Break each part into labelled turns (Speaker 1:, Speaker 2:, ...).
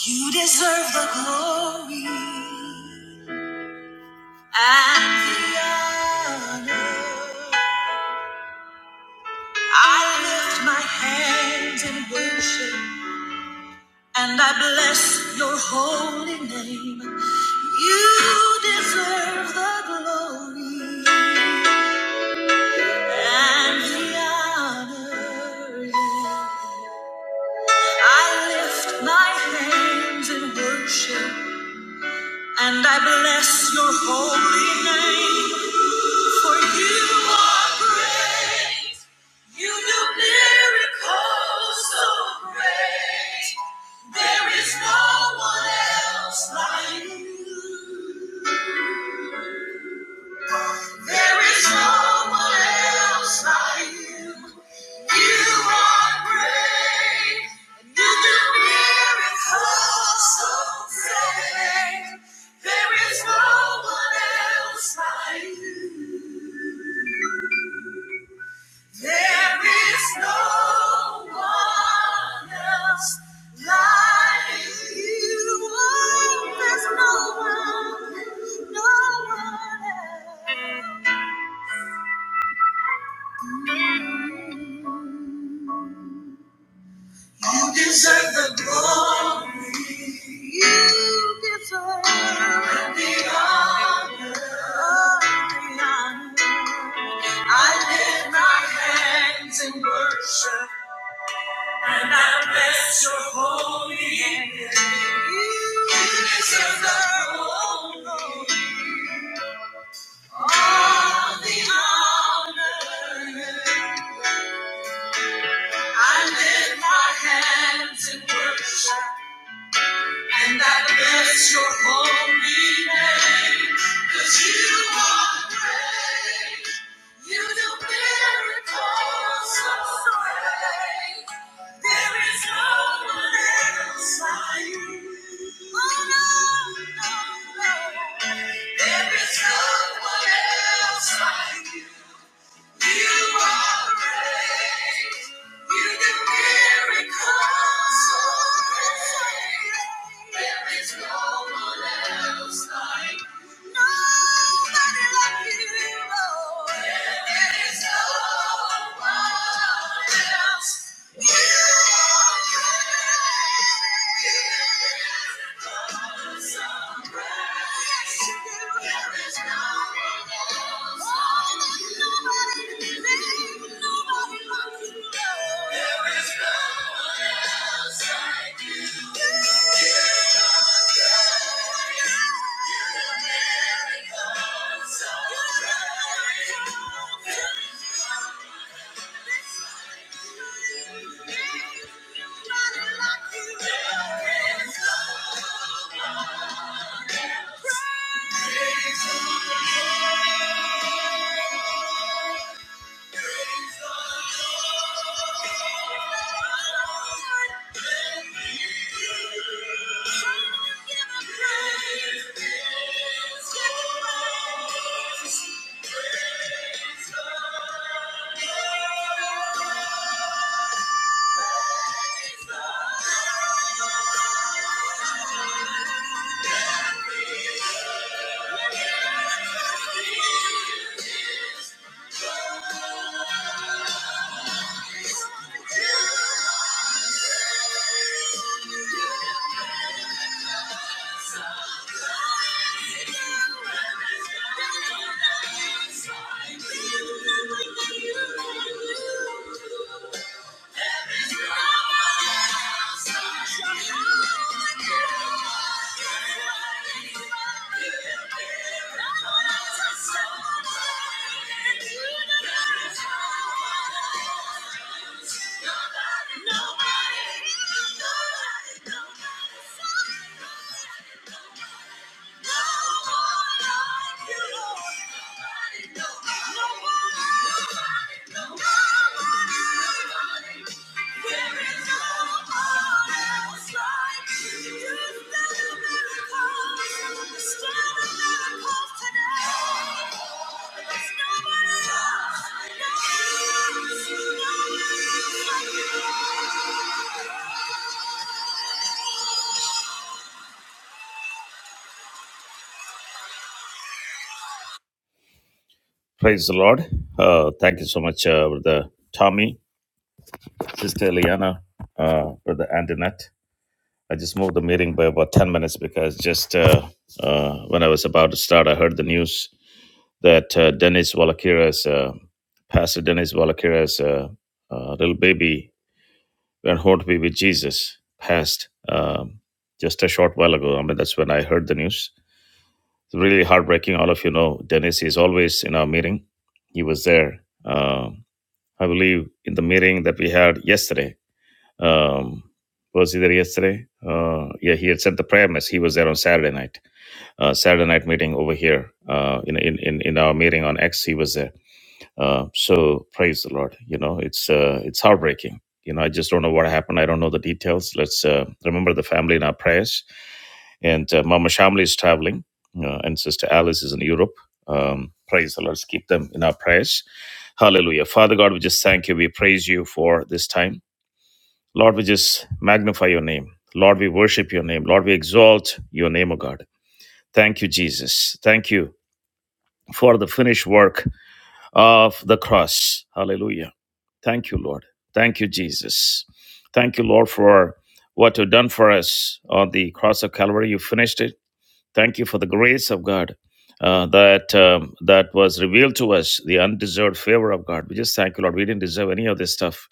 Speaker 1: You deserve the glory and the honor. I lift my hands in worship and I bless your holy name. You deserve the glory and the honor. I lift my hands in worship and I bless your holy name. For you are great. You do miracles so great. There is no one else like you. There is no one else like you. You are great. You do miracles so great. There is no one else like you. There is no one else like you. Oh, there's no one, no one else. You deserve the glory. You deserve the honor. Oh, the honor. I lift my hands in worship. And I bless your holy name. You deserve the glory, all the honor. I lift my hands in worship, and I bless your holy name. 'Cause you are great. You do miracles so great. There is no one else like you. Oh, no, no, no. There is no one else like you. Thank you. There is no one else. Thank you. Thank you. Nobody, nobody, nobody. nobody. Praise the Lord. Uh, thank you so much, uh, Brother Tommy. Sister Eliana, uh, Brother Antoinette. I just moved the meeting by about 10 minutes because just uh, uh, when I was about to start, I heard the news that uh, Dennis Walakira's, uh, Pastor Dennis Walakira's uh, uh, little baby went home to be with Jesus passed um, just a short while ago. I mean, that's when I heard the news. It's really heartbreaking. All of you know, Dennis is always in our meeting. He was there. Um I believe in the meeting that we had yesterday Um, was he there yesterday? Uh, yeah, he had said the prayer mess. He was there on Saturday night. Uh, Saturday night meeting over here. Uh, in, in in in our meeting on X, he was there. Uh, so praise the Lord. You know, it's uh, it's heartbreaking. You know, I just don't know what happened. I don't know the details. Let's uh, remember the family in our prayers. And uh, Mama Shamli is traveling, uh, and Sister Alice is in Europe. Um, praise the Lord. Let's keep them in our prayers. Hallelujah. Father God, we just thank you. We praise you for this time. Lord, we just magnify your name. Lord, we worship your name. Lord, we exalt your name, O God. Thank you, Jesus. Thank you for the finished work of the cross. Hallelujah. Thank you, Lord. Thank you, Jesus. Thank you, Lord, for what you've done for us on the cross of Calvary. You finished it. Thank you for the grace of God uh, that um, that was revealed to us, the undeserved favor of God. We just thank you, Lord. We didn't deserve any of this stuff,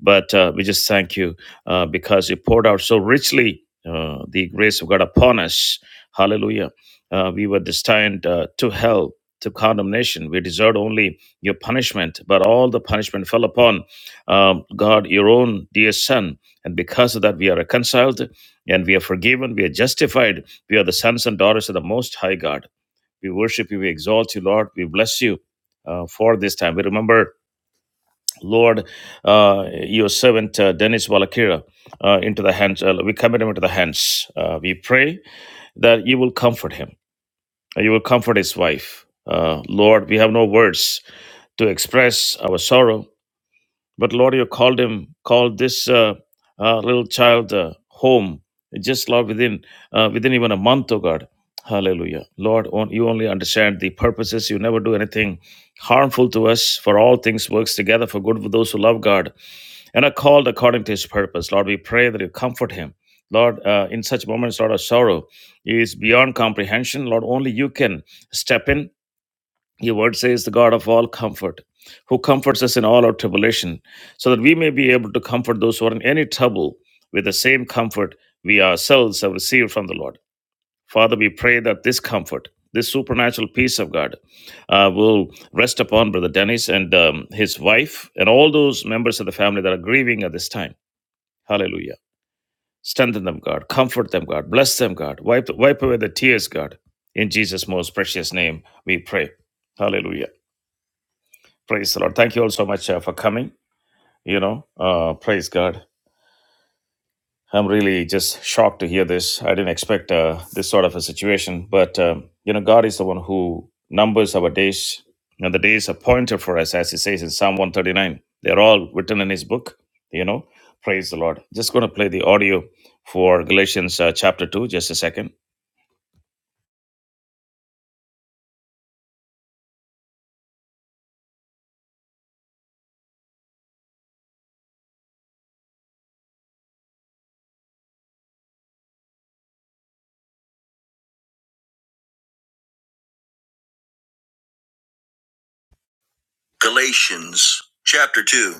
Speaker 1: but uh, we just thank you uh, because you poured out so richly uh, the grace of God upon us. Hallelujah. Uh, we were destined uh, to hell. To condemnation, we deserved only your punishment, but all the punishment fell upon um, God, your own dear Son, and because of that, we are reconciled and we are forgiven, we are justified, we are the sons and daughters of the Most High God. We worship you. We exalt you, Lord. We bless you uh, for this time. We remember, Lord, uh, your servant uh, Dennis Walakira uh, into the hands. Uh, we commit him into the hands. Uh, we pray that you will comfort him. You will comfort his wife. Uh, Lord, we have no words to express our sorrow But Lord, you called him, called this uh, uh, little child uh, home, just Lord, within uh, within even a month, oh God. Hallelujah. Lord, on, you only understand the purposes. You never do anything harmful to us. For all things works together for good for those who love God and are called according to his purpose. Lord, we pray that you comfort him. Lord, uh, in such moments, Lord, of sorrow is beyond comprehension. Lord, only you can step in your word says, the God of all comfort, who comforts us in all our tribulation, so that we may be able to comfort those who are in any trouble with the same comfort we ourselves have received from the Lord. Father, we pray that this comfort, this supernatural peace of God, uh, will rest upon Brother Dennis and um, his wife and all those members of the family that are grieving at this time. Hallelujah. Strengthen them, God. Comfort them, God. Bless them, God. Wipe, wipe away the tears, God. In Jesus' most precious name, we pray. Hallelujah. Praise the Lord. Thank you all so much uh, for coming. You know, uh, praise God. I'm really just shocked to hear this. I didn't expect uh, this sort of a situation, but um, you know, God is the one who numbers our days, and the days appointed for us, as He says in Psalm 139. They're all written in His book. You know, praise the Lord. Just going to play the audio for Galatians uh, chapter two. Just a second. Galatians chapter 2.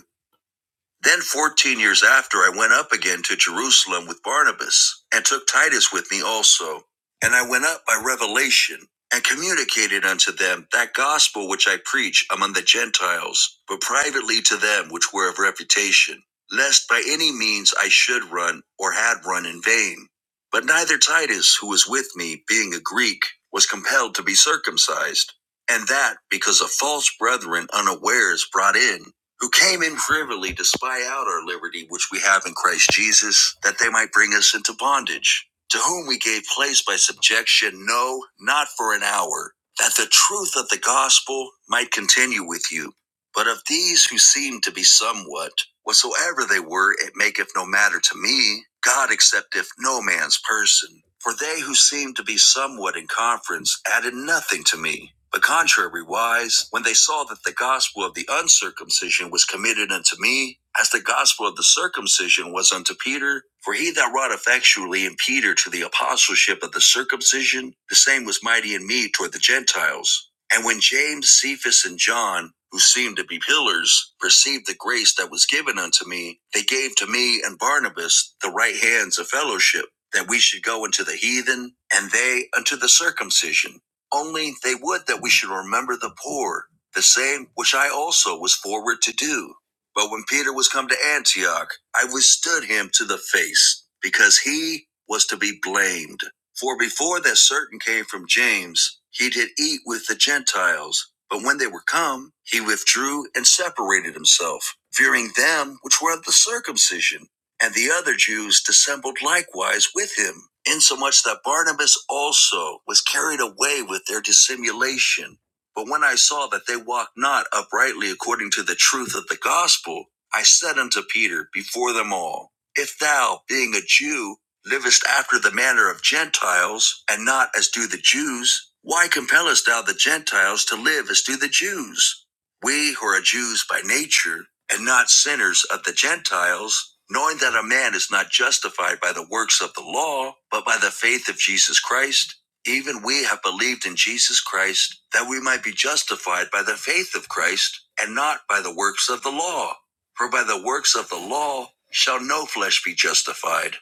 Speaker 1: Then, 14 years after, I went up again to Jerusalem with Barnabas, and took Titus with me also. And I went up by revelation, and communicated unto them that gospel which I preach among the Gentiles, but privately to them which were of reputation, lest by any means I should run, or had run in vain. But neither Titus, who was with me, being a Greek, was compelled to be circumcised, and that because of false brethren unawares brought in who came in privily to spy out our liberty which we have in Christ Jesus, that they might bring us into bondage, to whom we gave place by subjection, no, not for an hour, that the truth of the gospel might continue with you. But of these who seemed to be somewhat, whatsoever they were, it maketh no matter to me. God accepteth no man's person. For they who seemed to be somewhat in conference added nothing to me. But contrariwise, when they saw that the gospel of the uncircumcision was committed unto me, as the gospel of the circumcision was unto Peter, for he that wrought effectually in Peter to the apostleship of the circumcision, the same was mighty in me toward the Gentiles and when James, Cephas, and John, who seemed to be pillars, perceived the grace that was given unto me, they gave to me and Barnabas the right hands of fellowship, that we should go into the heathen, and they unto the circumcision. Only they would that we should remember the poor, the same which I also was forward to do. But when Peter was come to Antioch, I withstood him to the face, because he was to be blamed. For before that certain came from James, he did eat with the Gentiles. But when they were come, he withdrew and separated himself, fearing them which were of the circumcision. And the other Jews dissembled likewise with him, insomuch that Barnabas also was carried away with their dissimulation. But when I saw that they walked not uprightly according to the truth of the gospel, I said unto Peter before them all, if thou, being a Jew, livest after the manner of Gentiles, and not as do the Jews, why compellest thou the Gentiles to live as do the Jews? We who are Jews by nature, and not sinners of the Gentiles, knowing that a man is not justified by the works of the law, but by the faith of Jesus Christ, even we have believed in Jesus Christ, that we might be justified by the faith of Christ, and not by the works of the law. For by the works of the law shall no flesh be justified.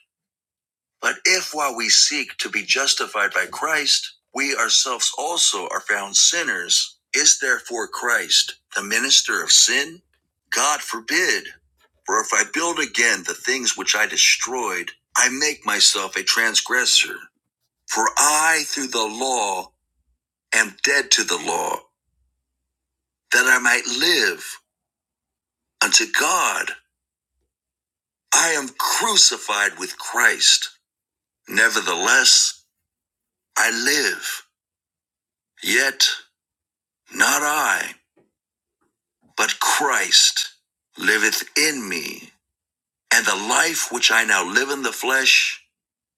Speaker 1: But if while we seek to be justified by Christ, we ourselves also are found sinners, is therefore Christ the minister of sin? God forbid. For if I build again the things which I destroyed, I make myself a transgressor. For I, through the law, am dead to the law, that I might live unto God. I am crucified with Christ. Nevertheless, I live, yet not I, but Christ liveth in me. And the life which I now live in the flesh,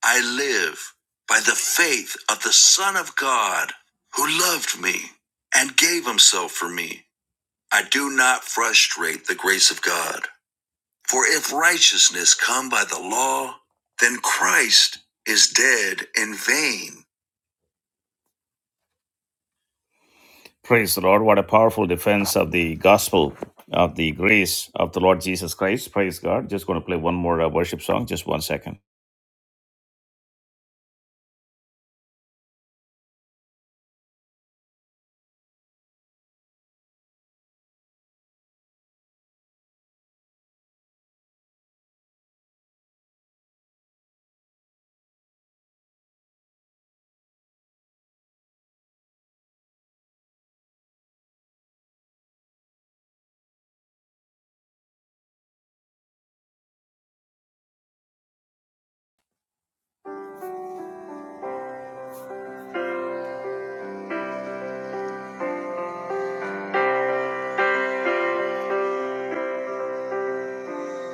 Speaker 1: I live by the faith of the Son of God, who loved me and gave himself for me. I do not frustrate the grace of God. For if righteousness come by the law, then Christ is dead in vain. Praise the Lord. What a powerful defense of the gospel of the grace of the Lord Jesus Christ. Praise God. Just going to play one more uh, worship song. Just one second.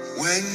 Speaker 1: When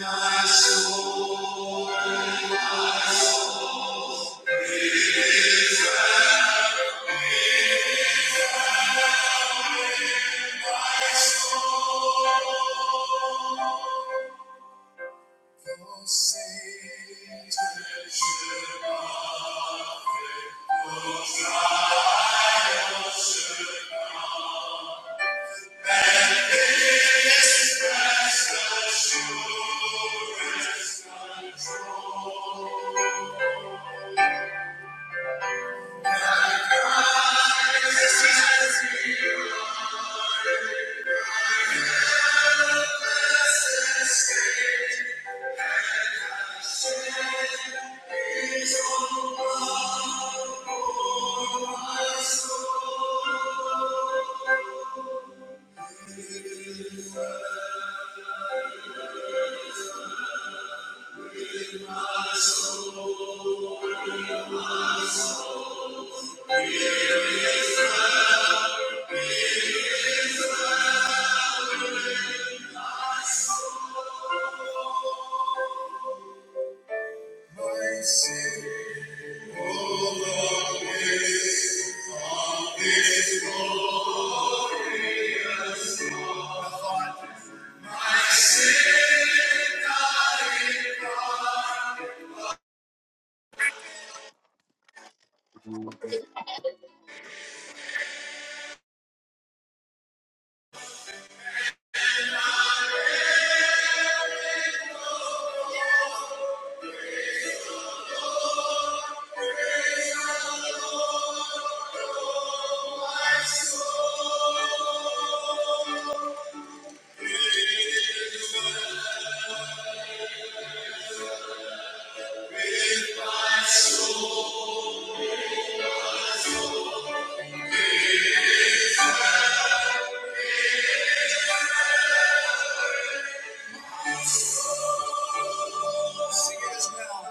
Speaker 1: my soul sings My sin, oh Lord, is on this glorious thought. My sin, praise the Lord, oh my soul, Lift my soul. Sing it as well.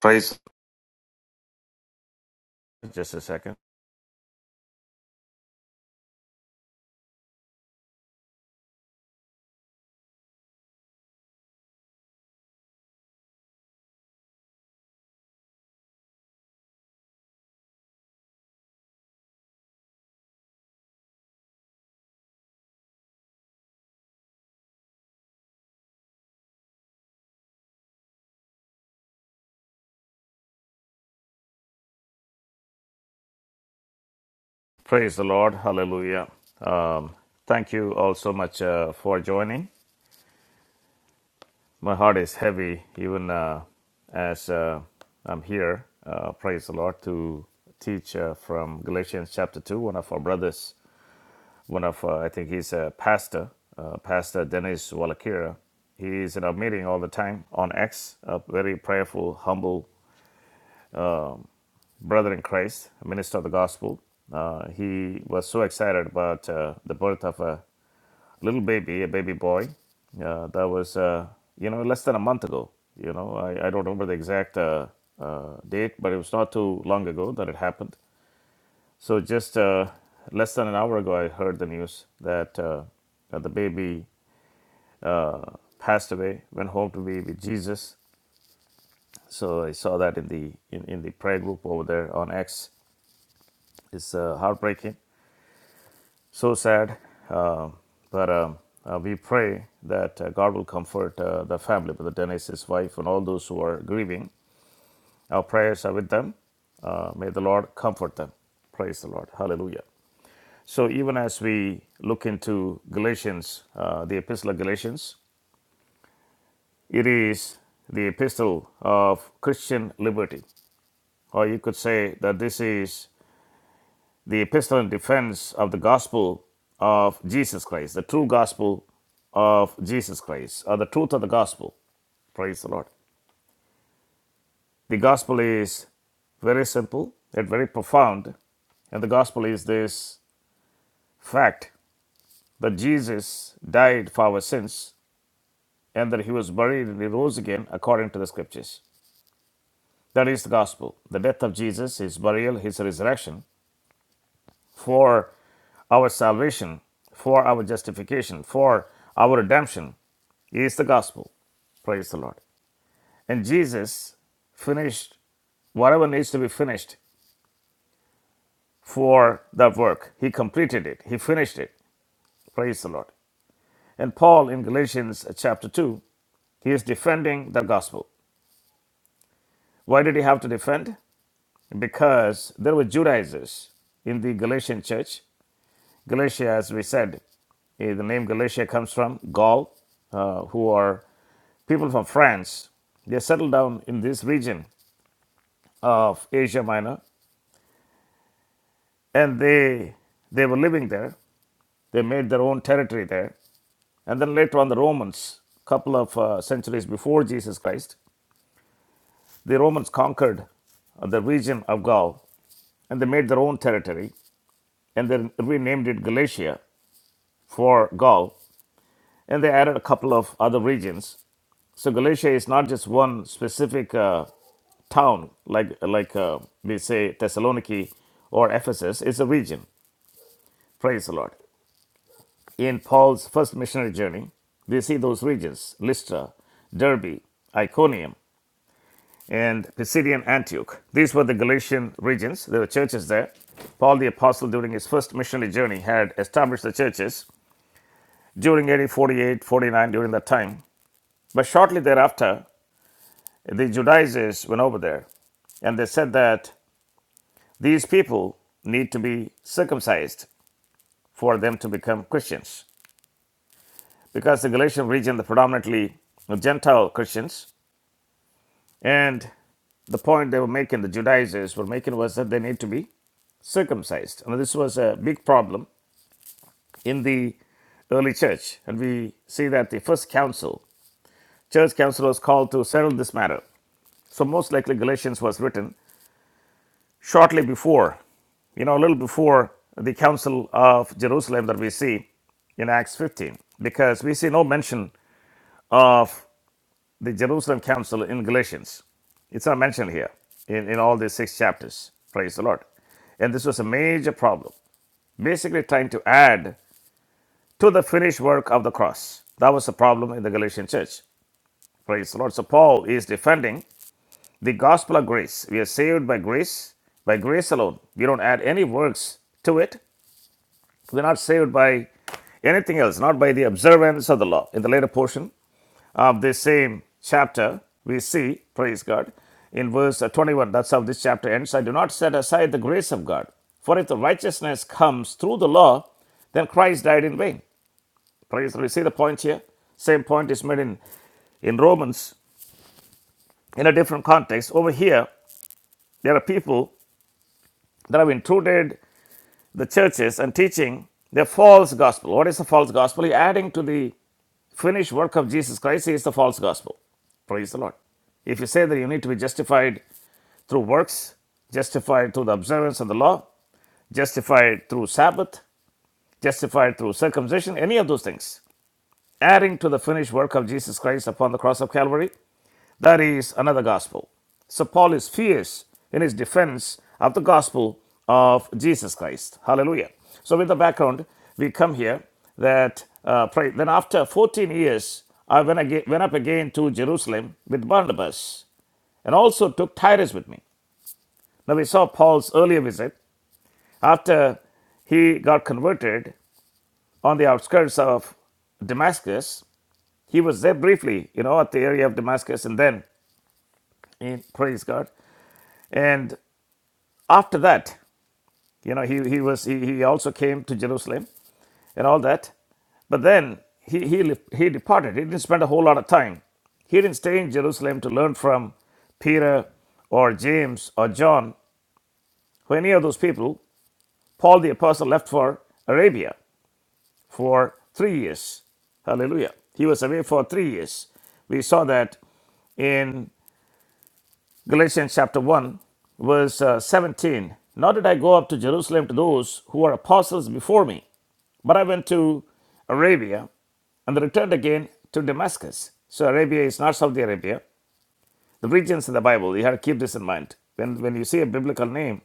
Speaker 1: Praise just a second. Praise the Lord. Hallelujah. Um, thank you all so much uh, for joining. My heart is heavy even uh, as uh, I'm here. Uh, praise the Lord to teach uh, from Galatians chapter 2. One of our brothers, one of, uh, I think he's a pastor, uh, Pastor Dennis Walakira. He is in our meeting all the time on X, a very prayerful, humble brother in Christ, a minister of the gospel. Uh, he was so excited about uh, the birth of a little baby, a baby boy. Uh, that was, uh, you know, less than a month ago. You know, I, I don't remember the exact uh, uh, date, but it was not too long ago that it happened. So just uh, less than an hour ago, I heard the news that, uh, that the baby passed away, went home to be with Jesus. So I saw that in the in, in the prayer group over there on X. It's uh, heartbreaking. so sad. Uh, but um, uh, we pray that uh, God will comfort uh, the family, Brother Dennis, his wife, and all those who are grieving. Our prayers are with them. Uh, may the Lord comfort them. Praise the Lord. Hallelujah. So, even as we look into Galatians, uh, the Epistle of Galatians, it is the epistle of Christian liberty. Or you could say that this is the epistle and defense of the gospel of Jesus Christ, the true gospel of Jesus Christ, or the truth of the gospel. Praise the Lord. The gospel is very simple yet very profound, and the gospel is this fact that Jesus died for our sins and that he was buried and he rose again according to the scriptures. That is the gospel. The death of Jesus, his burial, his resurrection for our salvation, for our justification, for our redemption, is the gospel. Praise the Lord. And Jesus finished whatever needs to be finished for that work. He completed it, he finished it. Praise the Lord. And Paul in Galatians chapter 2, he is defending the gospel. Why did he have to defend? Because there were Judaizers in the Galatian church. Galatia, as we said, eh, the name Galatia comes from Gaul, uh, who are people from France. They settled down in this region of Asia Minor and they they were living there. They made their own territory there, and then later on, the Romans, a couple of uh, centuries before Jesus Christ, the Romans conquered uh, the region of Gaul, and they made their own territory, and they renamed it Galatia for Gaul, and they added a couple of other regions. So Galatia is not just one specific uh, town like like uh, we say Thessaloniki or Ephesus. It's a region. Praise the Lord. in Paul's first missionary journey, we see those regions Lystra, Derbe, Iconium, and Pisidian Antioch. These were the Galatian regions. There were churches there. Paul the Apostle, during his first missionary journey, had established the churches during AD 48 49 during that time. But shortly thereafter, the Judaizers went over there and they said that these people need to be circumcised for them to become Christians. Because the Galatian region, the predominantly Gentile Christians, And the point they were making, the Judaizers were making, was that they need to be circumcised. And this was a big problem in the early church. And we see that the first council, church council, was called to settle this matter. So, most likely, Galatians was written shortly before, you know, a little before the Council of Jerusalem that we see in Acts 15, because we see no mention of the Jerusalem Council in Galatians. It's not mentioned here in, in all these six chapters. Praise the Lord. And this was a major problem, basically trying to add to the finished work of the cross. That was the problem in the Galatian church. Praise the Lord. So Paul is defending the gospel of grace. We are saved by grace, by grace alone. We don't add any works to it. We're not saved by anything else, not by the observance of the law. In the later portion, of this same chapter, we see, praise God, in verse uh, 21, that's how this chapter ends. I do not set aside the grace of God, for if the righteousness comes through the law, then Christ died in vain. Praise the Lord. You see the point here? Same point is made in, in Romans in a different context. Over here, there are people that have intruded the churches and teaching the false gospel. What is the false gospel? You're adding to the finished work of Jesus Christ is the false gospel. Praise the Lord. If you say that you need to be justified through works, justified through the observance of the law, justified through Sabbath, justified through circumcision, any of those things, adding to the finished work of Jesus Christ upon the cross of Calvary, that is another gospel. So Paul is fierce in his defense of the gospel of Jesus Christ. Hallelujah. So with the background, we come here that uh, pray. Then after 14 years, I went, again, went up again to Jerusalem with Barnabas and also took Titus with me. Now we saw Paul's earlier visit After he got converted on the outskirts of Damascus, he was there briefly, you know, at the area of Damascus, and then, eh, praise God. And after that, you know, he, he was he, he also came to Jerusalem and all that, but then he he he departed. He didn't spend a whole lot of time. He didn't stay in Jerusalem to learn from Peter or James or John or any of those people. Paul the apostle left for Arabia for three years. Hallelujah. He was away for three years. We saw that in Galatians chapter 1, verse uh, 17. Nor did I go up to Jerusalem to those who were apostles before me, but I went to Arabia and returned again to Damascus. So Arabia is not Saudi Arabia. The regions in the Bible, you have to keep this in mind. When, when you see a biblical name,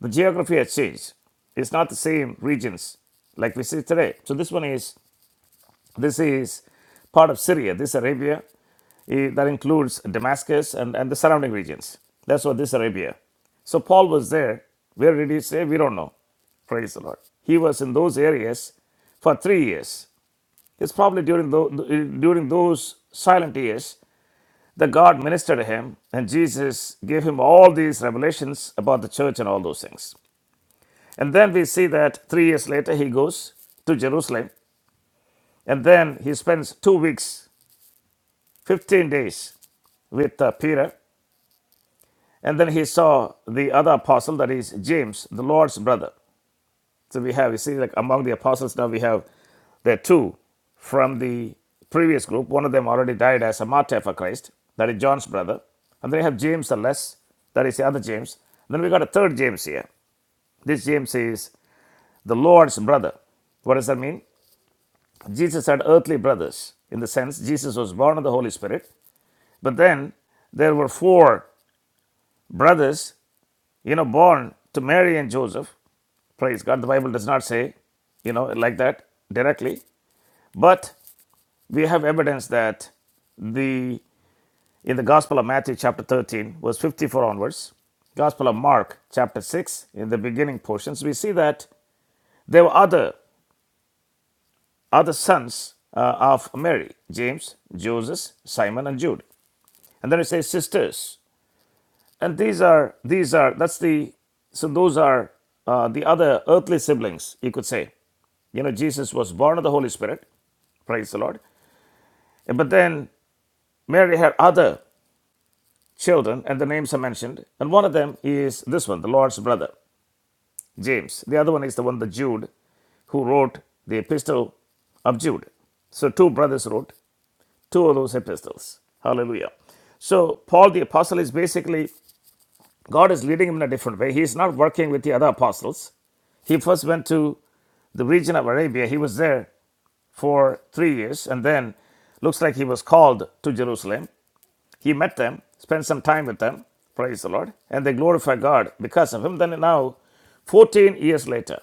Speaker 1: the geography has changed. It's not the same regions like we see today. So this one is This is part of Syria. This Arabia eh, that includes Damascus and, and the surrounding regions. That's what this Arabia. So Paul was there. Where did he say? We don't know. Praise the Lord. He was in those areas for three years. It's probably during, tho- during those silent years that God ministered to him and Jesus gave him all these revelations about the church and all those things. And then we see that three years later he goes to Jerusalem and then he spends two weeks, 15 days with uh, Peter. And then he saw the other apostle, that is James, the Lord's brother. So we have, you see, like among the apostles now we have the two from the previous group. One of them already died as a martyr for Christ, that is John's brother. And then you have James the Less, that is the other James. Then we got a third James here. This James is the Lord's brother. What does that mean? Jesus had earthly brothers in the sense Jesus was born of the Holy Spirit, but then there were four brothers you know, born to Mary and Joseph. Praise God. The Bible does not say, you know, like that directly, but we have evidence that the in the Gospel of Matthew chapter 13, verse 54 onwards, Gospel of Mark chapter 6, in the beginning portions, we see that there were other other sons uh, of Mary, James, Joseph, Simon, and Jude. And then it says sisters. And these are these are that's the so those are uh, the other earthly siblings, you could say. You know, Jesus was born of the Holy Spirit, praise the Lord. But then Mary had other children, and the names are mentioned. And one of them is this one, the Lord's brother, James. The other one is the one, the Jude, who wrote the epistle of Jude. So two brothers wrote two of those epistles. Hallelujah. So Paul the apostle is basically, God is leading him in a different way. He is not working with the other apostles. He first went to the region of Arabia. He was there for three years, and then looks like he was called to Jerusalem. He met them, spent some time with them, praise the Lord, and they glorify God because of him. Then now, 14 years later,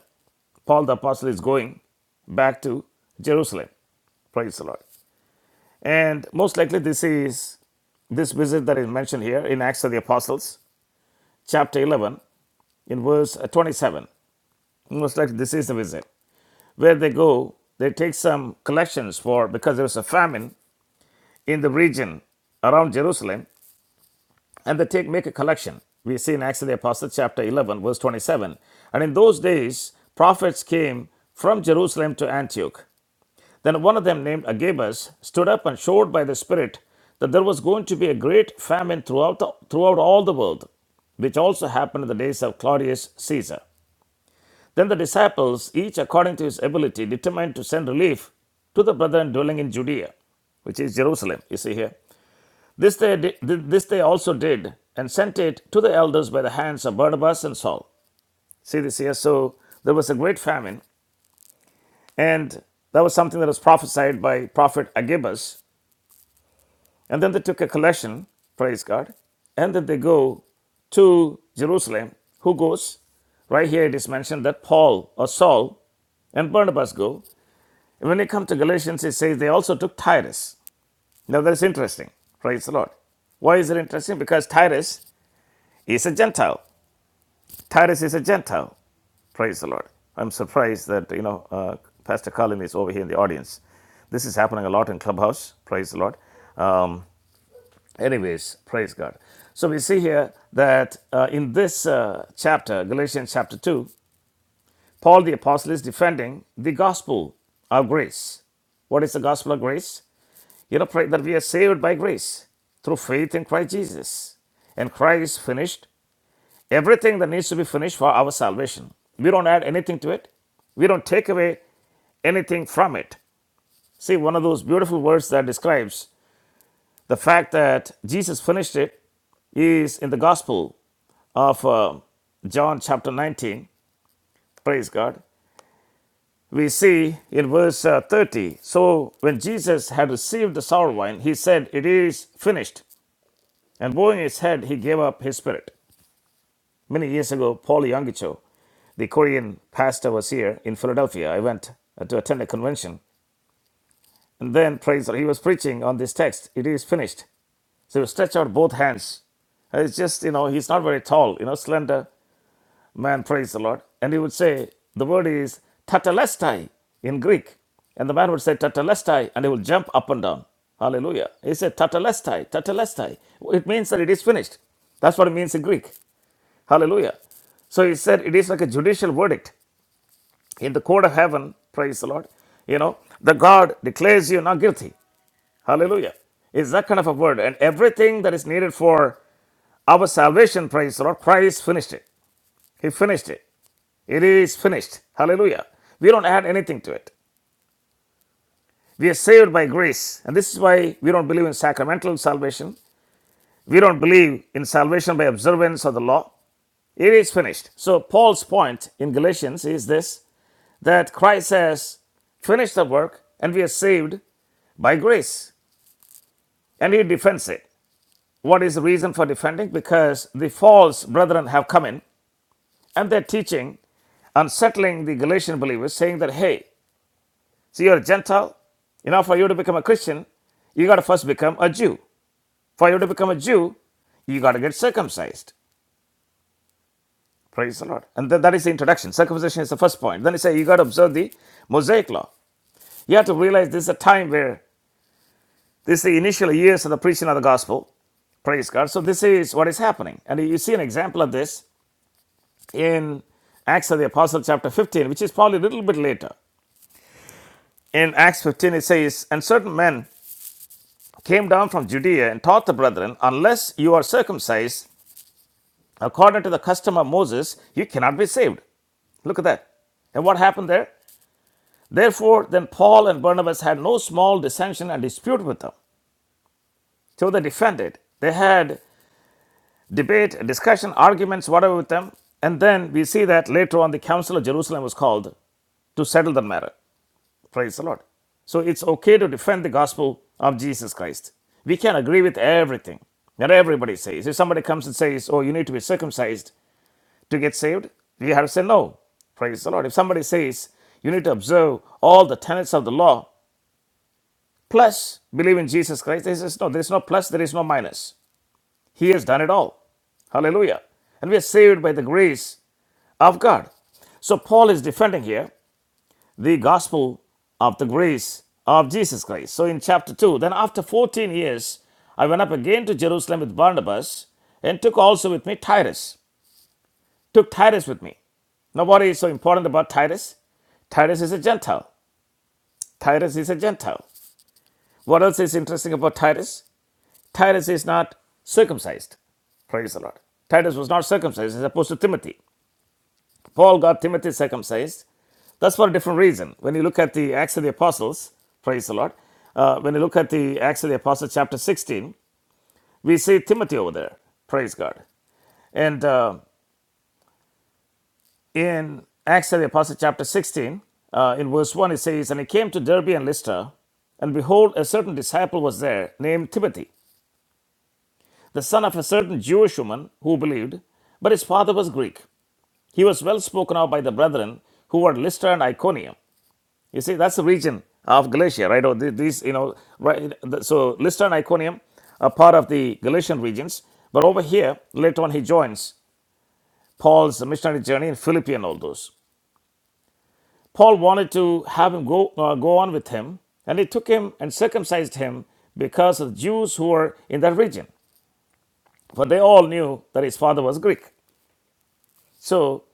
Speaker 1: Paul the Apostle is going back to Jerusalem, praise the Lord. And most likely, this is this visit that is mentioned here in Acts of the Apostles, chapter 11, in verse uh, 27. Most likely, this is the visit where they go, they take some collections for because there was a famine in the region around Jerusalem, and they take make a collection. We see in Acts of the Apostles, chapter 11, verse 27. And in those days, prophets came from Jerusalem to Antioch. Then one of them, named Agabus, stood up and showed by the Spirit that there was going to be a great famine throughout, the, throughout all the world, which also happened in the days of Claudius Caesar. Then the disciples, each according to his ability, determined to send relief to the brethren dwelling in Judea, which is Jerusalem, you see here. This they, di- this they also did, and sent it to the elders by the hands of Barnabas and Saul. See this here? So there was a great famine, and that was something that was prophesied by prophet Agabus. And then they took a collection, praise God, and then they go to Jerusalem. Who goes? Right here it is mentioned that Paul or Saul and Barnabas go. And when they come to Galatians, it says they also took Titus. Now that is interesting. Praise the Lord. Why is it interesting? Because Titus is a Gentile. Tyrus is a Gentile. Praise the Lord. I'm surprised that, you know, uh, Pastor Colin is over here in the audience. This is happening a lot in Clubhouse. Praise the Lord. Um, anyways, praise God. So we see here that uh, in this uh, chapter, Galatians chapter 2, Paul the Apostle is defending the gospel of grace. What is the gospel of grace? You know, pray that we are saved by grace through faith in Christ Jesus. And Christ finished Everything that needs to be finished for our salvation. We don't add anything to it, we don't take away anything from it. See, one of those beautiful words that describes the fact that Jesus finished it is in the Gospel of uh, John, chapter 19. Praise God. We see in verse uh, 30 So when Jesus had received the sour wine, he said, It is finished. And bowing his head, he gave up his spirit. Many years ago, Paul Yangicho the Korean pastor was here in Philadelphia. I went uh, to attend a convention. And then, praise the Lord, he was preaching on this text. It is finished. So he stretched out both hands. And It's just, you know, he's not very tall, you know, slender man, praise the Lord. And he would say, the word is tatalestai in Greek. And the man would say tatalestai, and he would jump up and down. Hallelujah. He said tatalestai, tatalestai. It means that it is finished. That's what it means in Greek. Hallelujah. So he said it is like a judicial verdict. in the court of heaven, praise the Lord, you know, the God declares you not guilty. Hallelujah. It's that kind of a word. And everything that is needed for our salvation, praise the Lord, Christ finished it. He finished it. It is finished. Hallelujah. We don't add anything to it. We are saved by grace. And this is why we don't believe in sacramental salvation. We don't believe in salvation by observance of the law. It is finished. So, Paul's point in Galatians is this that Christ has finished the work and we are saved by grace. And he defends it. What is the reason for defending? Because the false brethren have come in and they're teaching, unsettling the Galatian believers, saying that, hey, see, you're a Gentile. You know, for you to become a Christian, you got to first become a Jew. For you to become a Jew, you got to get circumcised. Praise the Lord. And then that is the introduction. Circumcision is the first point. Then he says, you got to observe the Mosaic law. You have to realize this is a time where This is the initial years of the preaching of the gospel. Praise God. So this is what is happening. And you see an example of this in Acts of the Apostles, chapter 15, which is probably a little bit later. In Acts 15 it says, And certain men came down from Judea and taught the brethren, Unless you are circumcised according to the custom of Moses, you cannot be saved. Look at that. And what happened there? Therefore, then Paul and Barnabas had no small dissension and dispute with them. So they defended. They had debate, discussion, arguments, whatever with them. And then we see that later on the Council of Jerusalem was called to settle the matter. Praise the Lord. So it's okay to defend the gospel of Jesus Christ. We can agree with everything that everybody says. If somebody comes and says, Oh, you need to be circumcised to get saved, we have to say no. Praise the Lord. If somebody says you need to observe all the tenets of the law, plus believe in Jesus Christ, there is no, there is no plus, there is no minus. He has done it all. Hallelujah. And we are saved by the grace of God. So Paul is defending here the gospel of the grace of Jesus Christ. So in chapter 2, then after 14 years, I went up again to Jerusalem with Barnabas and took also with me Titus. Took Titus with me. Now, what is so important about Titus? Titus is a Gentile. Titus is a Gentile. What else is interesting about Titus? Titus is not circumcised. Praise the Lord. Titus was not circumcised as opposed to Timothy. Paul got Timothy circumcised. That's for a different reason. When you look at the Acts of the Apostles, praise the Lord, uh, when you look at the Acts of the Apostles, chapter 16, we see Timothy over there, praise God. And uh, in Acts of the Apostles, chapter 16, uh, in verse 1, it says, And he came to Derbe and Lystra, and behold, a certain disciple was there named Timothy, the son of a certain Jewish woman who believed, but his father was Greek. He was well spoken of by the brethren who were at Lystra and Iconium. You see, that's the region of Galatia, right? Or these, you know, right? So Lystra and Iconium are part of the Galatian regions, but over here, later on, he joins Paul's missionary journey in Philippi and all those. Paul wanted to have him go uh, go on with him, and he took him and circumcised him because of the Jews who were in that region, for they all knew that his father was Greek. So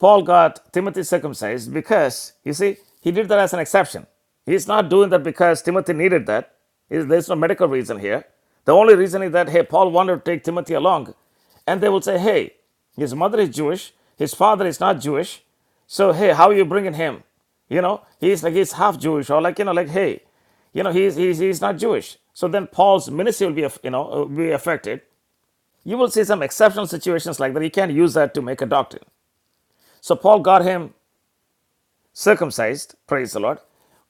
Speaker 1: Paul got Timothy circumcised because, you see, he did that as an exception. He's not doing that because Timothy needed that. There's no medical reason here. The only reason is that, hey, Paul wanted to take Timothy along. And they will say, hey, his mother is Jewish, his father is not Jewish. So, hey, how are you bringing him? You know, he's like, he's half Jewish, or like, you know, like, hey, you know, he's, he's, he's not Jewish. So then Paul's ministry will be, you know, uh, be affected. You will see some exceptional situations like that. You can't use that to make a doctrine. So Paul got him circumcised, praise the Lord,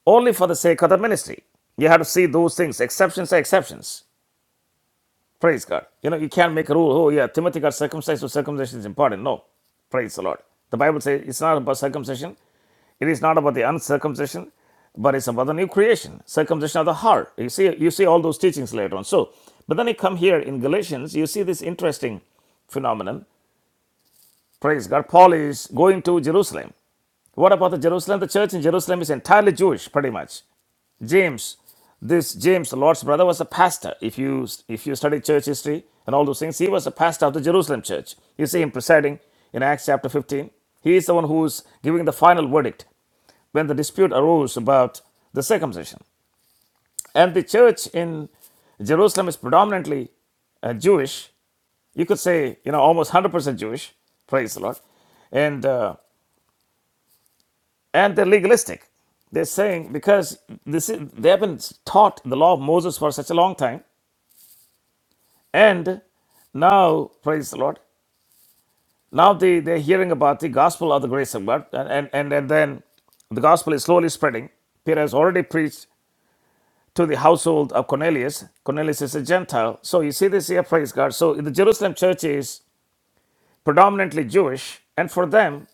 Speaker 1: only for the sake of the ministry. You have to see those things. Exceptions are exceptions. Praise God. You know, you can't make a rule, oh yeah, Timothy got circumcised, so circumcision is important. No. Praise the Lord. The Bible says it's not about circumcision, it is not about the uncircumcision, but it's about the new creation, circumcision of the heart. You see, you see all those teachings later on. So, but then you come here in Galatians, you see this interesting phenomenon. Praise God. Paul is going to Jerusalem. What about the Jerusalem? The church in Jerusalem is entirely Jewish, pretty much. James, this James, the Lord's brother, was a pastor. If you if you study church history and all those things, he was a pastor of the Jerusalem church. You see him presiding in Acts chapter 15. He is the one who's giving the final verdict when the dispute arose about the circumcision. And the church in Jerusalem is predominantly uh, Jewish. You could say, you know, almost 100% Jewish. Praise the Lord. And uh, and they're legalistic. They're saying because this is, they have been taught the law of Moses for such a long time, and now praise the Lord. Now they they're hearing about the gospel of the grace of God, and and and, and then the gospel is slowly spreading. Peter has already preached to the household of Cornelius. Cornelius is a Gentile, so you see this here, praise God. So the Jerusalem church is predominantly Jewish, and for them,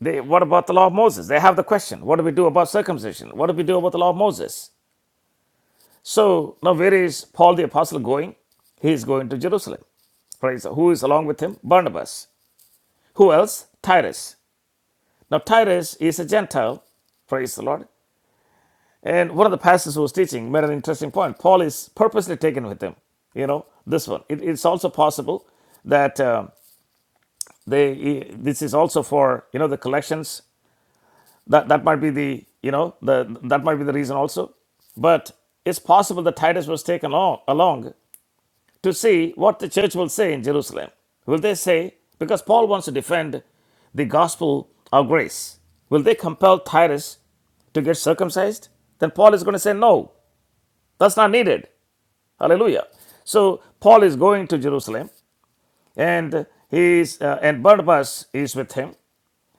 Speaker 1: they, what about the law of Moses? They have the question: What do we do about circumcision? What do we do about the law of Moses? So now, where is Paul the Apostle going? He is going to Jerusalem. Praise the- Who is along with him? Barnabas. Who else? Titus. Now, Titus is a Gentile. Praise the Lord. And one of the pastors who was teaching made an interesting point. Paul is purposely taken with him. You know, this one. It, it's also possible that uh, they. This is also for you know the collections. That that might be the you know the that might be the reason also. But it's possible that Titus was taken along, along to see what the church will say in Jerusalem. Will they say, because Paul wants to defend the gospel of grace, will they compel Titus to get circumcised? Then Paul is going to say, no, that's not needed. Hallelujah. So Paul is going to Jerusalem, and he's uh, and Barnabas is with him,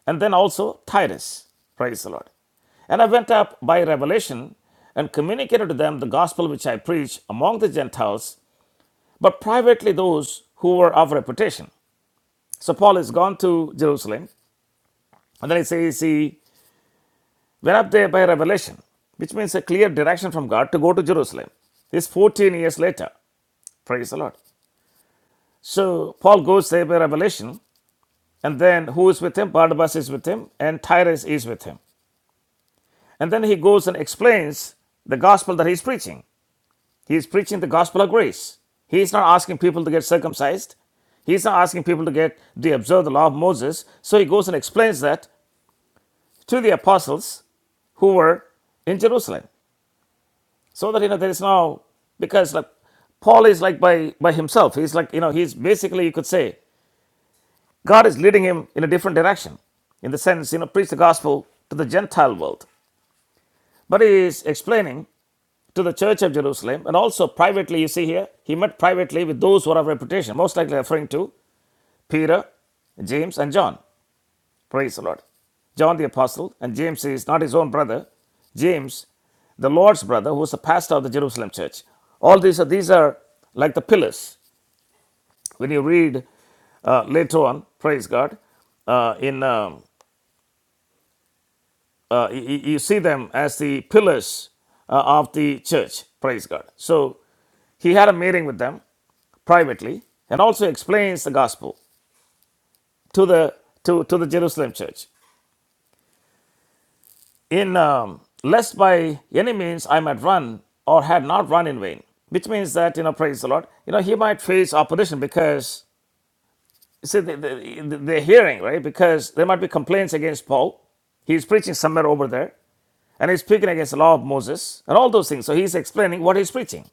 Speaker 1: and then also Titus. Praise the Lord. And I went up by revelation and communicated to them the gospel which I preach among the Gentiles but privately those who were of reputation. So Paul has gone to Jerusalem, and then he says he went up there by revelation, which means a clear direction from God to go to Jerusalem. This 14 years later. Praise the Lord. So Paul goes there by revelation, and then who is with him? Barnabas is with him, and Tyrus is with him. And then he goes and explains the gospel that he's preaching. He is preaching the gospel of grace. He is not asking people to get circumcised. He is not asking people to get to observe the law of Moses. So he goes and explains that to the apostles who were in Jerusalem. So that you know there is now because like Paul is like by by himself. He's like, you know, he's basically you could say God is leading him in a different direction. In the sense, you know, preach the gospel to the Gentile world. But he is explaining to the church of Jerusalem and also privately, you see here, he met privately with those who are of reputation, most likely referring to Peter, James, and John. Praise the Lord. John the Apostle, and James is not his own brother. James, the Lord's brother, who was the pastor of the Jerusalem church. All these are, these are like the pillars. When you read uh, later on, praise God, uh, in um, uh, y- you see them as the pillars uh, of the church. Praise God. So he had a meeting with them privately and also explains the gospel to the to, to the Jerusalem church. in um, lest by any means I might run or had not run in vain, which means that you know, praise the Lord, you know, he might face opposition because you see the, the, they're hearing right because there might be complaints against Paul. He's preaching somewhere over there, and he's speaking against the law of Moses and all those things. So he's explaining what he's preaching.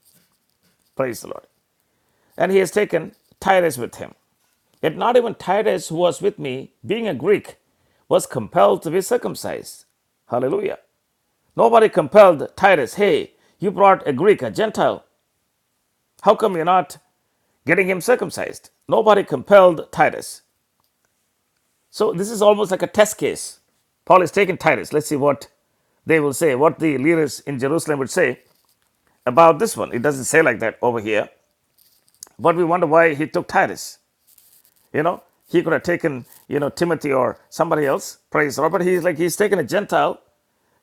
Speaker 1: Praise the Lord, and he has taken Titus with him. Yet not even Titus, who was with me, being a Greek, was compelled to be circumcised. Hallelujah. Nobody compelled Titus, hey, you brought a Greek, a Gentile. How come you're not getting him circumcised? Nobody compelled Titus. So this is almost like a test case. Paul is taking Titus. Let's see what they will say, what the leaders in Jerusalem would say about this one. It doesn't say like that over here, but we wonder why he took Titus. You know, he could have taken, you know, Timothy or somebody else, praise the Lord, but he's like, he's taken a Gentile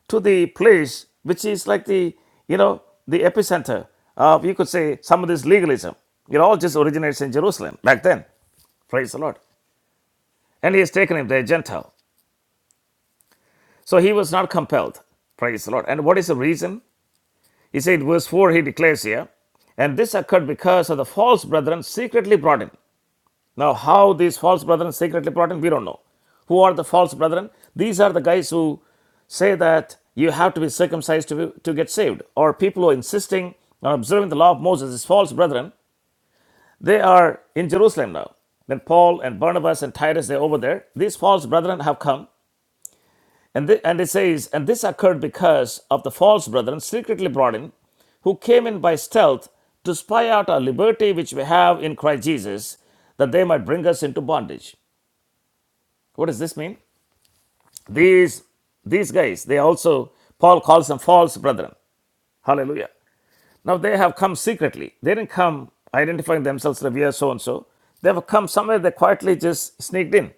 Speaker 1: to the place which is like the you know the epicenter of you could say some of this legalism it all just originates in jerusalem back then praise the lord and he has taken him the gentile so he was not compelled praise the lord and what is the reason he said verse 4 he declares here and this occurred because of the false brethren secretly brought in Now, how these false brethren secretly brought in, we don't know. Who are the false brethren? These are the guys who say that you have to be circumcised to, be, to get saved, or people who are insisting on observing the law of Moses, these false brethren, they are in Jerusalem now. Then Paul and Barnabas and Titus, they're over there. These false brethren have come, and, they, and it says, and this occurred because of the false brethren secretly brought in, who came in by stealth to spy out our liberty which we have in Christ Jesus, that they might bring us into bondage. What does this mean? These these guys, they also Paul calls them false brethren. Hallelujah. Now they have come secretly. They didn't come identifying themselves that we are so and so. They have come somewhere they quietly just sneaked in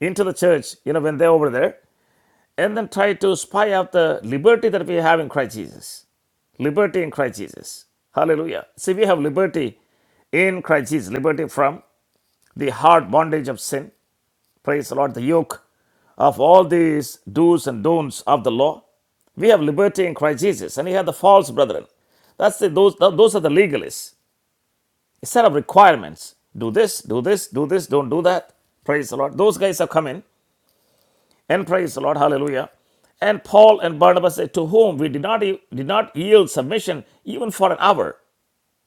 Speaker 1: into the church, you know, when they're over there, and then try to spy out the liberty that we have in Christ Jesus. Liberty in Christ Jesus. Hallelujah. See, we have liberty in Christ Jesus, liberty from the hard bondage of sin, Praise the Lord. The yoke of all these do's and don'ts of the law. We have liberty in Christ Jesus, and you have the false brethren. That's the, those, those are the legalists. A set of requirements. Do this, do this, do this, don't do that. Praise the Lord. Those guys have come in, and praise the Lord. Hallelujah. And Paul and Barnabas said, To whom we did not, e- did not yield submission even for an hour.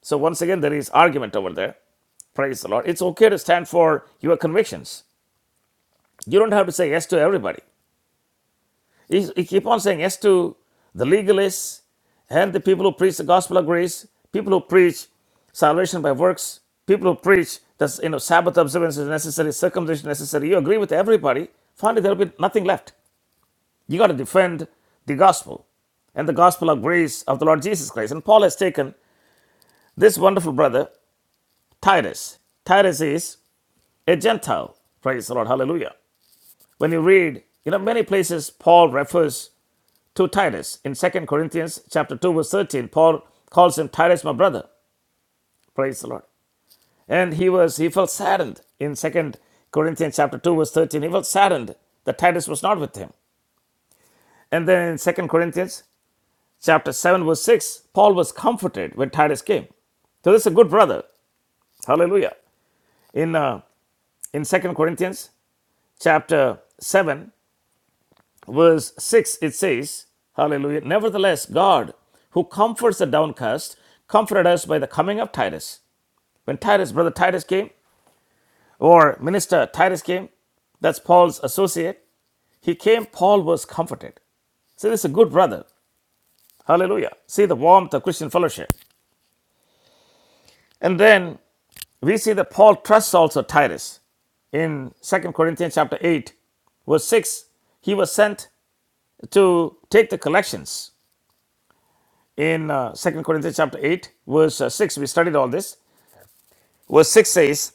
Speaker 1: So, once again, there is argument over there. Praise the Lord. It's okay to stand for your convictions. You don't have to say yes to everybody. He, he keep on saying yes to the legalists and the people who preach the gospel of grace, people who preach salvation by works, people who preach that you know Sabbath observance is necessary, circumcision is necessary. You agree with everybody. Finally, there will be nothing left. You got to defend the gospel and the gospel of grace of the Lord Jesus Christ. And Paul has taken this wonderful brother Titus. Titus is a Gentile. Praise the Lord. Hallelujah. When you read, you know, many places Paul refers to Titus. In Second Corinthians chapter 2, verse 13, Paul calls him Titus, my brother. Praise the Lord. And he was he felt saddened in Second Corinthians chapter 2, verse 13. He felt saddened that Titus was not with him. And then in Second Corinthians chapter 7, verse 6, Paul was comforted when Titus came. So this is a good brother. Hallelujah. In uh, in Second Corinthians chapter 7 verse 6, it says, Hallelujah. Nevertheless, God, who comforts the downcast, comforted us by the coming of Titus. When Titus, brother Titus came, or minister Titus came, that's Paul's associate. He came, Paul was comforted. See, this is a good brother. Hallelujah. See the warmth of Christian fellowship. And then we see that Paul trusts also Titus in Second Corinthians chapter 8, verse 6. He was sent to take the collections in uh, 2 Corinthians chapter 8, verse uh, 6. We studied all this. Verse 6 says,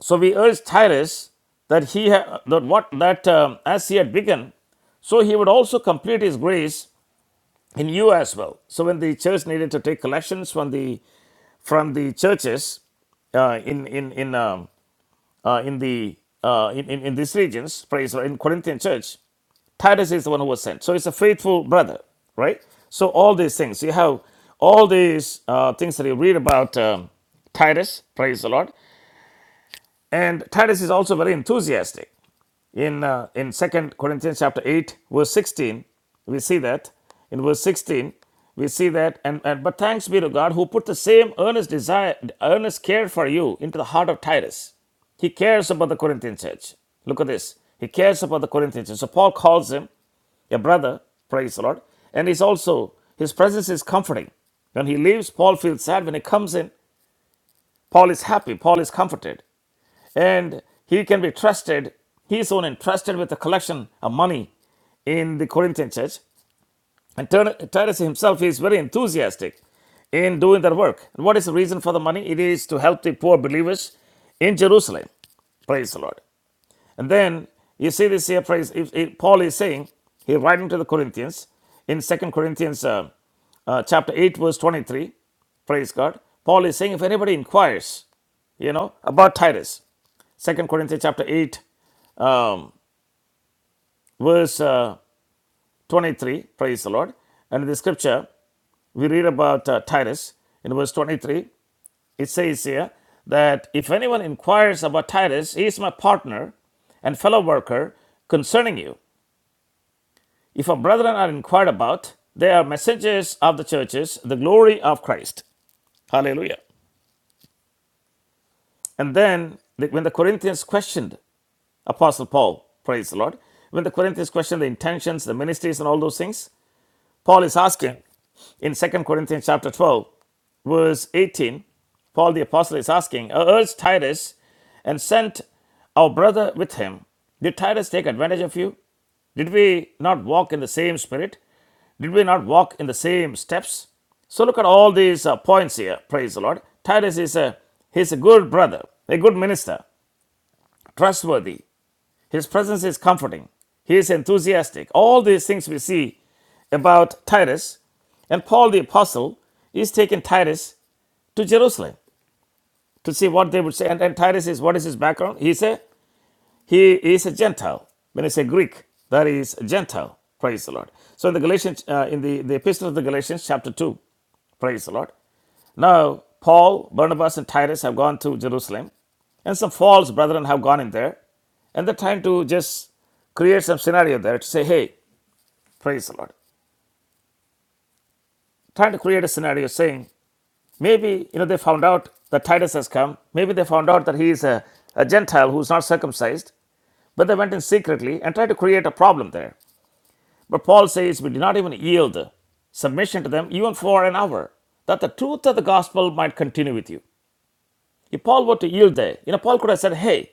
Speaker 1: So we urge Tyrus that he ha- that what that um, as he had begun, so he would also complete his grace in you as well. So when the church needed to take collections from the from the churches uh, in in in um, uh, in the uh, in, in in these regions, praise the Lord, in Corinthian church, Titus is the one who was sent. So it's a faithful brother, right? So all these things, you have all these uh, things that you read about um, Titus, praise the Lord. And Titus is also very enthusiastic. In, uh, in Second Corinthians chapter 8, verse 16, we see that. In verse 16, we see that. And, and But thanks be to God who put the same earnest desire, earnest care for you into the heart of Titus. He cares about the Corinthian church. Look at this. He cares about the Corinthian church. So Paul calls him a brother, praise the Lord. And he's also, his presence is comforting. When he leaves, Paul feels sad. When he comes in, Paul is happy. Paul is comforted. And he can be trusted. He is soon entrusted with a collection of money in the Corinthian church. And Tur- Titus himself is very enthusiastic in doing that work. And what is the reason for the money? It is to help the poor believers in Jerusalem. Praise the Lord. And then you see this here phrase, if, if Paul is saying, he's writing to the Corinthians in Second Corinthians uh, uh, chapter 8, verse 23. Praise God. Paul is saying, if anybody inquires, you know, about Titus, Second Corinthians chapter 8, um, verse uh, 23, praise the Lord. And in the scripture, we read about uh, Titus in verse 23. It says here that if anyone inquires about Titus, he is my partner and fellow worker concerning you. If our brethren are inquired about, they are messengers of the churches, the glory of Christ. Hallelujah. And then, when the Corinthians questioned Apostle Paul, praise the Lord, when the Corinthians questioned the intentions, the ministries, and all those things, Paul is asking in Second Corinthians chapter 12, verse 18, Paul the Apostle is asking, I urged Titus and sent our brother with him. Did Titus take advantage of you? Did we not walk in the same spirit? Did we not walk in the same steps? So look at all these uh, points here. Praise the Lord. Titus is a he's a good brother, a good minister, trustworthy. His presence is comforting. He is enthusiastic. All these things we see about Titus, and Paul the apostle is taking Titus to Jerusalem to see what they would say. And, and Titus is, what is his background? He's a, he is a Gentile. When I say Greek, that is Gentile. Praise the Lord. So in the Galatians, uh, in the, the epistle of the Galatians, chapter 2, praise the Lord. Now, Paul, Barnabas, and Titus have gone to Jerusalem, and some false brethren have gone in there, and they're trying to just create some scenario there to say, hey, praise the Lord. Trying to create a scenario saying, maybe, you know, they found out that Titus has come. Maybe they found out that he is a, a Gentile who's not circumcised. But they went in secretly and tried to create a problem there. But Paul says we did not even yield submission to them even for an hour, that the truth of the gospel might continue with you. If Paul were to yield there, you know, Paul could have said, Hey,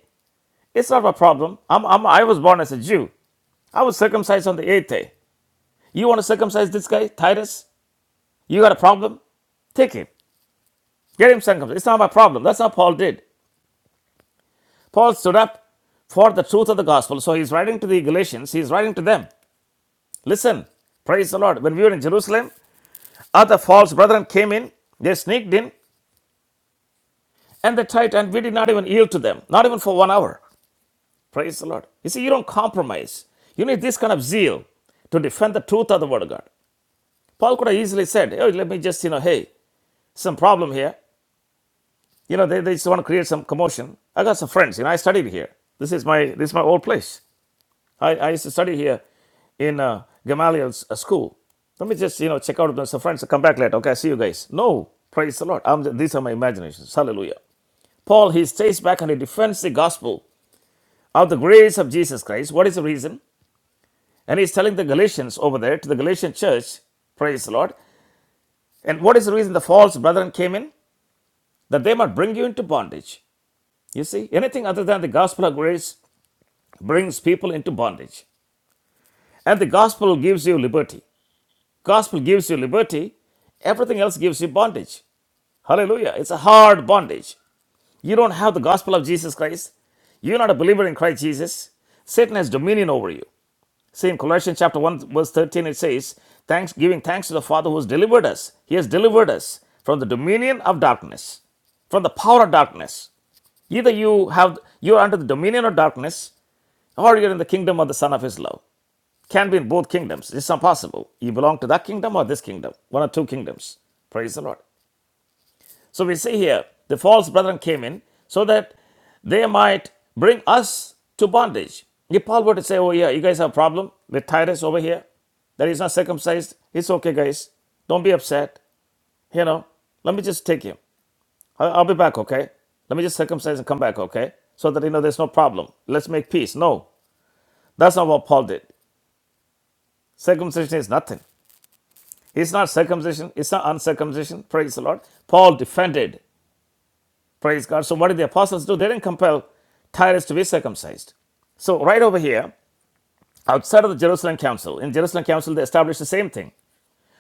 Speaker 1: it's not my problem. I'm, I'm, I was born as a Jew. I was circumcised on the eighth day. You want to circumcise this guy, Titus? You got a problem? Take him. Get him circumcised. It's not my problem. That's not Paul did. Paul stood up for the truth of the gospel. So he's writing to the Galatians, he's writing to them. Listen, praise the Lord. When we were in Jerusalem, Other false brethren came in, they sneaked in, and they tried, and we did not even yield to them, not even for one hour. Praise the Lord. You see, you don't compromise. You need this kind of zeal to defend the truth of the word of God. Paul could have easily said, Oh, let me just, you know, hey, some problem here. You know, they, they just want to create some commotion. I got some friends, you know, I studied here. This is my this is my old place. I, I used to study here in uh, Gamaliel's uh, school. Let me just, you know, check out with some friends. I'll Come back later. Okay, I see you guys. No, praise the Lord. I'm, these are my imaginations. Hallelujah. Paul, he stays back and he defends the gospel of the grace of Jesus Christ. What is the reason? And he's telling the Galatians over there, to the Galatian church, praise the Lord. And what is the reason the false brethren came in? That they might bring you into bondage. You see, anything other than the gospel of grace brings people into bondage. And the gospel gives you liberty. Gospel gives you liberty. Everything else gives you bondage. Hallelujah. It's a hard bondage. You don't have the gospel of Jesus Christ. You're not a believer in Christ Jesus. Satan has dominion over you. See, in Colossians chapter 1, verse 13, it says, Thanks, giving thanks to the Father who has delivered us. He has delivered us from the dominion of darkness, from the power of darkness. Either you have you are under the dominion of darkness, or you're in the kingdom of the Son of His love. Can be in both kingdoms. It's not possible. You belong to that kingdom or this kingdom. One or two kingdoms. Praise the Lord. So we see here the false brethren came in so that they might bring us to bondage. If Paul were to say, Oh, yeah, you guys have a problem with Titus over here, that he's not circumcised, it's okay, guys. Don't be upset. You know, let me just take him. I- I'll be back, okay? Let me just circumcise and come back, okay? So that, you know, there's no problem. Let's make peace. No, that's not what Paul did. Circumcision is nothing. It's not circumcision, it's not uncircumcision. Praise the Lord. Paul defended Praise God. So, what did the apostles do? They didn't compel Titus to be circumcised. So, right over here, outside of the Jerusalem Council, in Jerusalem Council, they established the same thing.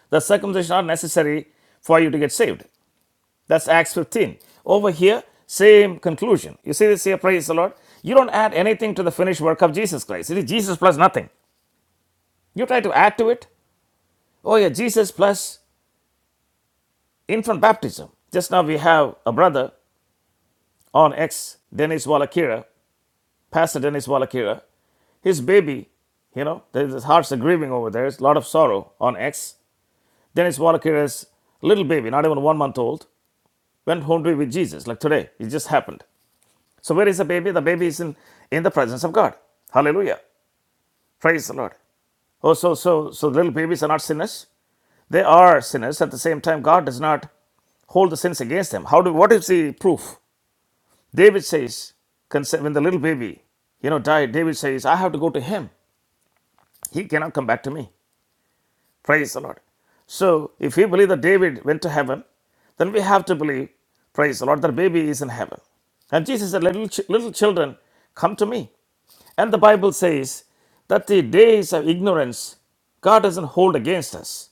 Speaker 1: The circumcision is not necessary for you to get saved. That's Acts 15. Over here, same conclusion. You see this here? Praise the Lord. You don't add anything to the finished work of Jesus Christ. It is Jesus plus nothing. You try to add to it. Oh, yeah, Jesus plus infant baptism. Just now, we have a brother on X, Dennis Wallakira, Pastor Dennis Wallakira. His baby, you know, his hearts are grieving over there. It's a lot of sorrow on X. Dennis Wallace's little baby, not even one month old, went home to be with Jesus, like today. It just happened. So where is the baby? The baby is in, in the presence of God. Hallelujah. Praise the Lord. Oh, so so so little babies are not sinners? They are sinners. At the same time, God does not hold the sins against them. How do what is the proof? David says, when the little baby, you know, died, David says, I have to go to him. He cannot come back to me. Praise the Lord. So, if we believe that David went to heaven, then we have to believe, praise the Lord, that baby is in heaven. And Jesus said, Little, ch- little children, come to me. And the Bible says that the days of ignorance God doesn't hold against us.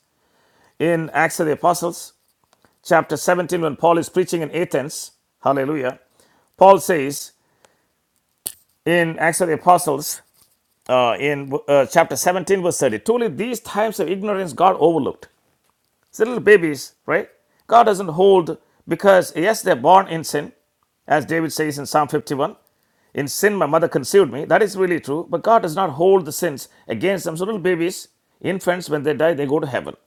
Speaker 1: In Acts of the Apostles, chapter 17, when Paul is preaching in Athens, hallelujah, Paul says in Acts of the Apostles, uh, in uh, chapter 17, verse 30, truly these times of ignorance God overlooked It's little babies, right? God doesn't hold because, yes, they're born in sin, as David says in Psalm 51. In sin, my mother conceived me. That is really true. But God does not hold the sins against them. So, little babies, infants, when they die, they go to heaven.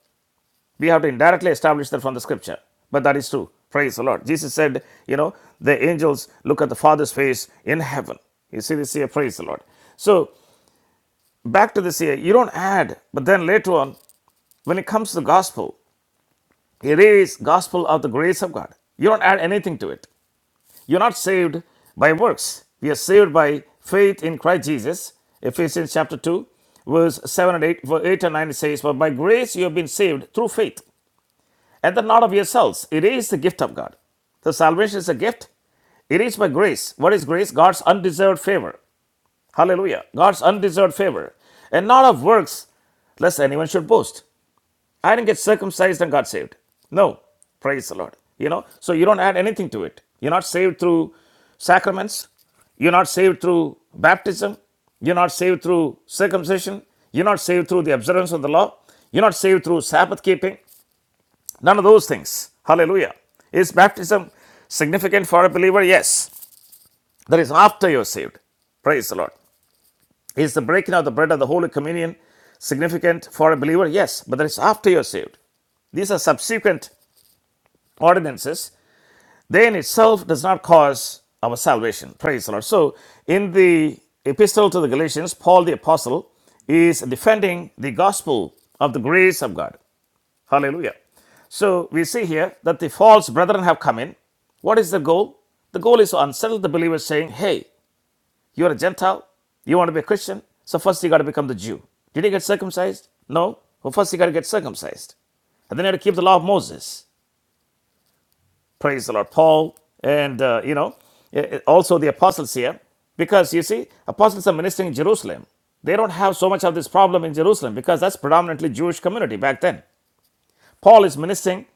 Speaker 1: We have to indirectly establish that from the scripture. But that is true. Praise the Lord. Jesus said, you know, the angels look at the Father's face in heaven. You see this here, praise the Lord. So back to this here, you don't add, but then later on, when it comes to the gospel, it is gospel of the grace of God. You don't add anything to it. You're not saved by works. We are saved by faith in Christ Jesus. Ephesians chapter 2, verse 7 and 8, verse 8 and 9 says, For by grace you have been saved through faith, and that not of yourselves. It is the gift of God. So salvation is a gift. It is by grace. What is grace? God's undeserved favor. Hallelujah. God's undeserved favor. And not of works, lest anyone should boast. I didn't get circumcised and got saved. No, praise the Lord. You know, so you don't add anything to it. You're not saved through sacraments. You're not saved through baptism. You're not saved through circumcision. You're not saved through the observance of the law. You're not saved through Sabbath keeping. None of those things. Hallelujah. Is baptism significant for a believer? Yes. That is after you're saved. Praise the Lord. Is the breaking of the bread of the Holy Communion significant for a believer? Yes, but that is after you're saved. These are subsequent ordinances, then itself does not cause our salvation. Praise the Lord. So, in the epistle to the Galatians, Paul the Apostle is defending the gospel of the grace of God. Hallelujah. So, we see here that the false brethren have come in. What is the goal? The goal is to unsettle the believers, saying, Hey, you're a Gentile, you want to be a Christian, so first you got to become the Jew. Did you get circumcised? No. Well, first you got to get circumcised. And then you had to keep the law of Moses. Praise the Lord. Paul and, uh, you know, eh, eh, also the apostles here. Because you see, apostles are ministering in Jerusalem. They don't have so much of this problem in Jerusalem because that's predominantly Jewish community back then. Paul is ministering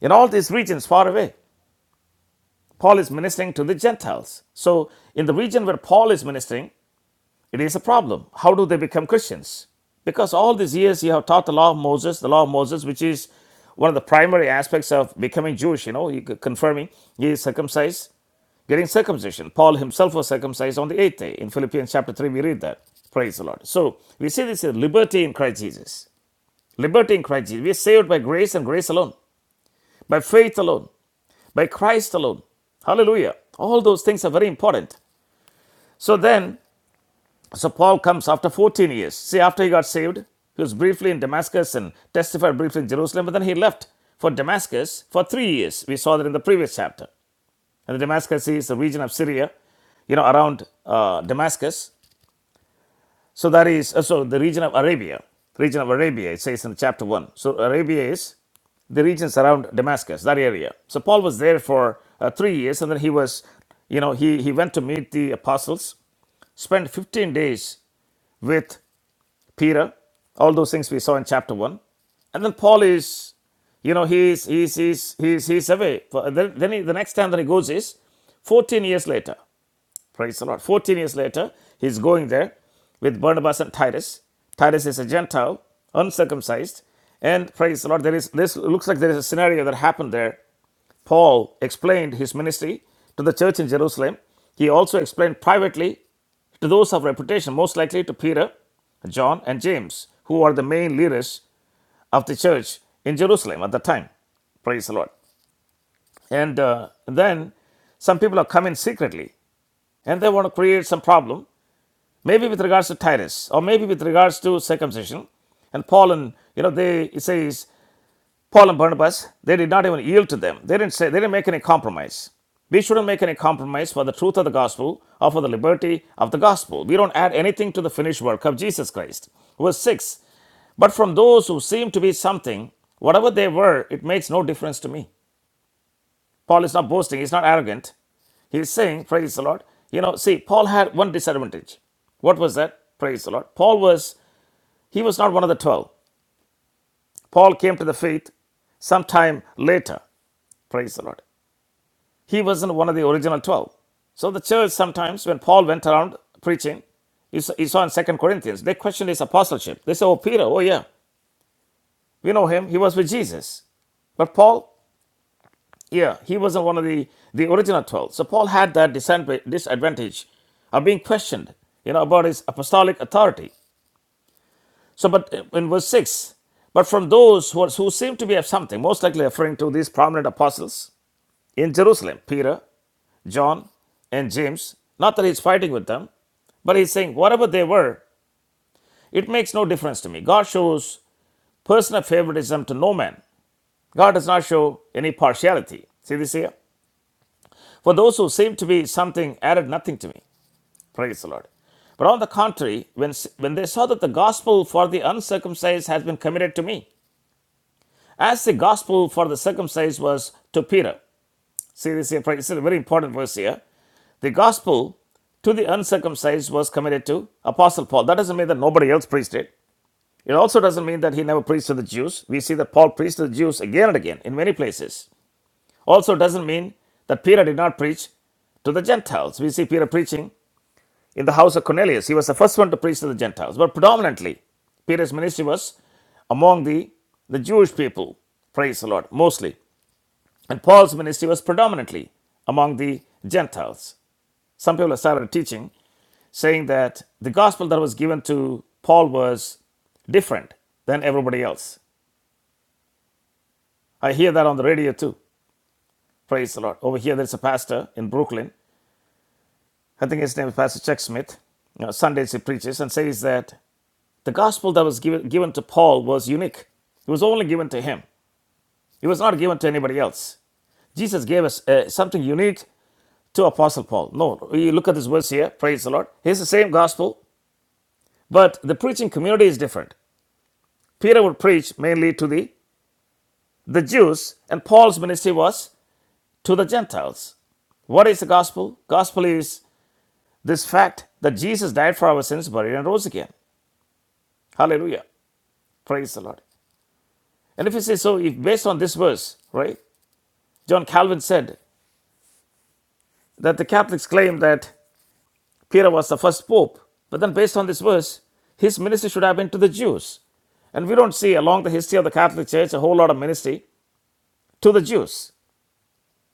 Speaker 1: in all these regions far away. Paul is ministering to the Gentiles. So in the region where Paul is ministering, it is a problem. How do they become Christians? Because all these years you have taught the law of Moses, the law of Moses, which is one of the primary aspects of becoming Jewish, you know, you c- confirming he is circumcised getting circumcision. Paul himself was circumcised on the eighth day. In Philippians chapter 3, we read that. Praise the Lord. So we see this is liberty in Christ Jesus. Liberty in Christ Jesus. We are saved by grace and grace alone, by faith alone, by Christ alone. Hallelujah. All those things are very important. So then, so Paul comes after 14 years. See, after he got saved, he was briefly in Damascus and testified briefly in Jerusalem, but then he left for Damascus for three years. We saw that in the previous chapter. And the Damascus is the region of Syria you know, around uh, Damascus. So that is uh, so the region of Arabia, region of Arabia. It says in chapter one. So Arabia is the regions around Damascus, that area. So Paul was there for uh, three years, and then he was, you know, he he went to meet the apostles, spent 15 days with Peter, all those things we saw in chapter one, and then Paul is, you know, he's he's he's he's he's away. For- Then, then he, the next time that he goes is 14 years later. Praise the Lord. 14 years later, he's going there with Barnabas and Titus. Titus is a Gentile, uncircumcised, and praise the Lord. There is this looks like there is a scenario that happened there. Paul explained his ministry to the church in Jerusalem. He also explained privately to those of reputation, most likely to Peter, John, and James, who are the main leaders of the church in Jerusalem at the time. Praise the Lord. And uh, then some people are coming secretly and they want to create some problem maybe with regards to Titus, or maybe with regards to circumcision. And Paul and, you know, they, it says, Paul and Barnabas, they did not even yield to them. They didn't say, they didn't make any compromise. We shouldn't make any compromise for the truth of the gospel or for the liberty of the gospel. We don't add anything to the finished work of Jesus Christ. Verse 6 But from those who seem to be something, whatever they were, it makes no difference to me. Paul is not boasting, he's not arrogant. He's saying, Praise the Lord. You know, see, Paul had one disadvantage. What was that? Praise the Lord. Paul was he was not one of the 12. Paul came to the faith sometime later. Praise the Lord. He wasn't one of the original 12. So the church sometimes, when Paul went around preaching, you saw you saw in Second Corinthians, they questioned his apostleship. They said, Oh, Peter, oh, yeah, we know him. He was with Jesus. But Paul, yeah, he wasn't one of the, the original 12. So Paul had that disadvantage of being questioned, you know, about his apostolic authority. So, but in verse 6, but from those who, are, who seem to be of something, most likely referring to these prominent apostles in Jerusalem, Peter, John, and James, not that he's fighting with them, but he's saying, whatever they were, it makes no difference to me. God shows personal favoritism to no man. God does not show any partiality. See this here? For those who seem to be something added nothing to me. Praise the Lord. But on the contrary, when, when they saw that the gospel for the uncircumcised has been committed to me, As the gospel for the circumcised was to Peter. See this here, It's a very important verse here. The gospel to the uncircumcised was committed to Apostle Paul. That doesn't mean that nobody else preached it. It also doesn't mean that he never preached to the Jews. We see that Paul preached to the Jews again and again in many places. Also doesn't mean that Peter did not preach to the Gentiles. We see Peter preaching in the house of Cornelius. He was the first one to preach to the Gentiles. But predominantly, Peter's ministry was among the, the Jewish people. Praise the Lord, mostly. And Paul's ministry was predominantly among the Gentiles. Some people have started teaching saying that the gospel that was given to Paul was different than everybody else. I hear that on the radio too. Praise the Lord. Over here, there's a pastor in Brooklyn. I think his name is Pastor Chuck Smith. You know, Sundays he preaches and says that the gospel that was given, given to Paul was unique. It was only given to him, it was not given to anybody else. Jesus gave us uh, something unique to Apostle Paul. No, you look at this verse here, praise the Lord. It's the same gospel, but the preaching community is different. Peter would preach mainly to the, the Jews, and Paul's ministry was to the Gentiles. What is the gospel? Gospel is this fact that Jesus died for our sins, buried, and rose again. Hallelujah. Praise the Lord. And if you say so, if based on this verse, right, John Calvin said that the Catholics claim that Peter was the first pope. But then, based on this verse, his ministry should have been to the Jews. And we don't see along the history of the Catholic Church a whole lot of ministry to the Jews.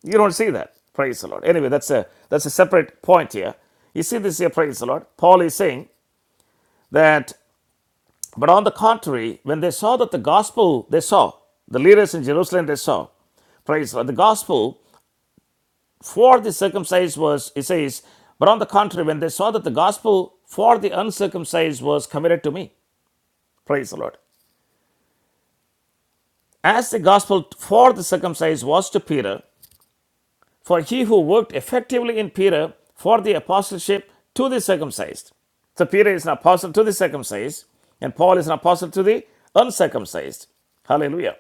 Speaker 1: You don't see that. Praise the Lord. Anyway, that's a that's a separate point here. You see this here, praise the Lord. Paul is saying that, but on the contrary, when they saw that the gospel they saw, the leaders in Jerusalem they saw, praise the Lord, the gospel for the circumcised was, it says, but on the contrary, when they saw that the gospel for the uncircumcised was committed to me. Praise the Lord. As the gospel for the circumcised was to Peter, for he who worked effectively in Peter for the apostleship to the circumcised. So Peter is an apostle to the circumcised, and Paul is an apostle to the uncircumcised. Hallelujah.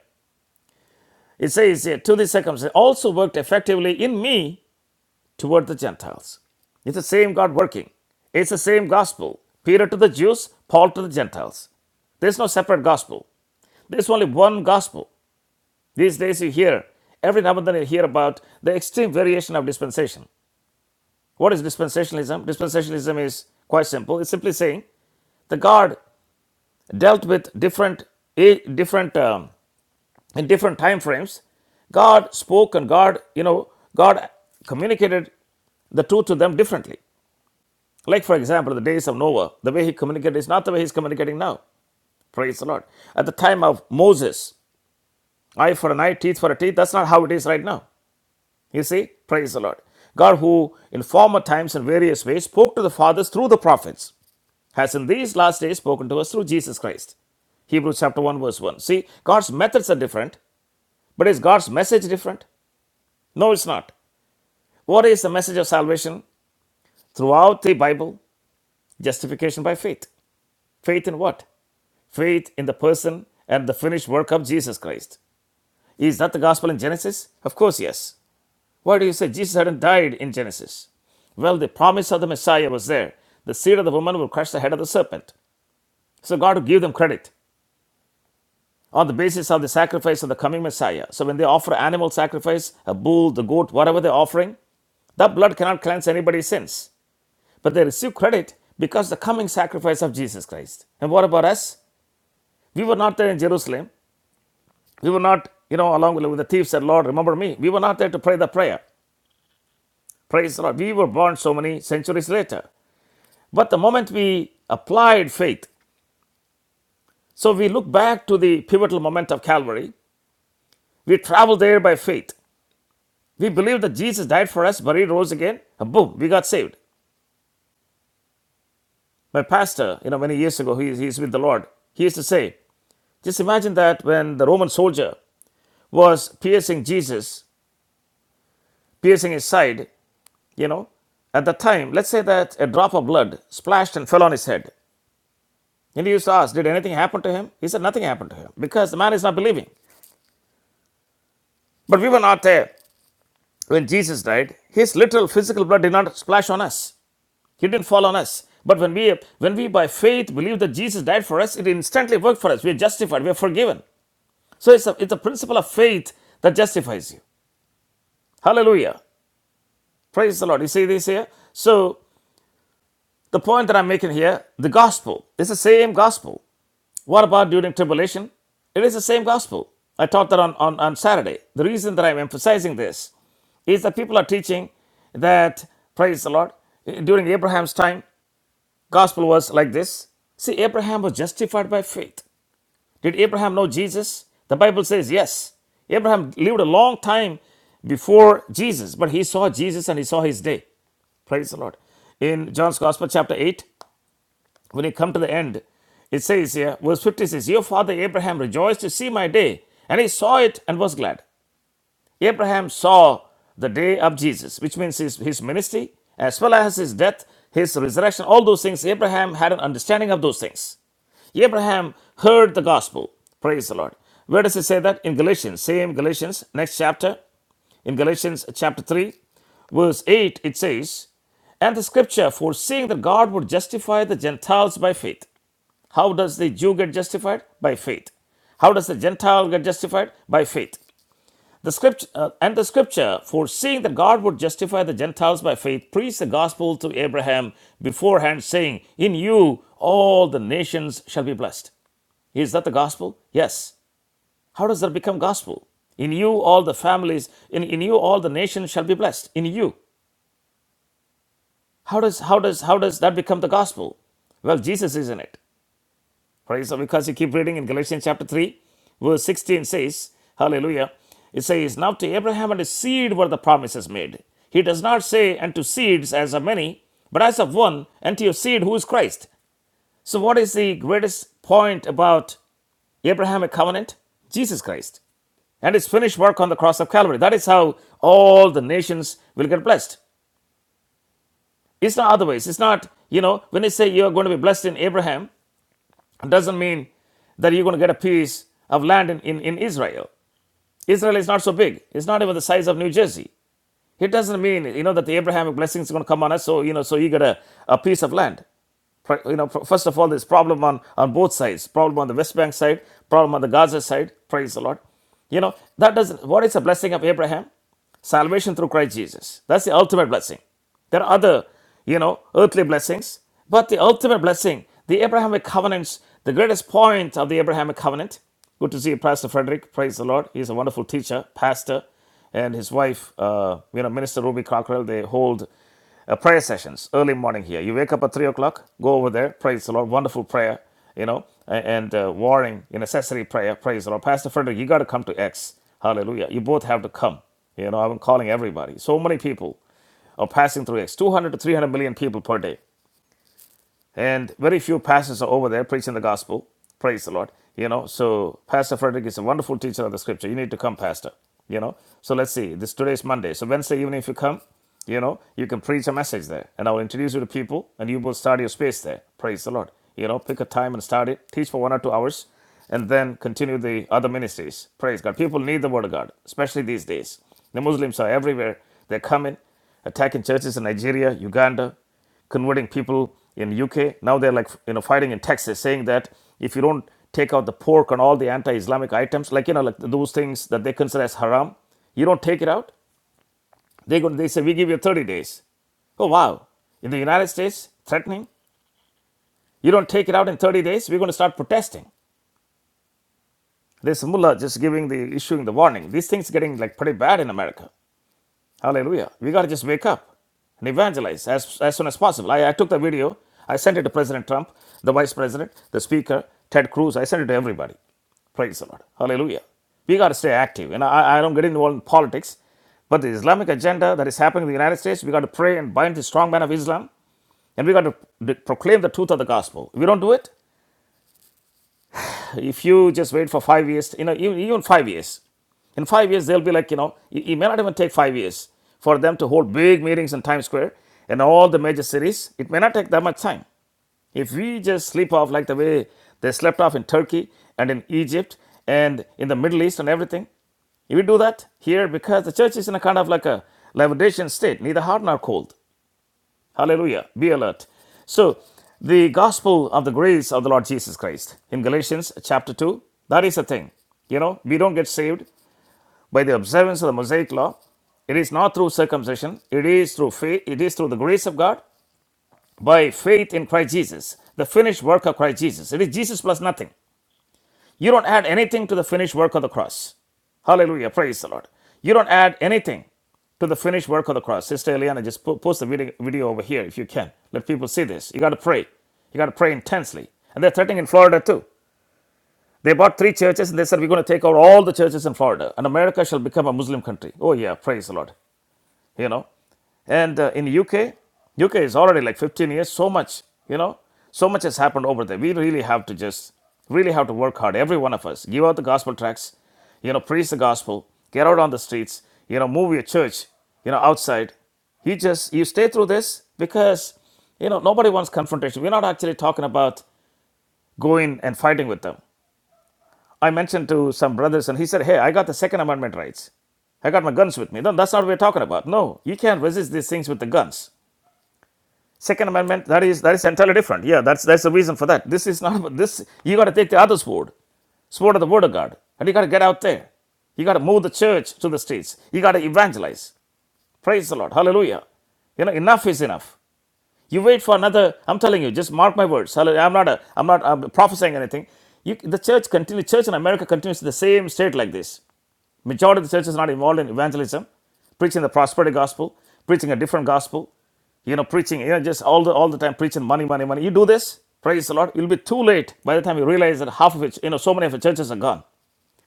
Speaker 1: It says here, to the circumcised also worked effectively in me toward the Gentiles. It's the same God working. It's the same gospel. Peter to the Jews, Paul to the Gentiles. There's no separate gospel. There's only one gospel. These days, you hear, every now and then, you hear about the extreme variation of dispensation. What is dispensationalism? Dispensationalism is quite simple. It's simply saying the God dealt with different, eh, different um, in different time frames. God spoke and God, you know, God communicated the truth to them differently. Like, for example, the days of Noah, the way he communicated is not the way he's communicating now. Praise the Lord. At the time of Moses, eye for an eye, teeth for a teeth, that's not how it is right now. You see, praise the Lord. God, who in former times in various ways spoke to the fathers through the prophets, has in these last days spoken to us through Jesus Christ. Hebrews chapter 1, verse 1. See, God's methods are different, but is God's message different? No, it's not. What is the message of salvation throughout the Bible? Justification by faith. Faith in what? Faith in the person and the finished work of Jesus Christ. Is that the gospel in Genesis? Of course, yes. Why do you say Jesus hadn't died in Genesis? Well, the promise of the Messiah was there. The seed of the woman will crush the head of the serpent. So God will give them credit on the basis of the sacrifice of the coming Messiah. So when they offer animal sacrifice, a bull, the goat, whatever they're offering, that blood cannot cleanse anybody's sins. But they receive credit because the coming sacrifice of Jesus Christ. And what about us? We were not there in Jerusalem. We were not, you know, along with the thieves said, Lord, remember me. We were not there to pray the prayer. Praise the Lord. We were born so many centuries later. But the moment we applied faith, so we look back to the pivotal moment of Calvary, we travel there by faith. We believe that Jesus died for us, buried, rose again, and boom, we got saved. My pastor, you know, many years ago, he, he's with the Lord. He used to say, just imagine that when the Roman soldier was piercing Jesus, piercing his side, you know, at the time, let's say that a drop of blood splashed and fell on his head. And he used to ask, Did anything happen to him? He said, Nothing happened to him because the man is not believing. But we were not there. When Jesus died, his literal physical blood did not splash on us. He didn't fall on us. But when we when we by faith believe that Jesus died for us, it instantly worked for us. We are justified, we are forgiven. So it's a it's a principle of faith that justifies you. Hallelujah. Praise the Lord. You see this here? So the point that I'm making here, the gospel, it's the same gospel. What about during tribulation? It is the same gospel. I taught that on, on, on Saturday. The reason that I'm emphasizing this is that people are teaching that, praise the Lord, during Abraham's time, gospel was like this. See, Abraham was justified by faith. Did Abraham know Jesus? The Bible says yes. Abraham lived a long time before Jesus, but he saw Jesus and he saw his day. Praise the Lord. In John's Gospel, chapter 8, when you come to the end, it says here, verse 50 says, Your father Abraham rejoiced to see my day, and he saw it and was glad. Abraham saw the day of Jesus, which means his, his ministry, as well as his death, his resurrection, all those things. Abraham had an understanding of those things. Abraham heard the gospel. Praise the Lord. Where does it say that? In Galatians, same Galatians, next chapter, in Galatians chapter 3, verse 8, it says, and the scripture, foreseeing that God would justify the Gentiles by faith, how does the Jew get justified? By faith. How does the Gentile get justified? By faith. The script uh, and the scripture, foreseeing that God would justify the Gentiles by faith, preached the gospel to Abraham beforehand, saying, "In you all the nations shall be blessed." Is that the gospel? Yes. How does that become gospel? In you all the families, in, in you all the nations shall be blessed. In you. How does how does how does that become the gospel? Well, Jesus is in it. Praise God. Because you keep reading in Galatians chapter 3, verse 16 says, Hallelujah. It says, Now to Abraham and his seed were the promises made. He does not say, And to seeds as of many, but as of one, and to your seed who is Christ. So, what is the greatest point about Abrahamic covenant? Jesus Christ and his finished work on the cross of Calvary. That is how all the nations will get blessed. It's not otherwise. It's not, you know, when they say you are going to be blessed in Abraham, It doesn't mean that you're going to get a piece of land in, in, in Israel. Israel is not so big. It's not even the size of New Jersey. It doesn't mean, you know, that the Abrahamic blessings is going to come on us, so, you know, so you get a, a piece of land. You know, first of all, there's problem on on both sides. Problem on the West Bank side, problem on the Gaza side. Praise the Lord. You know that doesn't. What is the blessing of Abraham? Salvation through Christ Jesus. That's the ultimate blessing. There are other, you know, earthly blessings, but the ultimate blessing, the Abrahamic covenants, the greatest point of the Abrahamic covenant. Good to see you, Pastor Frederick. Praise the Lord. He's a wonderful teacher, pastor, and his wife, uh, you know, Minister Ruby Cockrell. They hold uh, prayer sessions, early morning here. You wake up at 3 o'clock, go over there, praise the Lord. Wonderful prayer, you know, and uh, warring, you necessary prayer, praise the Lord. Pastor Frederick, you got to come to X. Hallelujah. You both have to come. You know, I'm calling everybody. So many people are passing through X, 200 to 300 million people per day and very few pastors are over there preaching the gospel. Praise the Lord. You know, so Pastor Frederick is a wonderful teacher of the scripture. You need to come, Pastor. You know, so let's see. This today's Monday. So Wednesday evening, if you come, you know, you can preach a message there, and I'll introduce you to people, and you will start your space there. Praise the Lord. You know, pick a time and start it. Teach for one or two hours, and then continue the other ministries. Praise God. People need the word of God, especially these days. The Muslims are everywhere. They're coming, attacking churches in Nigeria, Uganda, converting people in UK. Now they're like you know fighting in Texas, saying that if you don't take out the pork and all the anti-Islamic items, like you know like those things that they consider as haram, you don't take it out. They go, they say we give you 30 days. Oh wow! In the United States, threatening. You don't take it out in 30 days, we're going to start protesting. This mullah just giving the issuing the warning. These things are getting like pretty bad in America. Hallelujah. We got to just wake up and evangelize as, as soon as possible. I, I took the video, I sent it to President Trump, the Vice President, the Speaker, Ted Cruz. I sent it to everybody. Praise the Lord. Hallelujah. We got to stay active. And I, I don't get involved in politics, but the Islamic agenda that is happening in the United States, we got to pray and bind the strong man of Islam, and we got to proclaim the truth of the gospel. If we don't do it, if you just wait for five years, you know, even, even five years, in five years, they'll be like, you know, it, it may not even take five years for them to hold big meetings in Times Square and all the major cities. It may not take that much time. If we just sleep off like the way they slept off in Turkey and in Egypt and in the Middle East and everything, if we do that here, because the church is in a kind of like a levitation state, neither hot nor cold. Hallelujah. Be alert. So, the gospel of the grace of the Lord Jesus Christ in Galatians chapter 2, that is the thing. You know, we don't get saved by the observance of the Mosaic law. It is not through circumcision, it is through faith, it is through the grace of God by faith in Christ Jesus, the finished work of Christ Jesus. It is Jesus plus nothing. You don't add anything to the finished work of the cross. Hallelujah. Praise the Lord. You don't add anything to the finished work of the cross. Sister Eliana, just po- post the video, video over here if you can. Let people see this. You got to pray. You got to pray intensely. And they're threatening in Florida too. They bought three churches and they said, We're going to take over all the churches in Florida and America shall become a Muslim country. Oh, yeah. Praise the Lord you know and uh, in uk uk is already like 15 years so much you know so much has happened over there we really have to just really have to work hard every one of us give out the gospel tracts you know preach the gospel get out on the streets you know move your church you know outside you just you stay through this because you know nobody wants confrontation we're not actually talking about going and fighting with them I mentioned to some brothers, and he said, Hey, I got the Second Amendment rights. I got my guns with me. No, that's not what we're talking about. No, you can't resist these things with the guns. Second Amendment, that is that is entirely different. Yeah, that's that's the reason for that. This is not about this. You got to take the other sword, sword of the Word of God, and you got to get out there. You got to move the church to the streets. You got to evangelize. Praise the Lord. Hallelujah. You know, enough is enough. You wait for another. I'm telling you, just mark my words. I'm not. A, I'm not. I'm prophesying anything. You, the church continue. Church in America continues to the same state like this. Majority of the church is not involved in evangelism, preaching the prosperity gospel, preaching a different gospel, you know, preaching, you know, just all the all the time preaching money, money, money. You do this, praise the Lord, It will be too late by the time you realize that half of it, you know, so many of the churches are gone.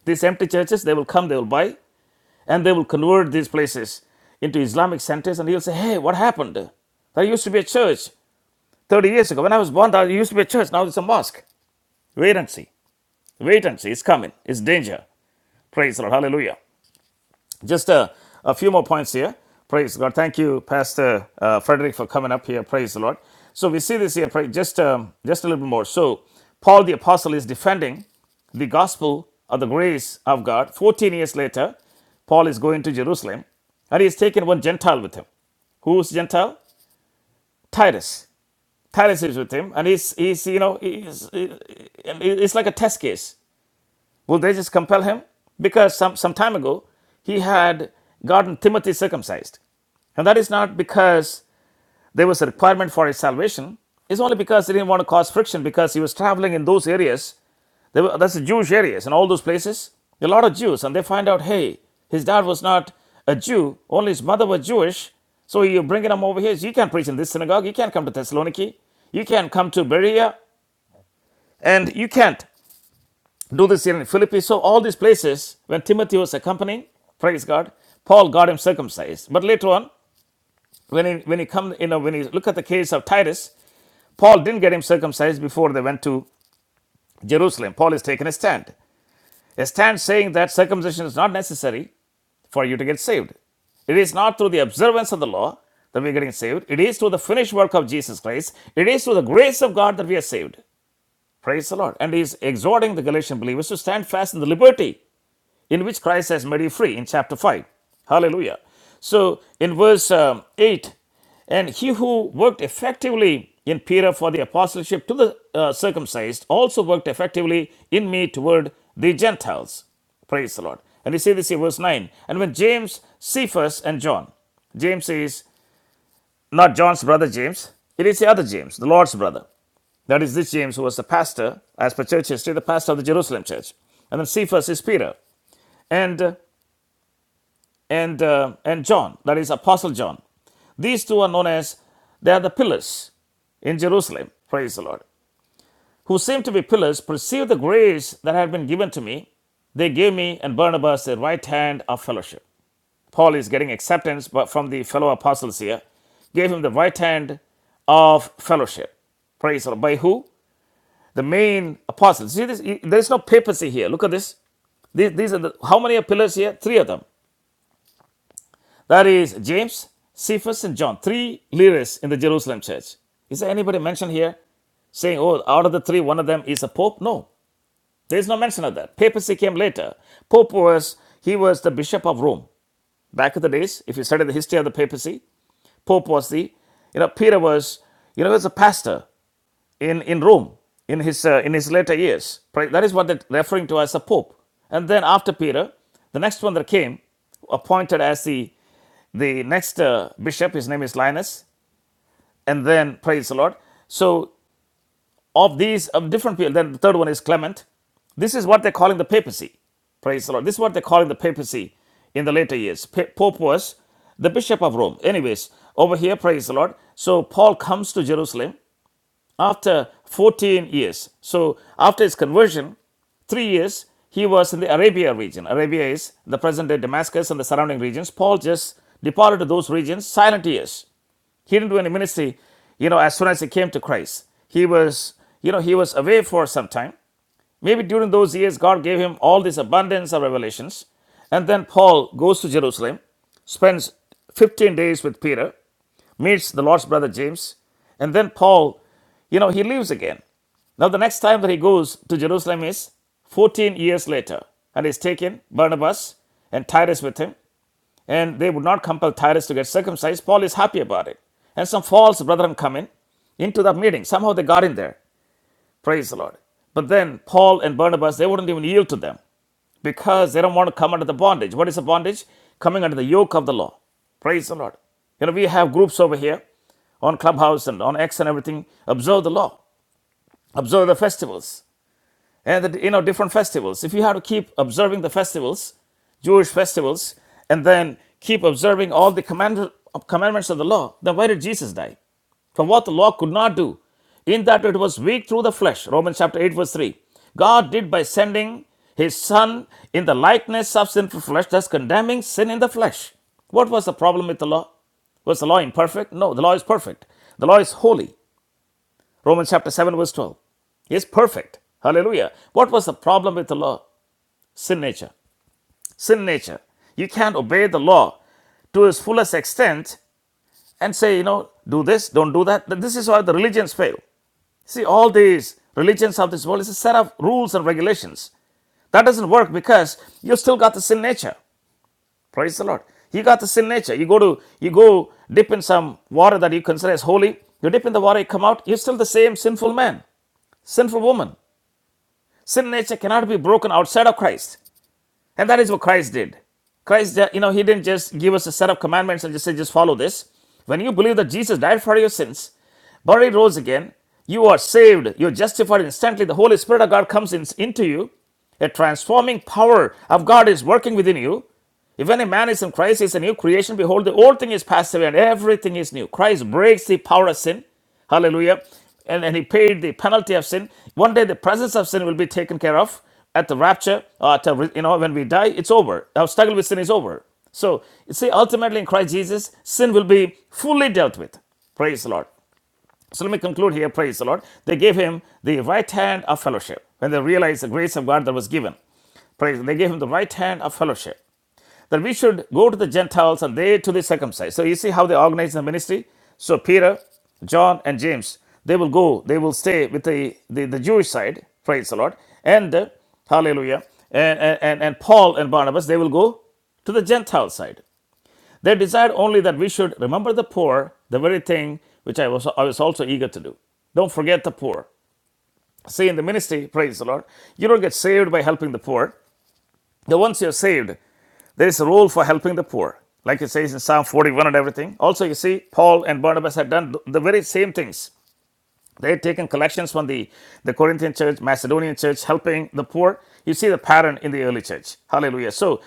Speaker 1: These empty churches, they will come, they will buy, and they will convert these places into Islamic centers, and you'll say, Hey, what happened? There used to be a church 30 years ago. When I was born, there used to be a church. Now it's a mosque. Wait and see. Wait and see. It's coming. It's danger. Praise the Lord. Hallelujah. Just a, a few more points here. Praise God. Thank you, Pastor uh, Frederick, for coming up here. Praise the Lord. So we see this here. Pray, just um, just a little bit more. So Paul the apostle is defending the gospel of the grace of God. Fourteen years later, Paul is going to Jerusalem, and he's taken one Gentile with him. Who's Gentile? Titus. Titus is with him, and he's he's you know he's, he- it's like a test case. Will they just compel him? Because some some time ago he had gotten Timothy circumcised. And that is not because there was a requirement for his salvation. It's only because he didn't want to cause friction because he was traveling in those areas. They were, that's the Jewish areas and all those places. A lot of Jews, and they find out, hey, his dad was not a Jew, only his mother was Jewish. So you're bringing him over here. You can't preach in this synagogue. You can't come to Thessaloniki. You can't come to Berea. And you can't do this here in Philippi. So all these places, when Timothy was accompanying, praise God, Paul got him circumcised. But later on, when he when he come you know when he look at the case of Titus, Paul didn't get him circumcised before they went to Jerusalem. Paul is taking a stand, a stand saying that circumcision is not necessary for you to get saved. It is not through the observance of the law that we're getting saved. It is through the finished work of Jesus Christ. It is through the grace of God that we are saved. Praise the Lord. And he is exhorting the Galatian believers to stand fast in the liberty in which Christ has made you free in chapter 5. Hallelujah. So in verse um, 8, and he who worked effectively in Peter for the apostleship to the uh, circumcised also worked effectively in me toward the Gentiles. Praise the Lord. And you see this in verse 9. And when James, Cephas, and John, James is not John's brother James, it is the other James, the Lord's brother. That is this James, who was the pastor, as per church history, the pastor of the Jerusalem church. And then Cephas is Peter. And uh, and uh, and John, that is Apostle John. These two are known as they are the pillars in Jerusalem. Praise the Lord. Who seem to be pillars perceive the grace that had been given to me. They gave me and Barnabas their right hand of fellowship. Paul is getting acceptance but from the fellow apostles here. Gave him the right hand of fellowship. Praise the Lord. By who? The main apostles. See this? There is no papacy here. Look at this. These, these are the, how many are pillars here? Three of them. That is James, Cephas, and John, three leaders in the Jerusalem church. Is there anybody mentioned here saying, oh, out of the three, one of them is a pope? No, there's no mention of that. Papacy came later. Pope was, he was the bishop of Rome. Back in the days, if you study the history of the papacy, Pope was the, you know, Peter was, you know, he was a pastor in, in Rome in his, uh, in his later years. right? That is what they're referring to as the Pope. And then after Peter, the next one that came, appointed as the, the next uh, bishop, his name is Linus. And then, praise the Lord. So, of these, of different people, then the third one is Clement. This is what they're calling the papacy. Praise the Lord. This is what they're calling the papacy in the later years. Pa- Pope was the Bishop of Rome. Anyways, over here, praise the Lord. So Paul comes to Jerusalem after 14 years. So after his conversion, three years, he was in the Arabia region. Arabia is the present day Damascus and the surrounding regions. Paul just departed to those regions, silent years. He didn't do any ministry, you know, as soon as he came to Christ. He was, you know, he was away for some time. Maybe during those years, God gave him all this abundance of revelations. And then Paul goes to Jerusalem, spends 15 days with Peter, meets the Lord's brother James, and then Paul, you know, he leaves again. Now, the next time that he goes to Jerusalem is 14 years later, and he's taken Barnabas and Titus with him and they would not compel Tyrus to get circumcised. Paul is happy about it. And some false brethren come in into the meeting. Somehow they got in there. Praise the Lord. But then Paul and Barnabas, they wouldn't even yield to them because they don't want to come under the bondage. What is the bondage? Coming under the yoke of the law. Praise the Lord. You know, we have groups over here on Clubhouse and on X and everything. Observe the law. Observe the festivals and the, you know different festivals if you have to keep observing the festivals jewish festivals and then keep observing all the command, commandments of the law then why did jesus die for what the law could not do in that it was weak through the flesh romans chapter 8 verse 3 god did by sending his son in the likeness of sinful flesh thus condemning sin in the flesh what was the problem with the law was the law imperfect no the law is perfect the law is holy Romans chapter 7, verse 12. He is perfect. Hallelujah. What was the problem with the law? Sin nature. Sin nature. You can't obey the law to its fullest extent and say, you know, do this, don't do that. This is why the religions fail. See, all these religions of this world is a set of rules and regulations. That doesn't work because you still got the sin nature. Praise the Lord. You got the sin nature. You go to you go dip in some water that you consider as holy. You dip in the water, you come out, you're still the same sinful man, sinful woman. Sin nature cannot be broken outside of Christ. And that is what Christ did. Christ, uh, you know, he didn't just give us a set of commandments and just say, just follow this. When you believe that Jesus died for your sins but he rose again. You are saved. You're justified instantly. The Holy Spirit of God comes in, into you. A transforming power of God is working within you. If any man is in Christ, he is a new creation. Behold, the old thing is passed away and everything is new. Christ breaks the power of sin. Hallelujah. And, and he paid the penalty of sin. One day the presence of sin will be taken care of at the rapture, or at the, you know, when we die, it's over. Our struggle with sin is over. So, you see, ultimately in Christ Jesus, sin will be fully dealt with. Praise the Lord. So let me conclude here. Praise the Lord. They gave him the right hand of fellowship when they realized the grace of God that was given. Praise. They gave him the right hand of fellowship that we should go to the Gentiles and they to the circumcised. So you see how they organize the ministry. So Peter, John, and James they will go. They will stay with the the, the Jewish side. Praise the Lord. And uh, Hallelujah. And, and and and Paul and Barnabas they will go to the Gentile side. They desired only that we should remember the poor, the very thing which I was, I was also eager to do. Don't forget the poor. See, in the ministry, praise the Lord, you don't get saved by helping the poor. The once you're saved, there is a role for helping the poor. Like it says in Psalm 41 and everything. Also, you see, Paul and Barnabas had done the very same things. They had taken collections from the, the Corinthian church, Macedonian church, helping the poor. You see the pattern in the early church. Hallelujah. So,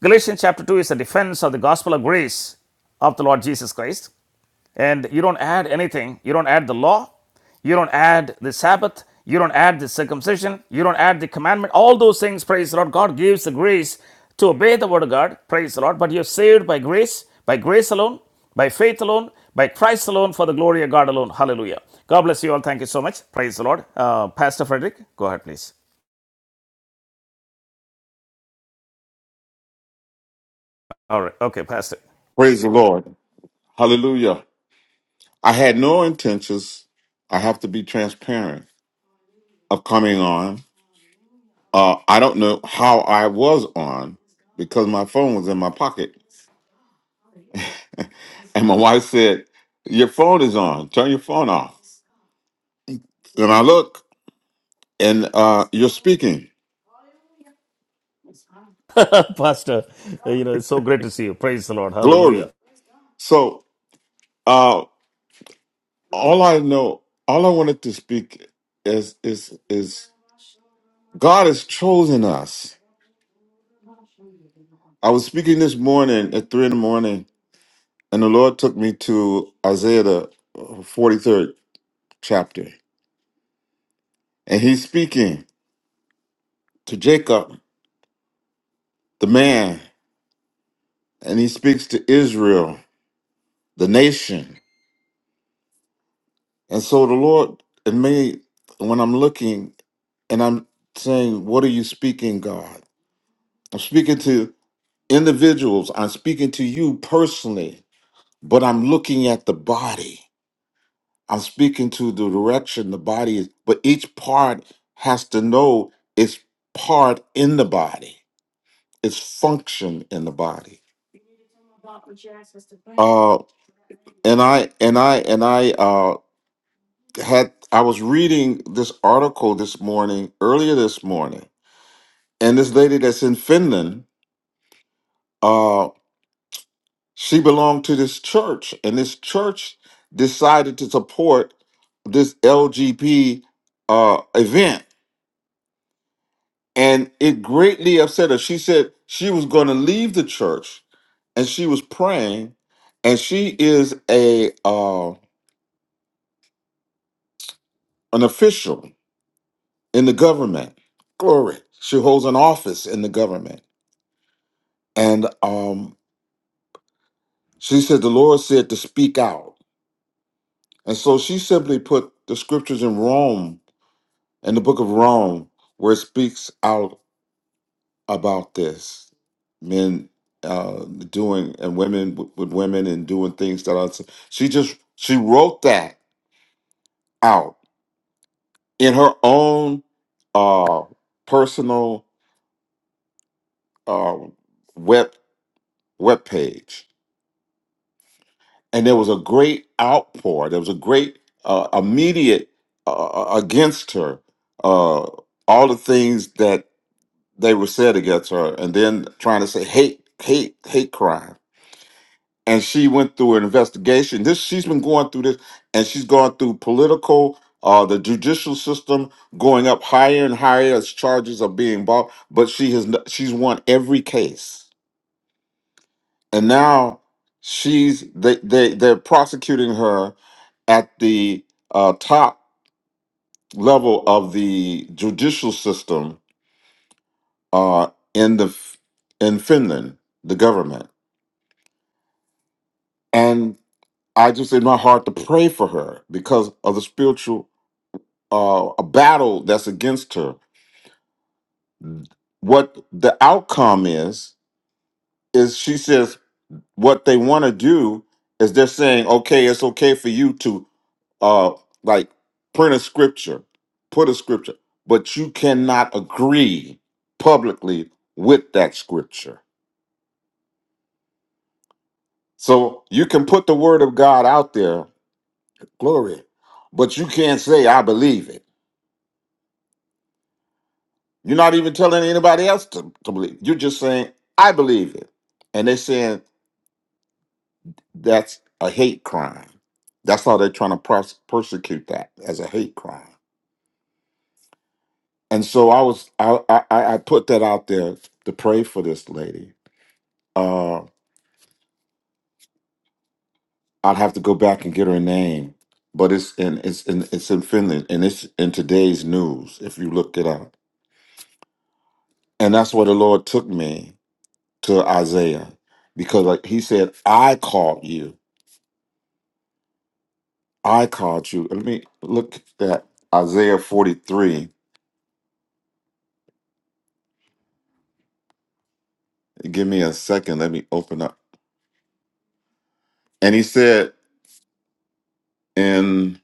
Speaker 1: Galatians chapter 2 is a defense of the gospel of grace of the Lord Jesus Christ and you don't add anything. You don't add the law. You don't add the Sabbath. You don't add the circumcision. You don't add the commandment. All those things, praise the Lord. God gives the grace to obey the word of God, praise the Lord. But you're saved by grace, by grace alone, by faith alone, by Christ alone, for the glory of God alone. Hallelujah. God bless you all. Thank you so much. Praise the Lord. Uh, Pastor Frederick, go ahead, please. All right. Okay, Pastor.
Speaker 2: Praise the Lord. Hallelujah. I had no intentions, I have to be transparent, of coming on. Uh, I don't know how I was on because my phone was in my pocket. And my wife said, Your phone is on. Turn your phone off. Then I look and uh, you're speaking.
Speaker 1: Pastor, you know, it's so great to see you. Praise the Lord. Hallelujah.
Speaker 2: Glory. So uh, all I know, all I wanted to speak is is is God has chosen us. I was speaking this morning at three in the morning And the Lord took me to Isaiah, the uh, 43rd chapter. And he's speaking to Jacob, the man, and he speaks to Israel, the nation. And so the Lord, and me, when I'm looking and I'm saying, What are you speaking, God? I'm speaking to individuals, I'm speaking to you personally, but I'm looking at the body. I'm speaking to the direction the body is, but each part has to know its part in the body, its function in the body. Uh, and I and I and I uh, had I was reading this article this morning, earlier this morning, and this lady that's in Finland, uh, she belonged to this church, and this church decided to support this LGB uh, event and it greatly upset her. She said she was going to leave the church, and she was praying, and she is a uh, an official in the government. Glory, she holds an office in the government, and um, she said the Lord said to speak out, and so she simply put the scriptures in Rome, in the book of Rome, where it speaks out about this men uh doing and women with, with women and doing things that are she just she wrote that out in her own uh personal uh web web page and there was a great outpour there was a great uh, immediate uh, uh, against her uh all the things that they were said against her and then trying to say hate hate hate crimes and she went through an investigation. This she's been going through this, and she's gone through political, uh, the judicial system going up higher and higher as charges are being brought. But she has n- she's won every case, and now she's they they they're prosecuting her at the uh, top level of the judicial system uh, in the f- in Finland, the government, and I just in my heart to pray for her because of the spiritual uh, a battle that's against her. What the outcome is is she says what they want to do is they're saying, okay, it's okay for you to uh, like print a scripture, put a scripture, but you cannot agree publicly with that scripture. So you can put the word of God out there, glory, but you can't say I believe it. You're not even telling anybody else to, to believe. You're just saying I believe it and they're saying That's a hate crime. That's how they're trying to pros- persecute that as a hate crime. And so I was I, I I put that out there to pray for this lady. Uh, I'd have to go back and get her name, but it's in it's in it's in Finland and it's in today's news if you look it up. And that's where the Lord took me to Isaiah because like he said, I called you. I called you. Let me look at Isaiah 43. Give me a second. Let me open up. and he said in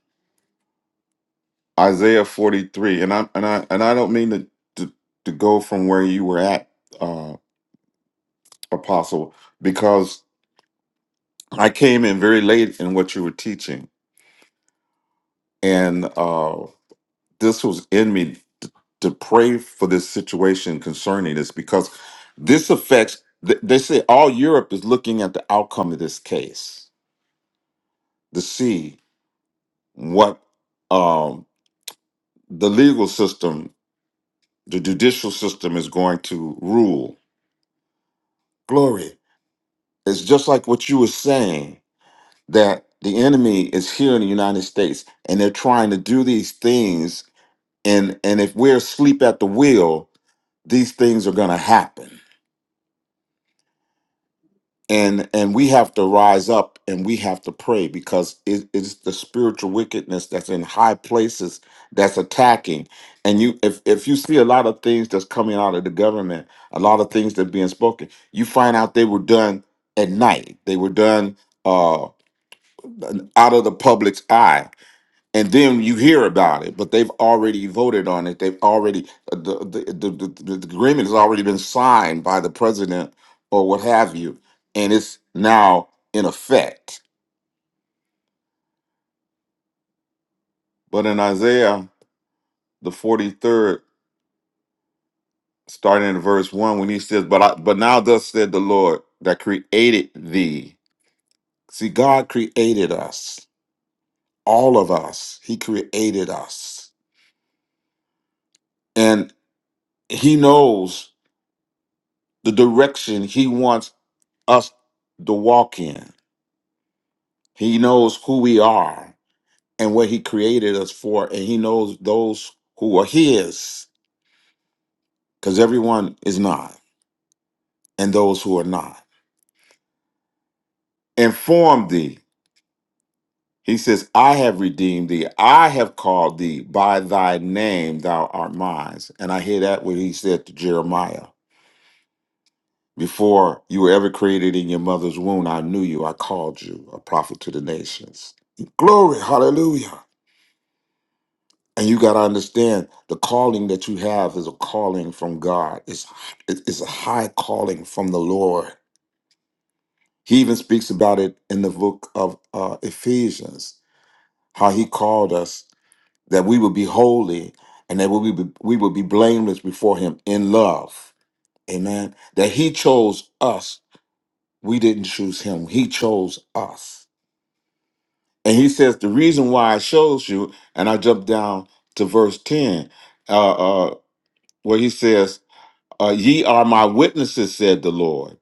Speaker 2: Isaiah 43, and I and I and I don't mean to to, to go from where you were at, uh, Apostle, because I came in very late in what you were teaching, and uh, this was in me to, to pray for this situation concerning this because this affects. th- They say all Europe is looking at the outcome of this case to see what um, the legal system The judicial system is going to rule. Glory. It's just like what you were saying that the enemy is here in the United States and they're trying to do these things and and if we're asleep at the wheel, these things are going to happen. and and we have to rise up and we have to pray because it, it's the spiritual wickedness that's in high places that's attacking and you if, if you see a lot of things that's coming out of the government a lot of things that being spoken you find out they were done at night they were done uh out of the public's eye and then you hear about it, but they've already voted on it. They've already uh, the the, the, the, the agreement has already been signed by the president or what have you, and it's now in effect. But in Isaiah the forty third, starting in verse one, when he says, "But I, but now thus said the Lord that created thee." See, God created us, all of us. He created us, and He knows the direction He wants us the walk in. He knows who we are and what He created us for, and He knows those who are His, because everyone is not, and those who are not. Inform thee. He says, I have redeemed thee. I have called thee by thy name. Thou art mine. And I hear that what he said to Jeremiah. Before you were ever created in your mother's womb, I knew you. I called you a prophet to the nations. Glory. Hallelujah. And you got to understand the calling that you have is a calling from God. It's, it- it's a high calling from the Lord. He even speaks about it in the book of uh, Ephesians, how he called us that we would be holy and that we would be, we would be blameless before him in love. Amen. That he chose us. We didn't choose him. He chose us. And he says, the reason why I chose you, and I jump down to verse 10, uh, uh, where he says, Uh, ye are my witnesses, said the Lord,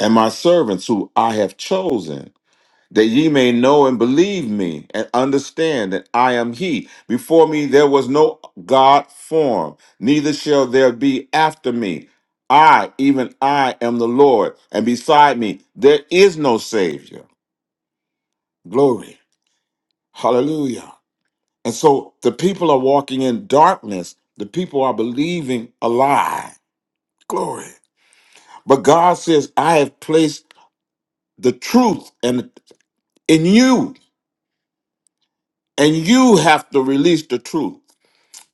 Speaker 2: and my servants who I have chosen, that ye may know and believe me and understand that I am He. Before me there was no God formed, neither shall there be after me. I, even I, am the Lord, and beside me there is no Savior. Glory. Hallelujah. And so the people are walking in darkness, the people are believing a lie. Glory. But God says, I have placed the truth and in you and you have to release the truth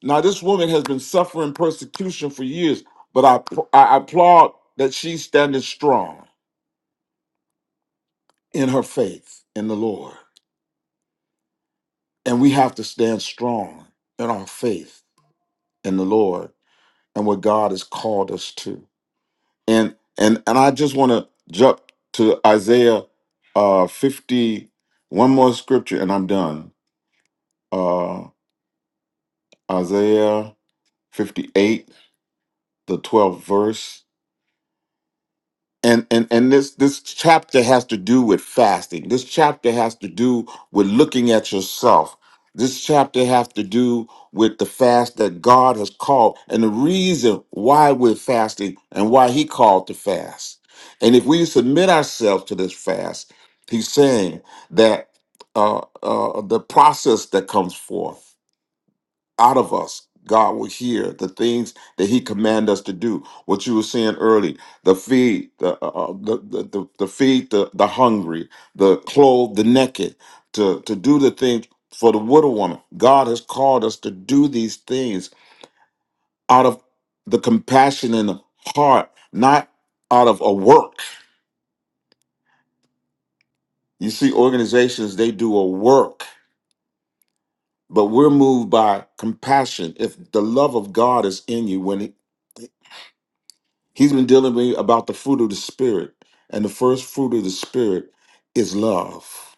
Speaker 2: now this woman has been suffering persecution for years but i i applaud that she's standing strong in her faith in the lord and we have to stand strong in our faith in the lord and what god has called us to and and and i just want to jump to isaiah uh 50 one more scripture and i'm done uh isaiah 58 the 12th verse and and and this this chapter has to do with fasting this chapter has to do with looking at yourself this chapter has to do with the fast that god has called and the reason why we're fasting and why he called to fast and if we submit ourselves to this fast he's saying that uh, uh, the process that comes forth out of us, God will hear the things that He command us to do. What you were saying early, the feed, the uh, uh, the, the the the feed, the the hungry, the clothe the naked, to to do the things for the widow woman. God has called us to do these things out of the compassion in the heart, not out of a work. You see, organizations they do a work, but we're moved by compassion. If the love of God is in you, when it He's been dealing with me about the fruit of the Spirit. And the first fruit of the Spirit is love.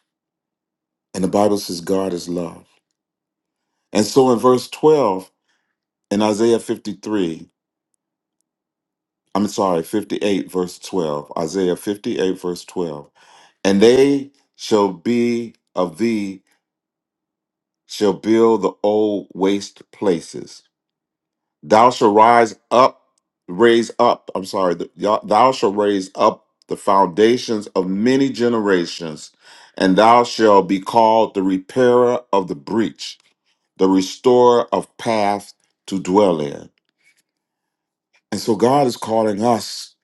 Speaker 2: And the Bible says God is love. And so in verse 12 in Isaiah 53, I'm sorry, 58, verse 12, Isaiah 58, verse 12, and they shall be of thee, shall build the old waste places. Thou shall rise up, raise up. I'm sorry. th- y'all- Thou shall raise up the foundations of many generations, and thou shalt be called the repairer of the breach, the restorer of path to dwell in. And so God is calling us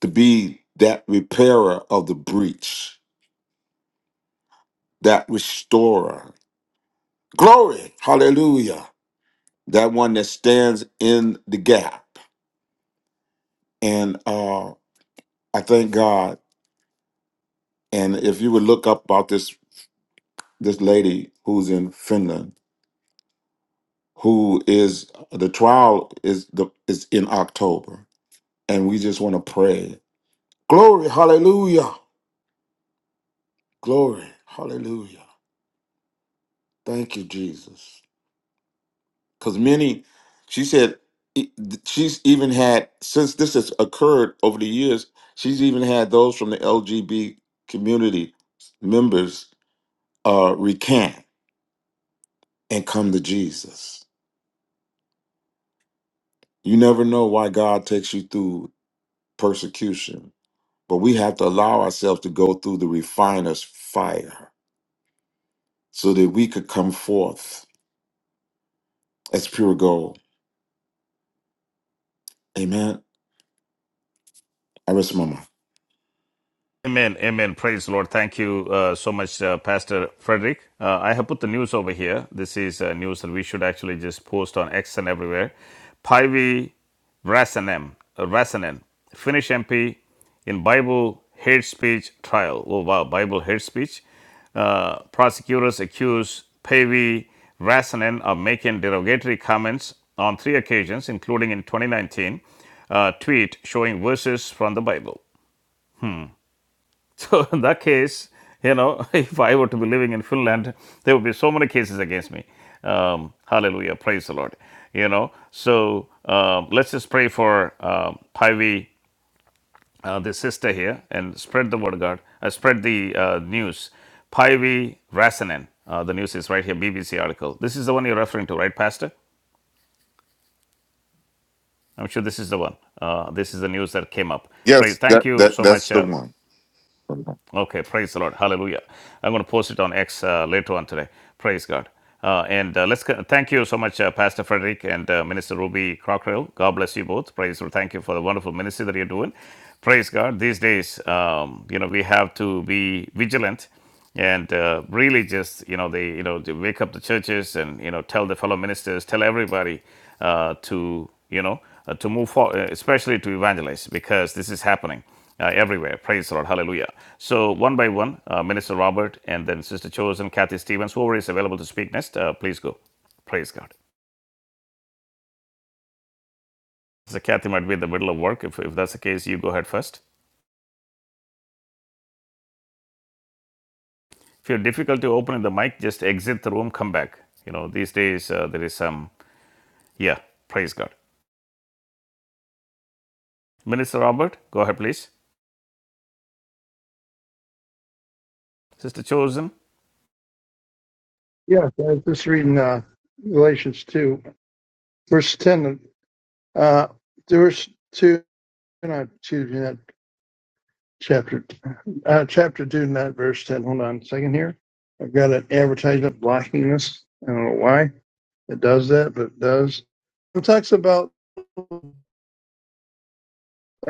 Speaker 2: to be that repairer of the breach, that restorer. Glory, hallelujah. That one that stands in the gap. And uh, I thank God And if you would look up about this this lady who's in Finland, who is the trial is the is in October, and we just want to pray. Glory, hallelujah, glory, hallelujah. Thank you, Jesus. Because many, she said, e- she's even had since this has occurred over the years. She's even had those from the LGB community members uh, recant and come to Jesus. You never know why God takes you through persecution, but we have to allow ourselves to go through the refiner's fire so that we could come forth as pure gold. Amen. I rest my mind.
Speaker 1: Amen, amen. Praise the Lord. Thank you uh, so much, uh, Pastor Frederick. Uh, I have put the news over here. This is uh, news that we should actually just post on X and everywhere. Pivy Rasanen, uh, Rasanen, Finnish MP in Bible hate speech trial. Oh, wow, Bible hate speech. Uh, prosecutors accuse Pavy Rasanen of making derogatory comments on three occasions, including in 2019 uh, tweet showing verses from the Bible. So in that case, you know, if I were to be living in Finland, there would be so many cases against me. Um, hallelujah, praise the Lord. You know, so um, let's just pray for um, Pivy, uh, the sister here, and spread the word of God. Uh, spread the uh, news. Pivy Rasanen. Uh, the news is right here, BBC article. This is the one you're referring to, right, Pastor? I'm sure this is the one. Uh, this is the news that came up. Praise.
Speaker 2: Yes, that,
Speaker 1: Thank you
Speaker 2: that
Speaker 1: so
Speaker 2: that's
Speaker 1: much,
Speaker 2: the
Speaker 1: uh,
Speaker 2: one.
Speaker 1: Okay, praise the Lord. Hallelujah. I'm going to post it on X uh, later on today. Praise God. Uh, and uh, let's go- thank you so much, uh, Pastor Frederick and uh, Minister Ruby Crockerill. God bless you both. Praise the Lord. Thank you for the wonderful ministry that you're doing. Praise God. These days, um, you know, we have to be vigilant and uh, really just you know they you know they wake up the churches and you know tell the fellow ministers tell everybody uh, to you know uh, to move forward especially to evangelize because this is happening uh, everywhere praise the lord hallelujah so one by one uh, minister robert and then sister chosen kathy stevens whoever is available to speak next uh, please go praise god so kathy might be in the middle of work if, if that's the case you go ahead first if you have difficulty opening the mic just exit the room come back you know these days uh, there is some yeah praise god Minister Robert, go ahead, please. Sister Chosen,
Speaker 3: Yeah, I was just reading uh, Galatians 2, verse 10. Uh, verse 2, not excuse me, that chapter, uh, chapter 2, not verse 10. Hold on a second here. I've got an advertisement blocking this. I don't know why it does that, but it does. It talks about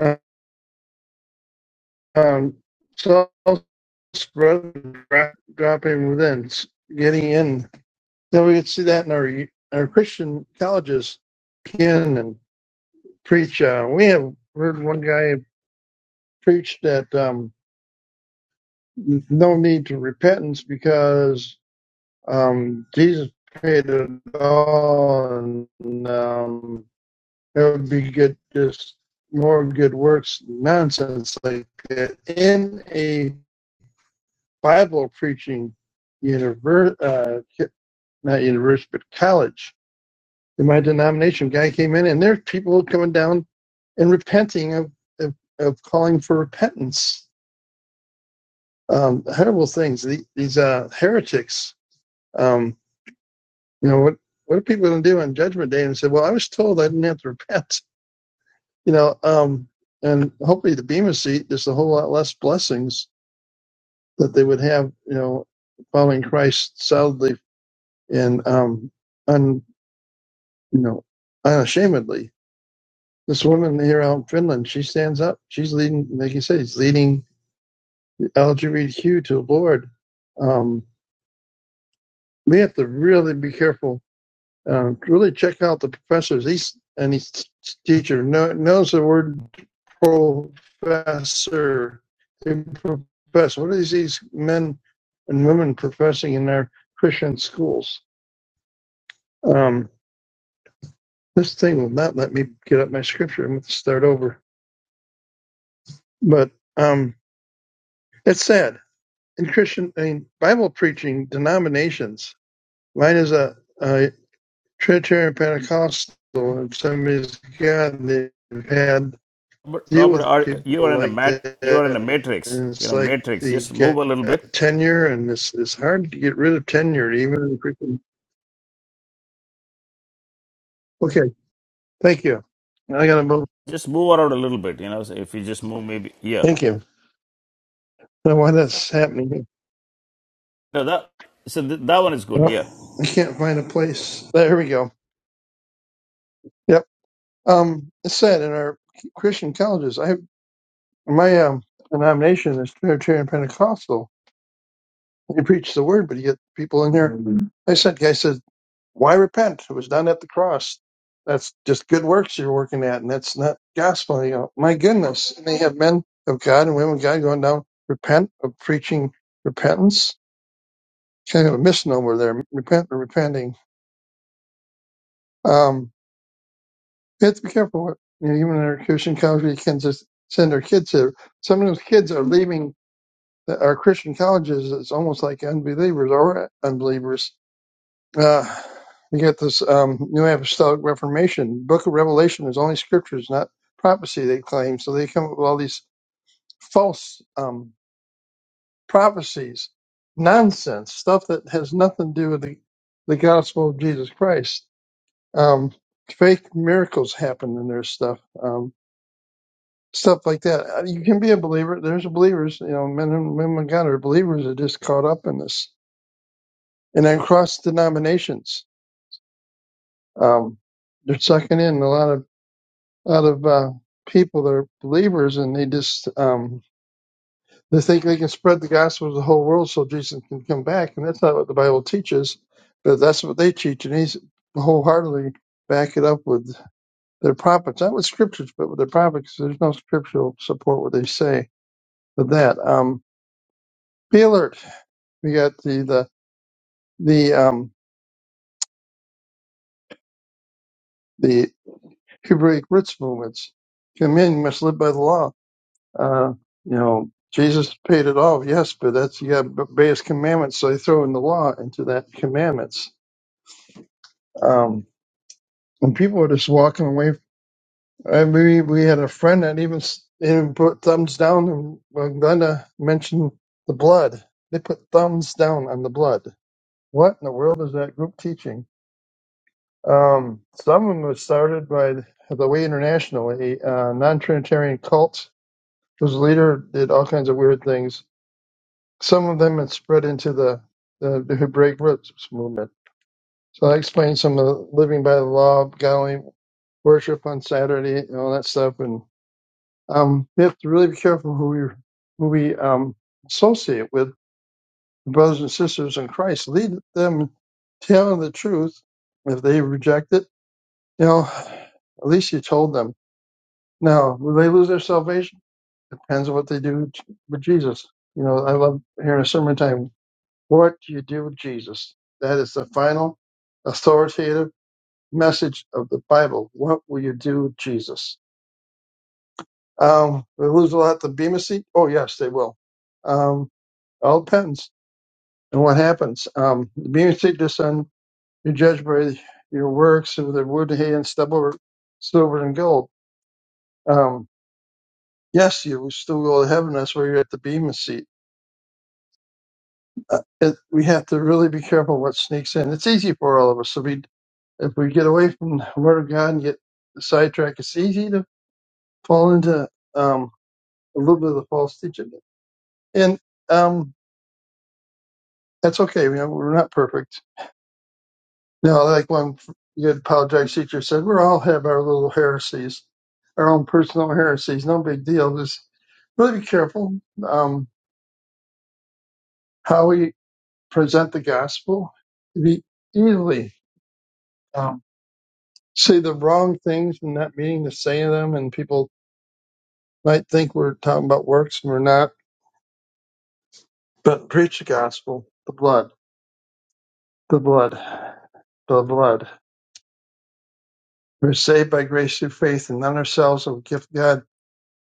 Speaker 3: uh, um, self spread, dropping within, getting in. Now we can see that in our, our Christian colleges, Ken preach. Uh, we have heard one guy preach that um, no need to repentance because um, Jesus paid it all, and um, it would be good just more good works nonsense like that in a Bible preaching universe, uh, not university, but college. In my denomination, guy came in, and there's people coming down and repenting of, of, of calling for repentance um, horrible things. The, these uh, heretics, um, you know, what what are people going to do on Judgment Day? And say, well, I was told I didn't have to repent, you know. Um, and hopefully, the Bema seat there's a whole lot less blessings that they would have, you know, following Christ solidly and um, un, you know, unashamedly. This woman here out in Finland, she stands up. She's leading, like you say, she's leading LGBTQ to the Lord. Um, we have to really be careful um, really check out the professors. He's and his teacher know, knows the word professor. Professor, what are these men and women professing in their Christian schools? Um, this thing will not let me get up my scripture. I'm going to start over. But um, it's sad in Christian, I mean, Bible preaching denominations. Mine is a, a Trinitarian Pentecostal, and somebody's God. They've had
Speaker 1: Robert,
Speaker 3: deal
Speaker 1: Robert
Speaker 3: with
Speaker 1: are, you
Speaker 3: people
Speaker 1: are in a
Speaker 3: like
Speaker 1: mat, you are in a
Speaker 3: that,
Speaker 1: matrix.
Speaker 3: and
Speaker 1: You
Speaker 3: it's
Speaker 1: know,
Speaker 3: like
Speaker 1: matrix.
Speaker 3: the
Speaker 1: Just move
Speaker 3: get
Speaker 1: a little bit.
Speaker 3: tenure, and it's it's hard to get rid of tenure, even in freaking. Okay, thank you. I gotta move.
Speaker 1: Just move around a little bit. You know, so if you just move, maybe yeah.
Speaker 3: Thank you. Now, why that's happening?
Speaker 1: No, that so th- that one is good. Yeah.
Speaker 3: Oh, I can't find a place. There we go. Yep. Um, it's said in our Christian colleges. I have my um denomination is Trinitarian Pentecostal. You preach the word, but you get people in there. Mhm. I said, guy said Why repent? It was done at the cross. That's just good works you're working at, and that's not gospel. You know, my goodness. And they have men of God and women of God going down, repent of preaching repentance. Kind of a misnomer there. Repent or repenting. Um, you have to be careful. What, you know, even in our Christian colleges, you can just send our kids here. Some of those kids are leaving the, our Christian colleges. It's almost like unbelievers or unbelievers Uh, we get this um, New Apostolic Reformation. Book of Revelation is only scriptures, not prophecy, they claim. So they come up with all these false um, prophecies, nonsense, stuff that has nothing to do with the, the gospel of Jesus Christ. Um, fake miracles happen in their stuff, um, stuff like that. Uh, You can be a believer. There's believers, you know, men and women of God are believers that are just caught up in this. And then cross denominations. Um, they're sucking in a lot of out of uh, people that are believers, and they just um, they think they can spread the gospel to the whole world so Jesus can come back, and that's not what the Bible teaches. But that's what they teach, and he's wholeheartedly back it up with their prophets, not with scriptures, but with their prophets. There's no scriptural support what they say for that. Um, be alert. We got the the the um, the Hebraic roots movements. Come in, you must live by the law Uh, you know, Jesus paid it all, yes, but that's you got to obey his commandments. So they throw in the law into that commandments. Um, and people are just walking away. I mean, we had a friend that even s- even put thumbs down. And when Glenda mentioned the blood, they put thumbs down on the blood. What in the world is that group teaching? Um, some of them was started by the Way International, a uh, non-Trinitarian cult whose leader did all kinds of weird things Some of them had spread into the, the, the Hebraic roots movement. So I explained some of the living by the law, godly worship on Saturday, and all that stuff. And um, we have to really be careful who we who we um, associate with, brothers and sisters in Christ. Lead them, tell them the truth. If they reject it, you know, at least you told them. Now, will they lose their salvation? Depends on what they do with Jesus. You know, I love hearing a sermon time What do you do, with Jesus? That is the final authoritative message of the Bible. What will you do, with Jesus? Um, they lose a lot the Bema seat? Oh, yes, they will. Um, all depends on what happens. Um, the Bema seat just on you judge by your works of the wood, hay, and stubble, silver, and gold. Um, yes, you will still go to heaven. That's where you're at the Bema seat. Uh, it, we have to really be careful what sneaks in. It's easy for all of us. to be if we get away from the Word of God and get sidetracked, it's easy to fall into um, a little bit of the false teaching, and um, that's okay. You know, we're not perfect. Now, like one good apologetic teacher said, we all have our little heresies, our own personal heresies. No big deal. Just really be careful um, how we present the gospel. We easily um, say the wrong things and not meaning to say them, and people might think we're talking about works and we're not But preach the gospel, the blood, the blood, the blood. We're saved by grace through faith, and not ourselves of gift of God.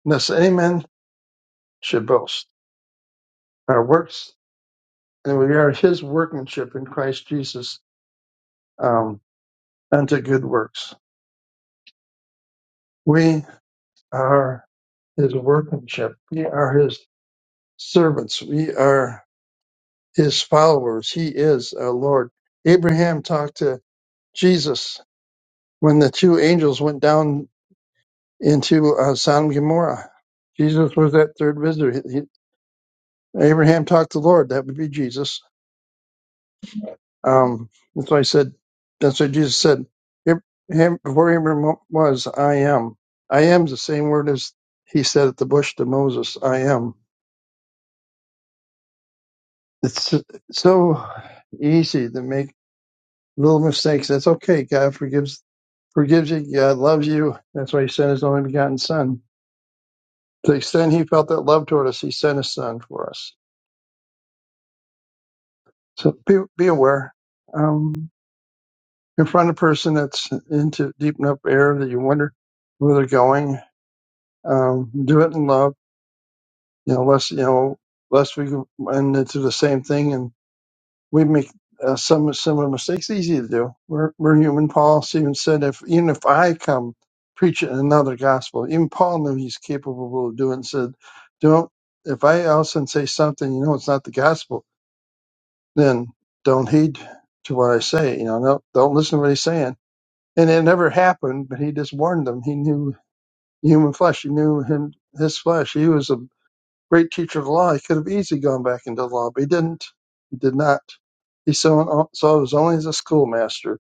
Speaker 3: Thus, any man should boast our works, and we are His workmanship in Christ Jesus um, unto good works. We are His workmanship. We are His servants. We are His followers. He is our Lord. Abraham talked to Jesus when the two angels went down into uh, Sodom and Gomorrah. Jesus was that third visitor. He- he- Abraham talked to the Lord. That would be Jesus. Um, that's why I said, that's what Jesus said. Abraham, before Abraham was, I am. I am is the same word as he said at the bush to Moses, I am. It's so easy to make little mistakes. That's okay. God forgives forgives you. God loves you. That's why he sent his only begotten son. To the extent he felt that love toward us, he sent his son for us So be, be aware. Um, confront a person that's into deep enough air that you wonder where they're going. Um, do it in love. You know, less, you know, less we go and into the same thing and we make uh, some similar mistakes. Easy to do. We're, we're human. Paul even said, if even if I come preach another gospel, even Paul knew he's capable of doing. Said, don't. If I also say something, you know, it's not the gospel then don't heed to what I say. You know, no, don't listen to what he's saying. And it never happened, but he just warned them. He knew human flesh. He knew him, his flesh. He was a great teacher of the law. He could have easily gone back into the law, but he didn't. He did not. He saw, saw it was only as a schoolmaster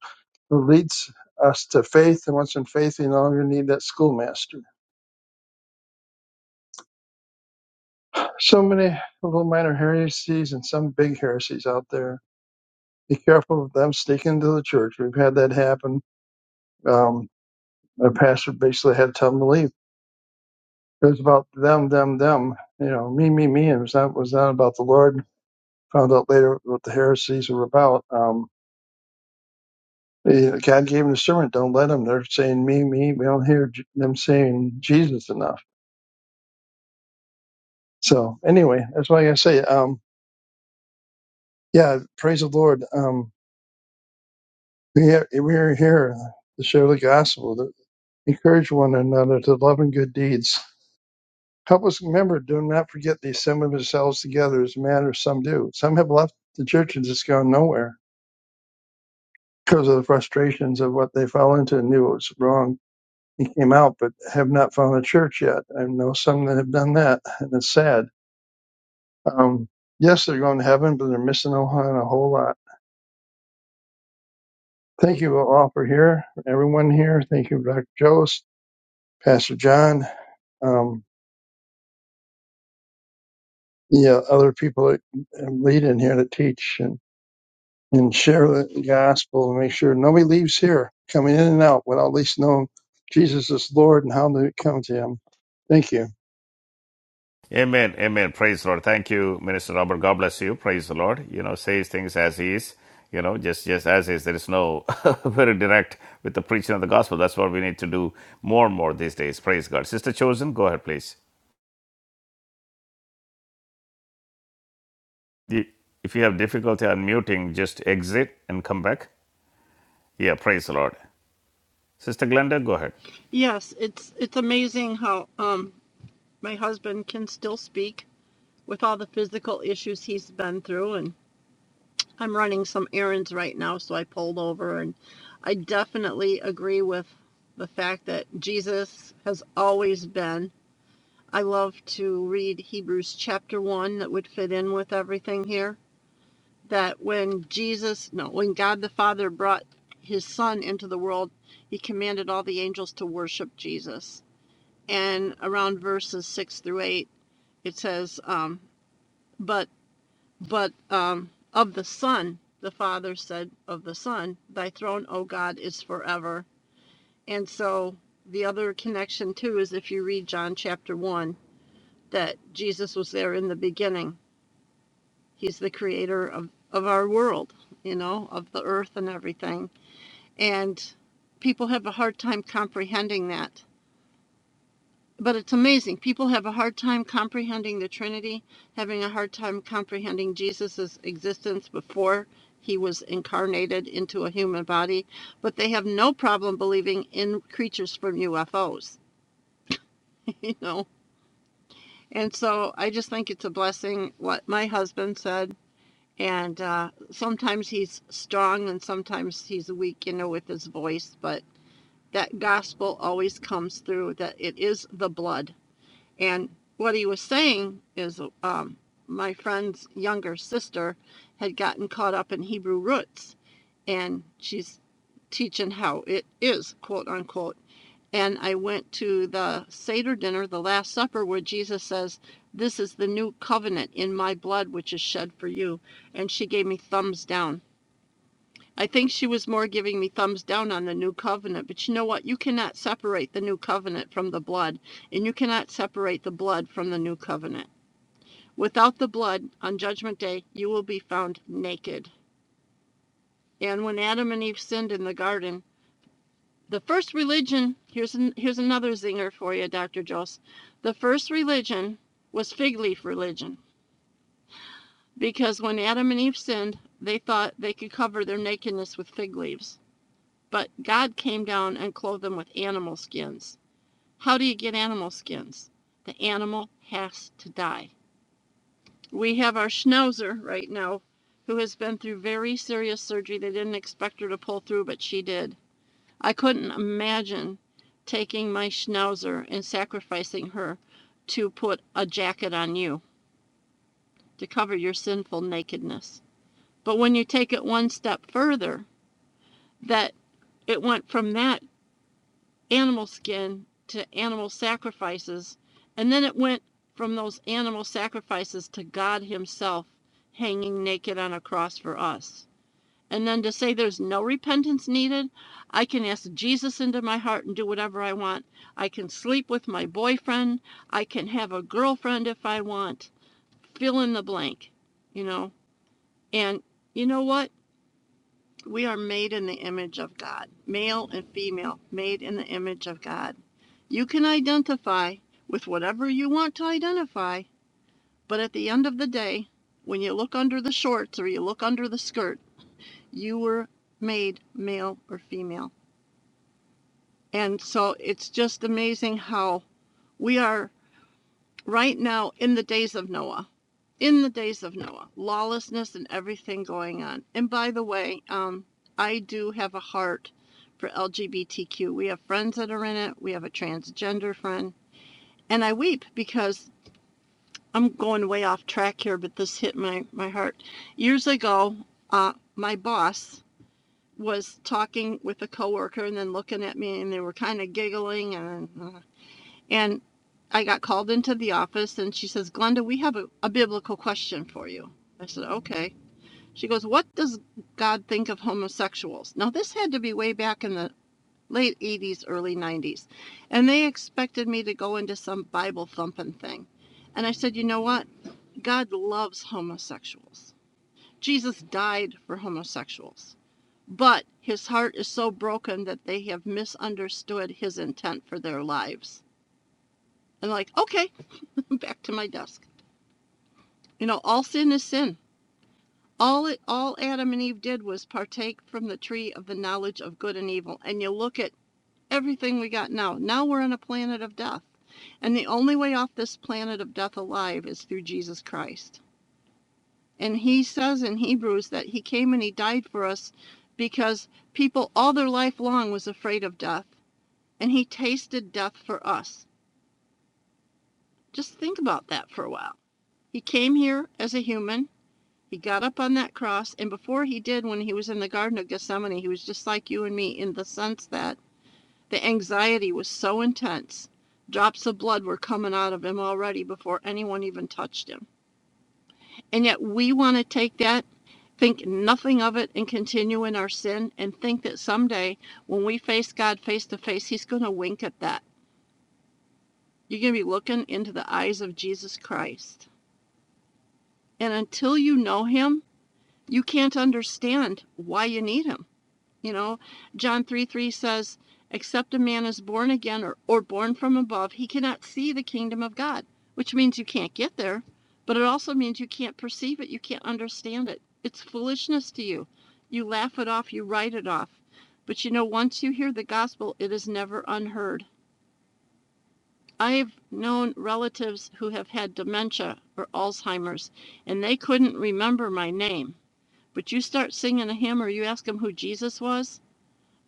Speaker 3: who leads us to faith. And once in faith, you no longer need that schoolmaster. So many little minor heresies and some big heresies out there. Be careful of them sneaking into the church. We've had that happen. Um, Our pastor basically had to tell them to leave. It was about them, them, them. You know, me, me, me. It was not was not about the Lord. Found out later what the heresies were about. Um, eh, God gave them the sermon. Don't let them. They're saying me, me. We don't hear J- them saying Jesus enough. So anyway, that's why I say, um, yeah, praise the Lord. Um, we are, we are here to share the gospel, to encourage one another to love and good deeds Help us remember, do not forget they assemble themselves together as matters some do. Some have left the church and just gone nowhere because of the frustrations of what they fell into and knew it was wrong and came out, but have not found a church yet. I know some that have done that, and it's sad. Um, yes, they're going to heaven, but they're missing out on a whole lot. Thank you all for here, everyone here. Thank you, Dr. Jost, Pastor John, um, yeah, other people that lead in here to teach. and. and share the gospel and make sure nobody leaves here coming in and out without at least knowing Jesus is Lord and how to come to Him. Thank you.
Speaker 1: Amen. Amen. Praise the Lord. Thank you, Minister Robert. God bless you. Praise the Lord. You know, says things as he is. You know, just just as is. There is no very direct with the preaching of the gospel. That's what we need to do more and more these days. Praise God. Sister Chosen, go ahead, please. Y- If you have difficulty unmuting, just exit and come back. Yeah, praise the Lord. Sister Glenda, go ahead.
Speaker 4: Yes, it's it's amazing how um my husband can still speak with all the physical issues he's been through and I'm running some errands right now so I pulled over and I definitely agree with the fact that Jesus has always been. I love to read Hebrews chapter 1 that would fit in with everything here that when Jesus no when God the Father brought his son into the world he commanded all the angels to worship Jesus and around verses six through eight, it says, um, "But but um, of the Son, the Father said of the Son, Thy throne, O God, is forever." And so the other connection too is if you read John chapter one, that Jesus was there in the beginning. He's the creator of of our world, you know, of the earth and everything, and people have a hard time comprehending that but it's amazing. People have a hard time comprehending the Trinity, having a hard time comprehending Jesus' existence before he was incarnated into a human body, but they have no problem believing in creatures from UFOs, you know? And so I just think it's a blessing what my husband said. And uh, sometimes he's strong and sometimes he's weak, you know, with his voice, but that gospel always comes through that it is the blood And what he was saying is, um, my friend's younger sister had gotten caught up in Hebrew roots, and she's teaching how it is, quote unquote. And I went to the Seder dinner, the Last Supper, where Jesus says, This is the new covenant in my blood, which is shed for you. And she gave me thumbs down. I think she was more giving me thumbs down on the new covenant. But you know what? You cannot separate the new covenant from the blood, and you cannot separate the blood from the new covenant. Without the blood, on Judgment Day, you will be found naked. And when Adam and Eve sinned in the garden, the first religion here's an, here's another zinger for you, Dr. Joss. The first religion was fig leaf religion because when Adam and Eve sinned, they thought they could cover their nakedness with fig leaves But God came down and clothed them with animal skins. How do you get animal skins? The animal has to die. We have our schnauzer right now who has been through very serious surgery. They didn't expect her to pull through, but she did. I couldn't imagine taking my schnauzer and sacrificing her to put a jacket on you to cover your sinful nakedness. But when you take it one step further, that it went from that animal skin to animal sacrifices, and then it went from those animal sacrifices to God Himself hanging naked on a cross for us. And then to say there's no repentance needed, I can ask Jesus into my heart and do whatever I want. I can sleep with my boyfriend. I can have a girlfriend if I want. Fill in the blank, you know? And you know what? We are made in the image of God, male and female, made in the image of God. You can identify with whatever you want to identify, but at the end of the day, when you look under the shorts or you look under the skirt, you were made male or female. And so it's just amazing how we are right now in the days of Noah, in the days of Noah, lawlessness and everything going on. And by the way, um, I do have a heart for LGBTQ. We have friends that are in it, we have a transgender friend. And I weep because I'm going way off track here, but this hit my, my heart. Years ago, uh, my boss was talking with a coworker and then looking at me, and they were kind of giggling. And, uh, and I got called into the office, and she says, Glenda, we have a, a biblical question for you. I said, okay. She goes, What does God think of homosexuals? Now, this had to be way back in the late 80s, early 90s. And they expected me to go into some Bible thumping thing. And I said, You know what? God loves homosexuals. Jesus died for homosexuals. But his heart is so broken that they have misunderstood his intent for their lives. And like, okay, back to my desk. You know, all sin is sin. All it, all Adam and Eve did was partake from the tree of the knowledge of good and evil. And you look at everything we got now. Now we're on a planet of death. And the only way off this planet of death alive is through Jesus Christ. And he says in Hebrews that he came and he died for us because people all their life long was afraid of death. And he tasted death for us. Just think about that for a while. He came here as a human. He got up on that cross. And before he did, when he was in the Garden of Gethsemane, he was just like you and me in the sense that the anxiety was so intense. Drops of blood were coming out of him already before anyone even touched him. And yet we want to take that think nothing of it and continue in our sin and think that someday when we face God face to face, He's going to wink at that. You're going to be looking into the eyes of Jesus Christ. And until you know Him, you can't understand why you need Him. You know, John 3 3 says, Except a man is born again or, or born from above, he cannot see the kingdom of God, which means you can't get there, but it also means you can't perceive it, you can't understand it. It's foolishness to you. You laugh it off, you write it off. But you know, once you hear the gospel, it is never unheard. I've known relatives who have had dementia or Alzheimer's, and they couldn't remember my name. But you start singing a hymn or you ask them who Jesus was,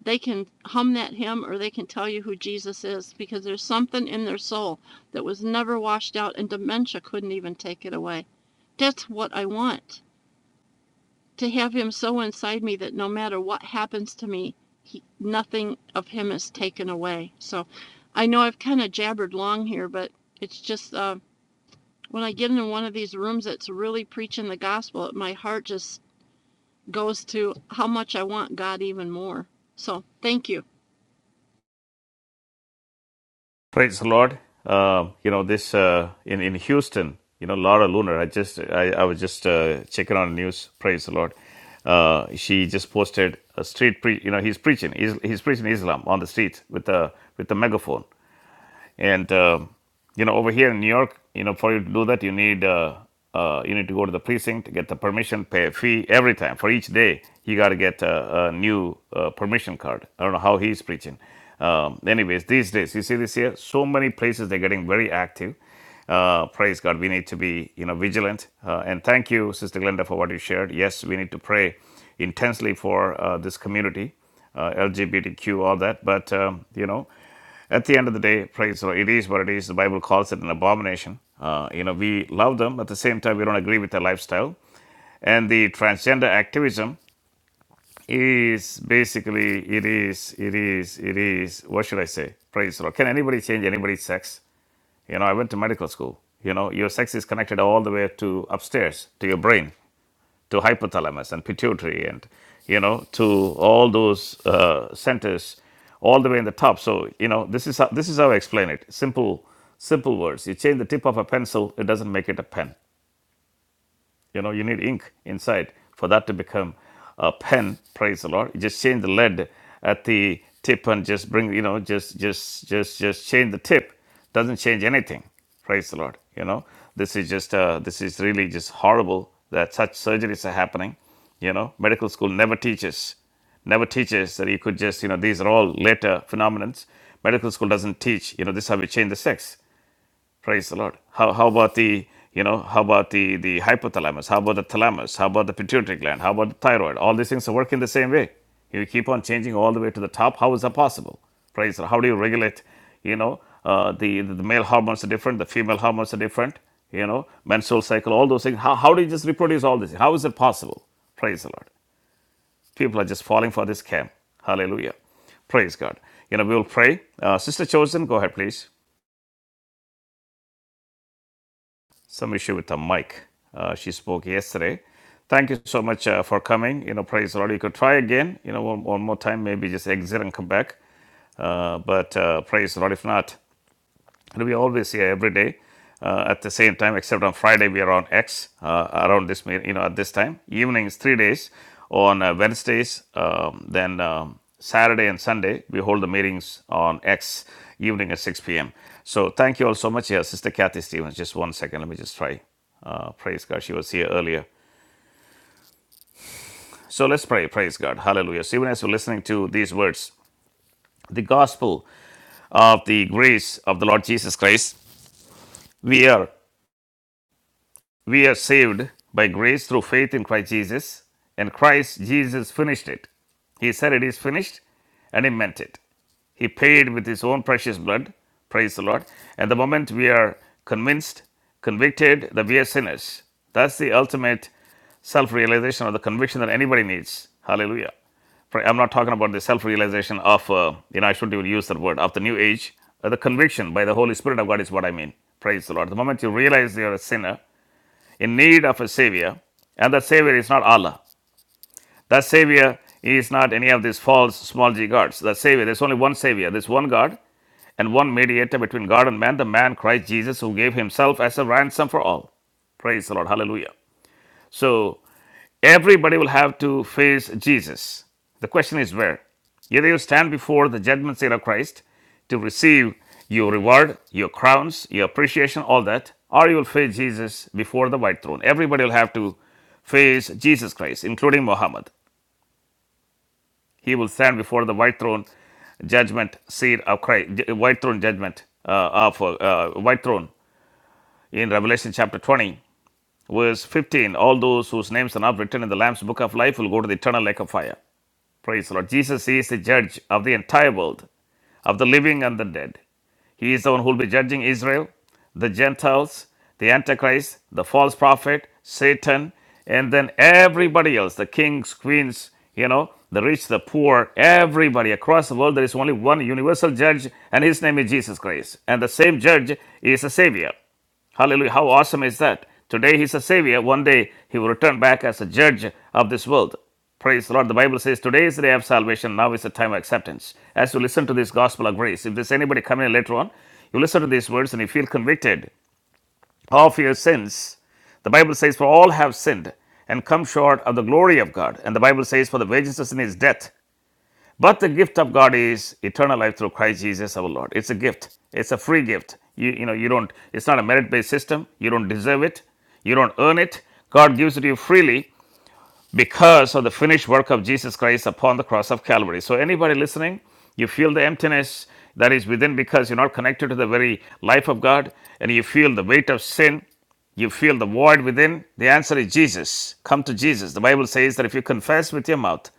Speaker 4: they can hum that hymn or they can tell you who Jesus is because there's something in their soul that was never washed out and dementia couldn't even take it away. That's what I want to have him so inside me that no matter what happens to me, he, nothing of him is taken away. So I know I've kind of jabbered long here, but it's just uh, when I get into one of these rooms that's really preaching the gospel, my heart just goes to how much I want God even more. So thank you.
Speaker 1: Praise the Lord. Uh, you know this uh, in in Houston. You know Laura Lunar. I just I, I was just uh, checking on the news. Praise the Lord. Uh, she just posted a street. Pre- you know he's preaching. He's he's preaching Islam on the streets with a with a megaphone. And um, you know, over here in New York, you know, for you to do that, you need uh, uh, you need to go to the precinct, get the permission, pay a fee every time for each day. He got to get a, a new uh, permission card. I don't know how he's preaching. Um, anyways, these days, you see this here, so many places they're getting very active. Uh, praise God, we need to be you know vigilant. Uh, and thank you, Sister Glenda, for what you shared. Yes, we need to pray intensely for uh, this community uh, LGBTQ, all that. But um, you know, at the end of the day, praise the Lord. It is what it is. The Bible calls it an abomination. Uh, you know, we love them. At the same time, we don't agree with their lifestyle. And the transgender activism is basically, it is, it is, it is, what should I say? Praise the Lord. Can anybody change anybody's sex? You know, I went to medical school. You know, your sex is connected all the way to upstairs, to your brain to hypothalamus and pituitary and you know to all those uh, centers all the way in the top so you know this is how this is how i explain it simple simple words you change the tip of a pencil it doesn't make it a pen you know, you need ink inside for that to become a pen. Praise the Lord. You just change the lead at the tip and just bring, you know, just just just just change the tip. Doesn't change anything. Praise the Lord. You know, this is just uh, this is really just horrible that such surgeries are happening. You know, medical school never teaches never teaches that you could just, you know, these are all later phenomenons. Medical school doesn't teach, you know, this is how we change the sex. Praise the Lord. How, how about the you know how about the the hypothalamus? How about the thalamus? How about the pituitary gland? How about the thyroid? All these things work in the same way. You keep on changing all the way to the top. How is that possible? Praise the Lord. How do you regulate? You know uh, the the male hormones are different. The female hormones are different. You know menstrual cycle. All those things. How how do you just reproduce all this? How is it possible? Praise the Lord. People are just falling for this scam. Hallelujah. Praise God. You know we will pray. Uh, Sister Chosen, go ahead please. some issue with the mic. Uh, she spoke yesterday. Thank you so much uh, for coming. You know, praise the Lord. You could try again, you know, one, one more time, maybe just exit and come back. Uh, but uh, praise the Lord if not and we always here every day uh, at the same time except on friday we are on x uh, around this you know at this time evenings three days on uh, wednesdays um, then um, saturday and sunday we hold the meetings on x evening at 6 p.m so thank you all so much here sister kathy stevens just one second let me just try uh, praise god she was here earlier so let's pray. Praise God. Hallelujah. So even as we're listening to these words, the gospel of the grace of the Lord Jesus Christ, we are We are saved by grace through faith in Christ Jesus, and Christ Jesus finished it. He said it is finished, and he meant it. He paid with his own precious blood, praise the Lord. And the moment we are convinced, convicted that we are sinners, that's the ultimate self realization or the conviction that anybody needs. Hallelujah. I'm not talking about the self realization of, uh, you know, I shouldn't even use that word, of the new age. uh, the conviction by the Holy Spirit of God is what I mean. Praise the Lord. The moment you realize you're a sinner, in need of a savior, and that savior is not Allah. That savior is not any of these false small g gods. That savior, there's only one savior, there's one God and one mediator between God and man, the man Christ Jesus, who gave himself as a ransom for all. Praise the Lord. Hallelujah. So Everybody will have to face Jesus. The question is where? Either you stand before the judgment seat of Christ to receive your reward, your crowns, your appreciation, all that, or you will face Jesus before the white throne. Everybody will have to face Jesus Christ, including Muhammad. He will stand before the white throne judgment seat of Christ, white throne judgment uh, of uh, uh, white throne in Revelation chapter 20, verse 15. All those whose names are not written in the Lamb's book of life will go to the eternal lake of fire. Praise the Lord. Jesus is the judge of the entire world, of the living and the dead. He is the one who will be judging Israel, the Gentiles, the Antichrist, the false prophet, Satan, and then everybody else the kings, queens, you know, the rich, the poor, everybody across the world. There is only one universal judge, and his name is Jesus Christ. And the same judge is a savior. Hallelujah. How awesome is that? Today he's a savior. One day he will return back as a judge of this world. Praise the Lord. The Bible says today is the day of salvation. Now is the time of acceptance. As you listen to this gospel of grace, if there's anybody coming in later on, you listen to these words and you feel convicted of your sins. The Bible says, For all have sinned and come short of the glory of God. And the Bible says, For the wages of sin is death. But the gift of God is eternal life through Christ Jesus our Lord. It's a gift. It's a free gift. You, you know, you don't, it's not a merit based system. You don't deserve it. You don't earn it. God gives it to you freely because of the finished work of Jesus Christ upon the cross of Calvary. So, anybody listening, you feel the emptiness that is within because you're not connected to the very life of God and you feel the weight of sin you feel the void within, the answer is Jesus. Come to Jesus. The Bible says that if you confess with your mouth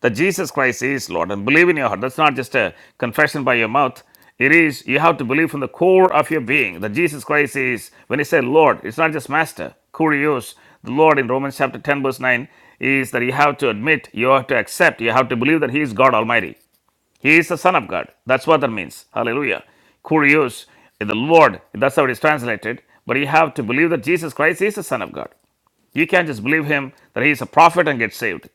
Speaker 1: that Jesus Christ is Lord and believe in your heart. That's not just a confession by your mouth. It is, you have to believe from the core of your being that Jesus Christ is, when he said Lord, it's not just Master. Kurios, the Lord in Romans chapter 10, verse 9, is that you have to admit, you have to accept, you have to believe that he is God Almighty. He is the Son of God. That's what that means. Hallelujah. Kurios, the Lord, that's how it is translated. But you have to believe that Jesus Christ is the Son of God. You can't just believe him that he is a prophet and get saved.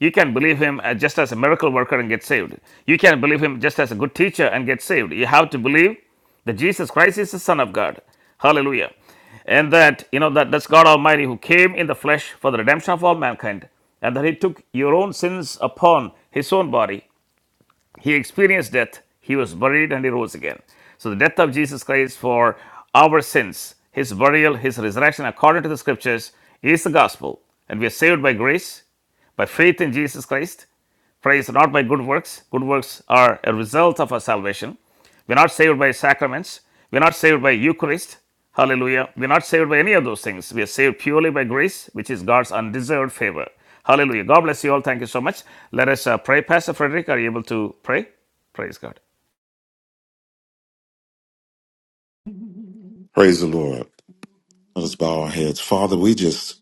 Speaker 1: You can believe him uh, just as a miracle worker and get saved. You can believe him just as a good teacher and get saved. You have to believe that Jesus Christ is the Son of God. Hallelujah. And that, you know, that that's God Almighty who came in the flesh for the redemption of all mankind, and that he took your own sins upon his own body. He experienced death, he was buried, and he rose again. So the death of Jesus Christ for our sins, his burial, his resurrection, according to the scriptures, is the gospel. And we are saved by grace, by faith in Jesus Christ praise not by good works. Good works are a result of our salvation. We're not saved by sacraments. We're not saved by Eucharist. Hallelujah. We're not saved by any of those things. We are saved purely by grace, which is God's undeserved favor. Hallelujah. God bless you all. Thank you so much. Let us uh, pray. Pastor Frederick, are you able to pray? Praise God.
Speaker 2: Praise the Lord. Let us bow our heads. Father, we just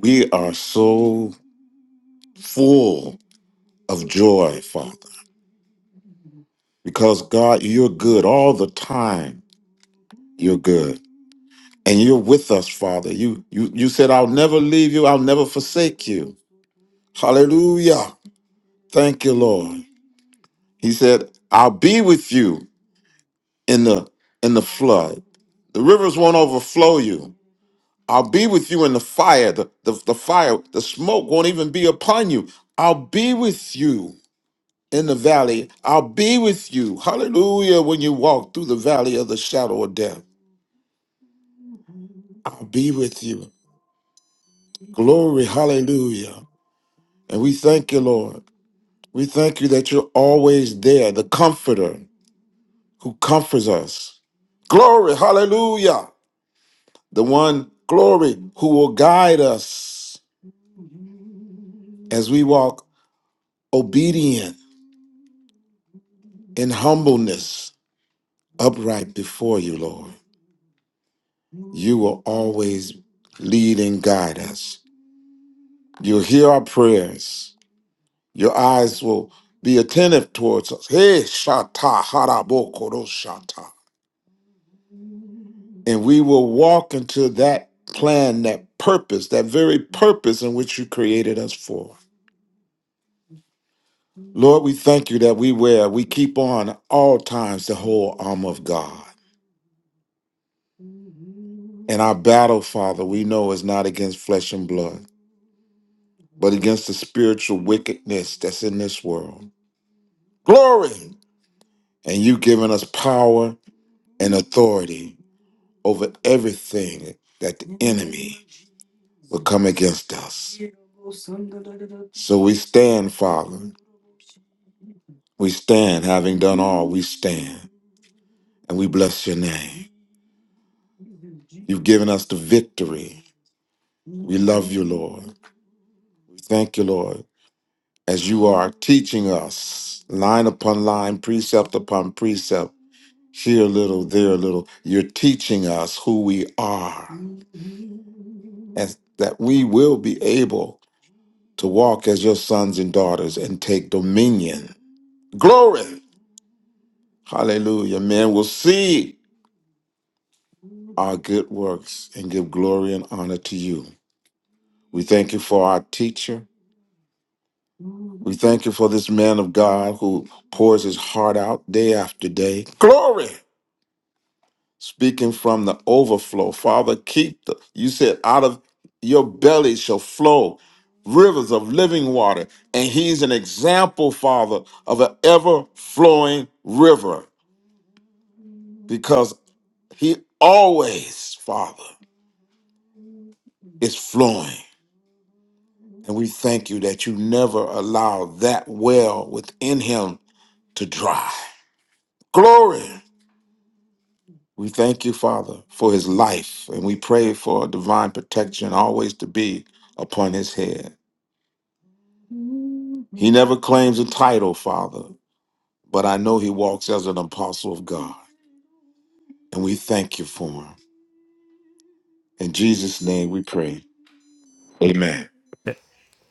Speaker 2: we are so full of joy, Father, because God, you're good all the time. You're good. and you're with us, Father. You you you said, I'll never leave you, I'll never forsake you. Hallelujah. Thank you, Lord. He said, I'll be with you in the in the flood. The rivers won't overflow you. I'll be with you in the fire. The, the, the fire, the smoke won't even be upon you. I'll be with you in the valley. I'll be with you. Hallelujah. When you walk through the valley of the shadow of death, I'll be with you. Glory. Hallelujah. And we thank you, Lord. We thank you that you're always there, the comforter who comforts us. Glory, hallelujah. The one, glory, who will guide us as we walk obedient in humbleness, upright before you, Lord. You will always lead and guide us. You'll hear our prayers. Your eyes will be attentive towards us. Hey, Shata Harabokoro shata. and we will walk into that plan, that purpose, that very purpose in which you created us for. Lord, we thank you that we wear, we keep on all times the whole armor of God. And our battle, Father, we know is not against flesh and blood, but against the spiritual wickedness that's in this world. Glory! And you've given us power and authority over everything that the enemy will come against us. So we stand, Father. We stand, having done all, we stand, and we bless your name. You've given us the victory. We love you, Lord. We thank you, Lord, as you are teaching us line upon line, precept upon precept, here a little, there a little. You're teaching us who we are, and that we will be able to walk as your sons and daughters and take dominion. Glory. Hallelujah. Man will see. our good works and give glory and honor to you. We thank you for our teacher. We thank you for this man of God who pours his heart out day after day. Glory! Speaking from the overflow, Father, keep the, you said, out of your belly shall flow rivers of living water. And he's an example, Father, of an ever flowing river because he always, Father, is flowing. And we thank you that you never allow that well within him to dry. Glory. We thank you, Father, for his life. And we pray for divine protection always to be upon his head. He never claims a title, Father, but I know he walks as an apostle of God. And we thank you for him. In Jesus' name we pray. Amen.
Speaker 1: Yeah.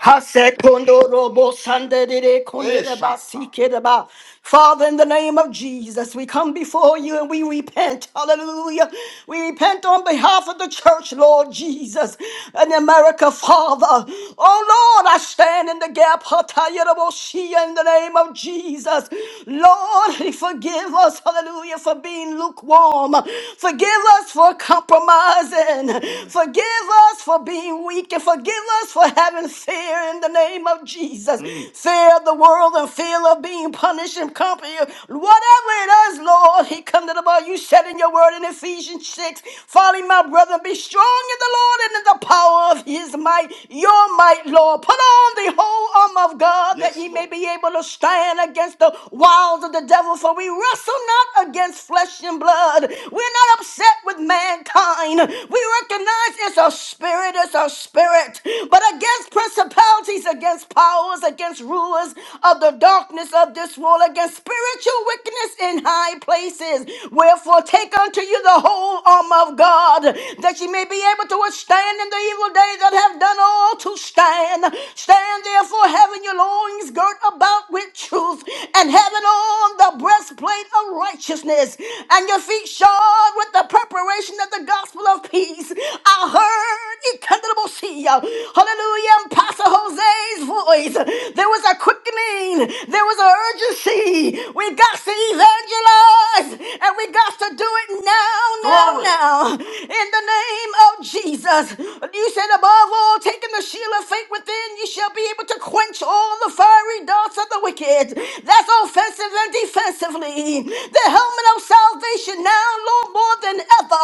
Speaker 2: Hasekondorobo sandere kondereba Eshata. sikereba. Father, in the name of Jesus, we come before you and we repent. Hallelujah. We repent on behalf of the church, Lord Jesus, and America, Father. Oh, Lord, I stand in the gap. Hatayeraboshia, In the name of Jesus. Lord, forgive us, hallelujah, for being lukewarm. Forgive us for compromising. Forgive us for being weak and forgive us for for having fear in the name of Jesus. Mm. Fear of the world and fear of being punished and company. Whatever it is, Lord, he come to the bar. You said in your word in Ephesians 6, Folly, my brother, be strong in the Lord and in the power of his might, your might, Lord. Put on the whole arm of God that Yes, ye may Lord. be able to stand against the wiles of the devil. For we wrestle not against flesh and blood. We're not upset with mankind. We recognize it's a spirit, it's a spirit spirit, but against principalities, against powers, against rulers of the darkness of this world, against spiritual wickedness in high places. Wherefore, take unto you the whole armor of God, that ye may be able to withstand in the evil day that have done all to stand. Stand therefore, having your loins girt about with truth, and having on the breastplate of righteousness, and your feet shod with the preparation of the gospel of peace. I heard. Hallelujah. And Pastor Jose's voice. There was a quickening. There was an urgency. We got to evangelize. And we got to do it now, now, Glory. now. In the name of Jesus. You said above all, taking the shield of faith within, you shall be able to quench all the fiery darts of the wicked. That's offensive and defensively. The helmet of salvation now, Lord, more than ever.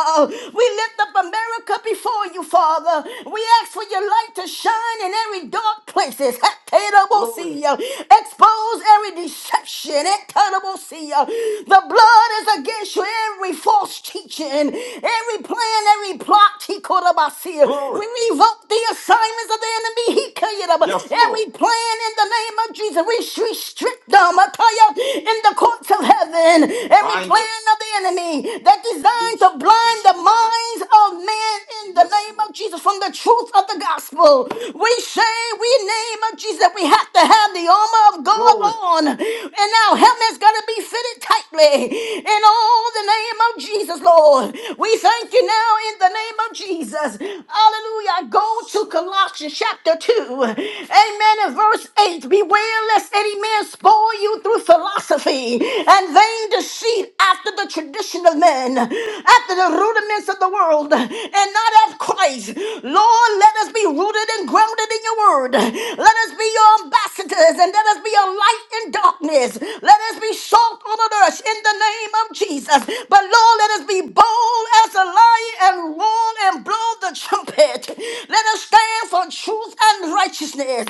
Speaker 2: We lift up America before before you, Father. We ask for your light to shine in every dark places. Glory. Haterabosia. Expose every deception. Haterabosia. The blood is against you, every false teaching, every plan, every plot. Hikorabasia. We Glory. revoke the assignments of the enemy. Hikayaraba. Yes, Lord. Every plan in the name of Jesus, we restrict them. Ataya, In the courts of heaven, every Bind it. plan of the enemy that designed to blind the minds of men man in the name of Jesus from the truth of the gospel. We say, we name of Jesus, that we have to have the armor of God Glory. on, and our helmet's got to be fitted tightly. In all the name of Jesus, Lord, we thank you now in the name of Jesus. Hallelujah. Go to Colossians chapter 2, amen, and verse 8. Beware lest any man spoil you through philosophy and vain deceit after the tradition of men, after the rudiments of the of the world and not of Christ. Lord, let us be rooted and grounded in your word. Let us be your ambassadors and let us be a light in darkness. Let us be salt on the earth in the name of Jesus. But Lord, let us be bold as a lion and warn and blow the trumpet. Let us stand for truth and righteousness.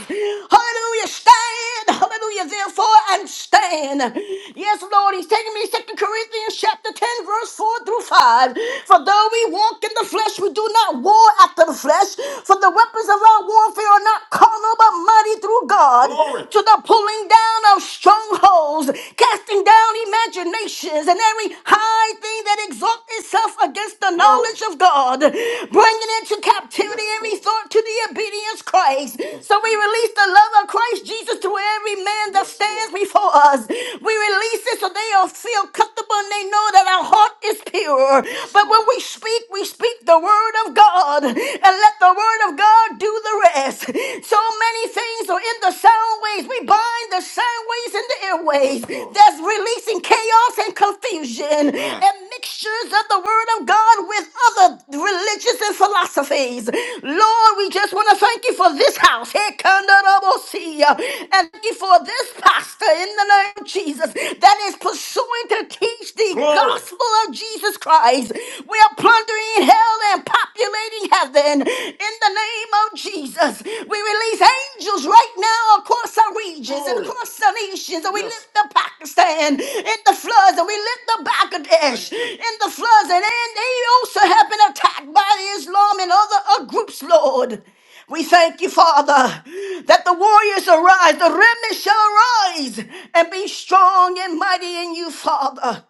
Speaker 2: Hallelujah. Stand. Hallelujah. Therefore, and stand. Yes, Lord. He's taking me to 2 Corinthians chapter 10, verse 4 through 5. For though we walk in the flesh, we do not war after the flesh. For the weapons of our warfare are not carnal, but mighty through God Glory. to the pulling down of strongholds, casting down imaginations and every high thing that exalts itself against the Glory. knowledge of God, bringing into captivity Yes, every thought to the obedience of Christ. Yes, So we release the love of Christ Jesus to every man that yes, stands before us. We release it so they will feel comfortable and they know that our heart is pure. But when we speak, we speak the word of God and let the word of God do the rest. So many things are in the sound waves. We bind the sound waves and the airwaves. That's releasing chaos and confusion and mixtures of the word of God with other religious and philosophies. Lord, we just want to thank you for this house. Here come And thank you for this pastor in the name of Jesus that is pursuing to teach the gospel of Jesus Christ. We are plundering hell and populating heaven in the name of Jesus. We release angels right now across our regions and Glory. across our nations. And we Yes. lift up Pakistan in the floods, and we lift up Bangladesh in the floods. And, and they also have been attacked by Islam and other uh, groups, Lord. We thank you, Father, that the warriors arise, the remnant shall arise and be strong and mighty in you, Father.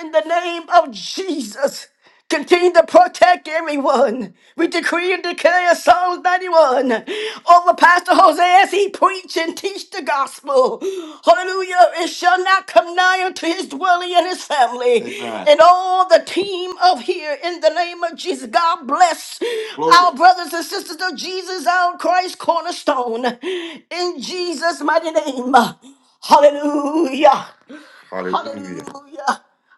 Speaker 2: In the name of Jesus, continue to protect everyone. We decree and declare Psalms 91 over Pastor Jose as he preach and teach the gospel. Hallelujah. It shall not come nigh unto his dwelling and his family Amen. and all the team of here in the name of Jesus. God bless Glory. our brothers and sisters of Jesus, our Christ cornerstone. In Jesus' mighty name. Hallelujah. Hallelujah.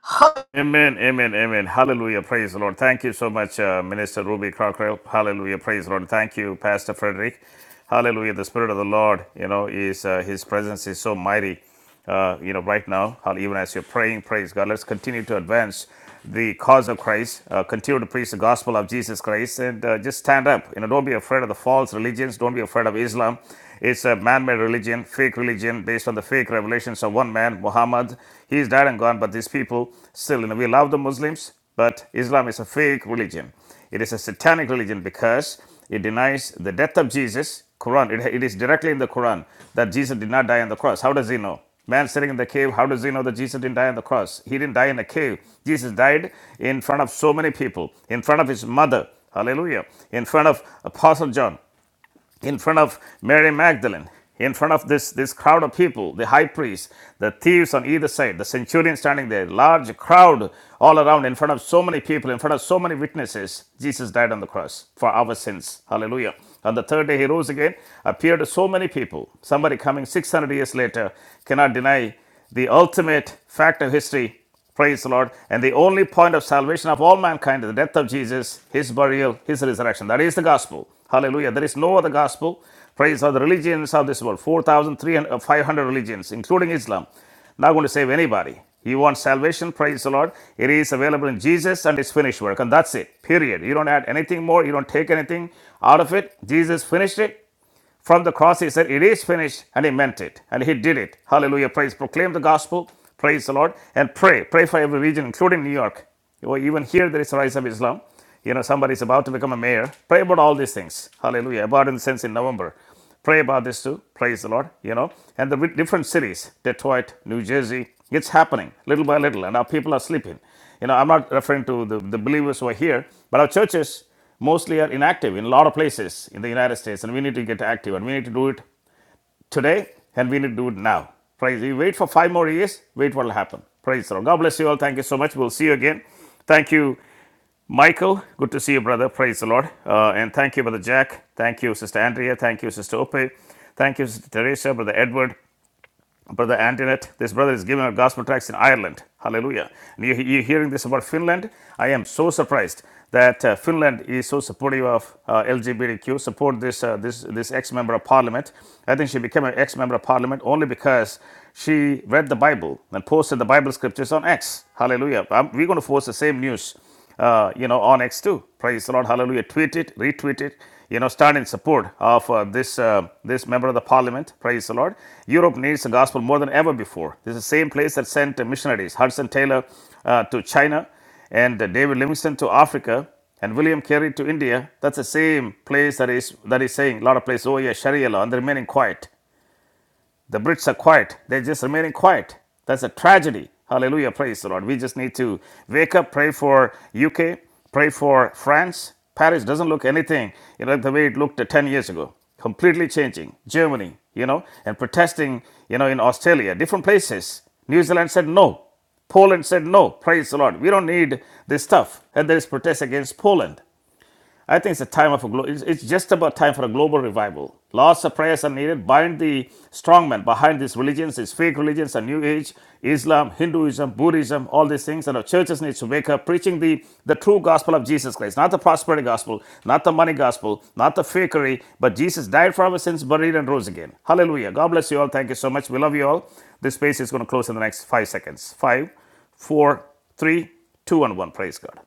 Speaker 2: Hallelujah.
Speaker 1: Amen, amen, amen. Hallelujah. Praise the Lord. Thank you so much, uh, Minister Ruby Crockrell. Hallelujah. Praise the Lord. Thank you, Pastor Frederick. Hallelujah. The Spirit of the Lord, you know, is uh, His presence is so mighty, uh, you know, right now. Hall- Even as you're praying, praise God. Let's continue to advance the cause of Christ, uh, continue to preach the gospel of Jesus Christ, and uh, just stand up. You know, don't be afraid of the false religions. Don't be afraid of Islam. It's a man-made religion, fake religion based on the fake revelations of one man, Muhammad. He's dead and gone, but these people still, you know, we love the Muslims, but Islam is a fake religion. It is a satanic religion because it denies the death of Jesus. Quran. It, it is directly in the Quran that Jesus did not die on the cross. How does he know? Man sitting in the cave, how does he know that Jesus didn't die on the cross? He didn't die in a cave. Jesus died in front of so many people, in front of his mother. Hallelujah. In front of Apostle John in front of Mary Magdalene, in front of this, this crowd of people, the high priest, the thieves on either side, the centurion standing there, large crowd all around, in front of so many people, in front of so many witnesses, Jesus died on the cross for our sins. Hallelujah. On the third day, he rose again, appeared to so many people. Somebody coming 600 years later cannot deny the ultimate fact of history Praise the Lord. And the only point of salvation of all mankind is the death of Jesus, his burial, his resurrection. That is the gospel. Hallelujah. There is no other gospel. Praise of the religions of this world 4,300, religions, including Islam. Not going to save anybody. You want salvation? Praise the Lord. It is available in Jesus and his finished work. And that's it. Period. You don't add anything more. You don't take anything out of it. Jesus finished it. From the cross, he said, It is finished, and he meant it, and he did it. Hallelujah. Praise. Proclaim the gospel. Praise the Lord. And pray. Pray for every region, including New York. You Even here, there is a rise of Islam. You know, somebody is about to become a mayor. Pray about all these things. Hallelujah. About in the sense in November. Pray about this too. Praise the Lord. You know, and the different cities, Detroit, New Jersey, it's happening little by little, and our people are sleeping. You know, I'm not referring to the, the believers who are here, but our churches mostly are inactive in a lot of places in the United States, and we need to get active, and we need to do it today, and we need to do it now. Praise. You wait for five more years, wait what will happen. Praise the Lord. God bless you all. Thank you so much. We'll see you again. Thank you, Michael, good to see you, brother. Praise the Lord. Uh, and thank you, Brother Jack. Thank you, Sister Andrea. Thank you, Sister Ope. Thank you, Sister Teresa, Brother Edward, Brother Antoinette. This brother is giving out gospel tracts in Ireland. Hallelujah. And you, you're hearing this about Finland? I am so surprised that uh, Finland is so supportive of uh, LGBTQ, support this, uh, this, this ex-member of parliament. I think she became an ex-member of parliament only because she read the Bible and posted the Bible scriptures on X. Hallelujah. Um, we're going to force the same news uh, you know, on X2. Praise the Lord, hallelujah. Tweet it, retweet it, you know, stand in support of uh, this, uh, this member of the parliament. Praise the Lord. Europe needs the gospel more than ever before. This is the same place that sent uh, missionaries, Hudson Taylor uh, to China and uh, David Livingstone to Africa and William Carey to India. That's the same place that is, that is saying a lot of places, oh yeah, Sharia law, and they're remaining quiet. The Brits are quiet. They're just remaining quiet. That's a tragedy. Hallelujah. Praise the Lord. We just need to wake up, pray for UK, pray for France. Paris doesn't look anything you know, like the way it looked 10 years ago. Completely changing. Germany, you know, and protesting, you know, in Australia, different places. New Zealand said no. Poland said no. Praise the Lord. We don't need this stuff. And there is protest against Poland. I think it's a time of a glo- it's, it's just about time for a global revival. Lots of prayers are needed. Bind the strongmen behind these religions, these fake religions, and New Age, Islam, Hinduism, Buddhism, all these things. And our churches need to wake up, preaching the, the true gospel of Jesus Christ, not the prosperity gospel, not the money gospel, not the fakery, but Jesus died for our sins, buried, and rose again. Hallelujah. God bless you all. Thank you so much. We love you all. This space is going to close in the next five seconds. Five, four, three, two, and one. Praise God.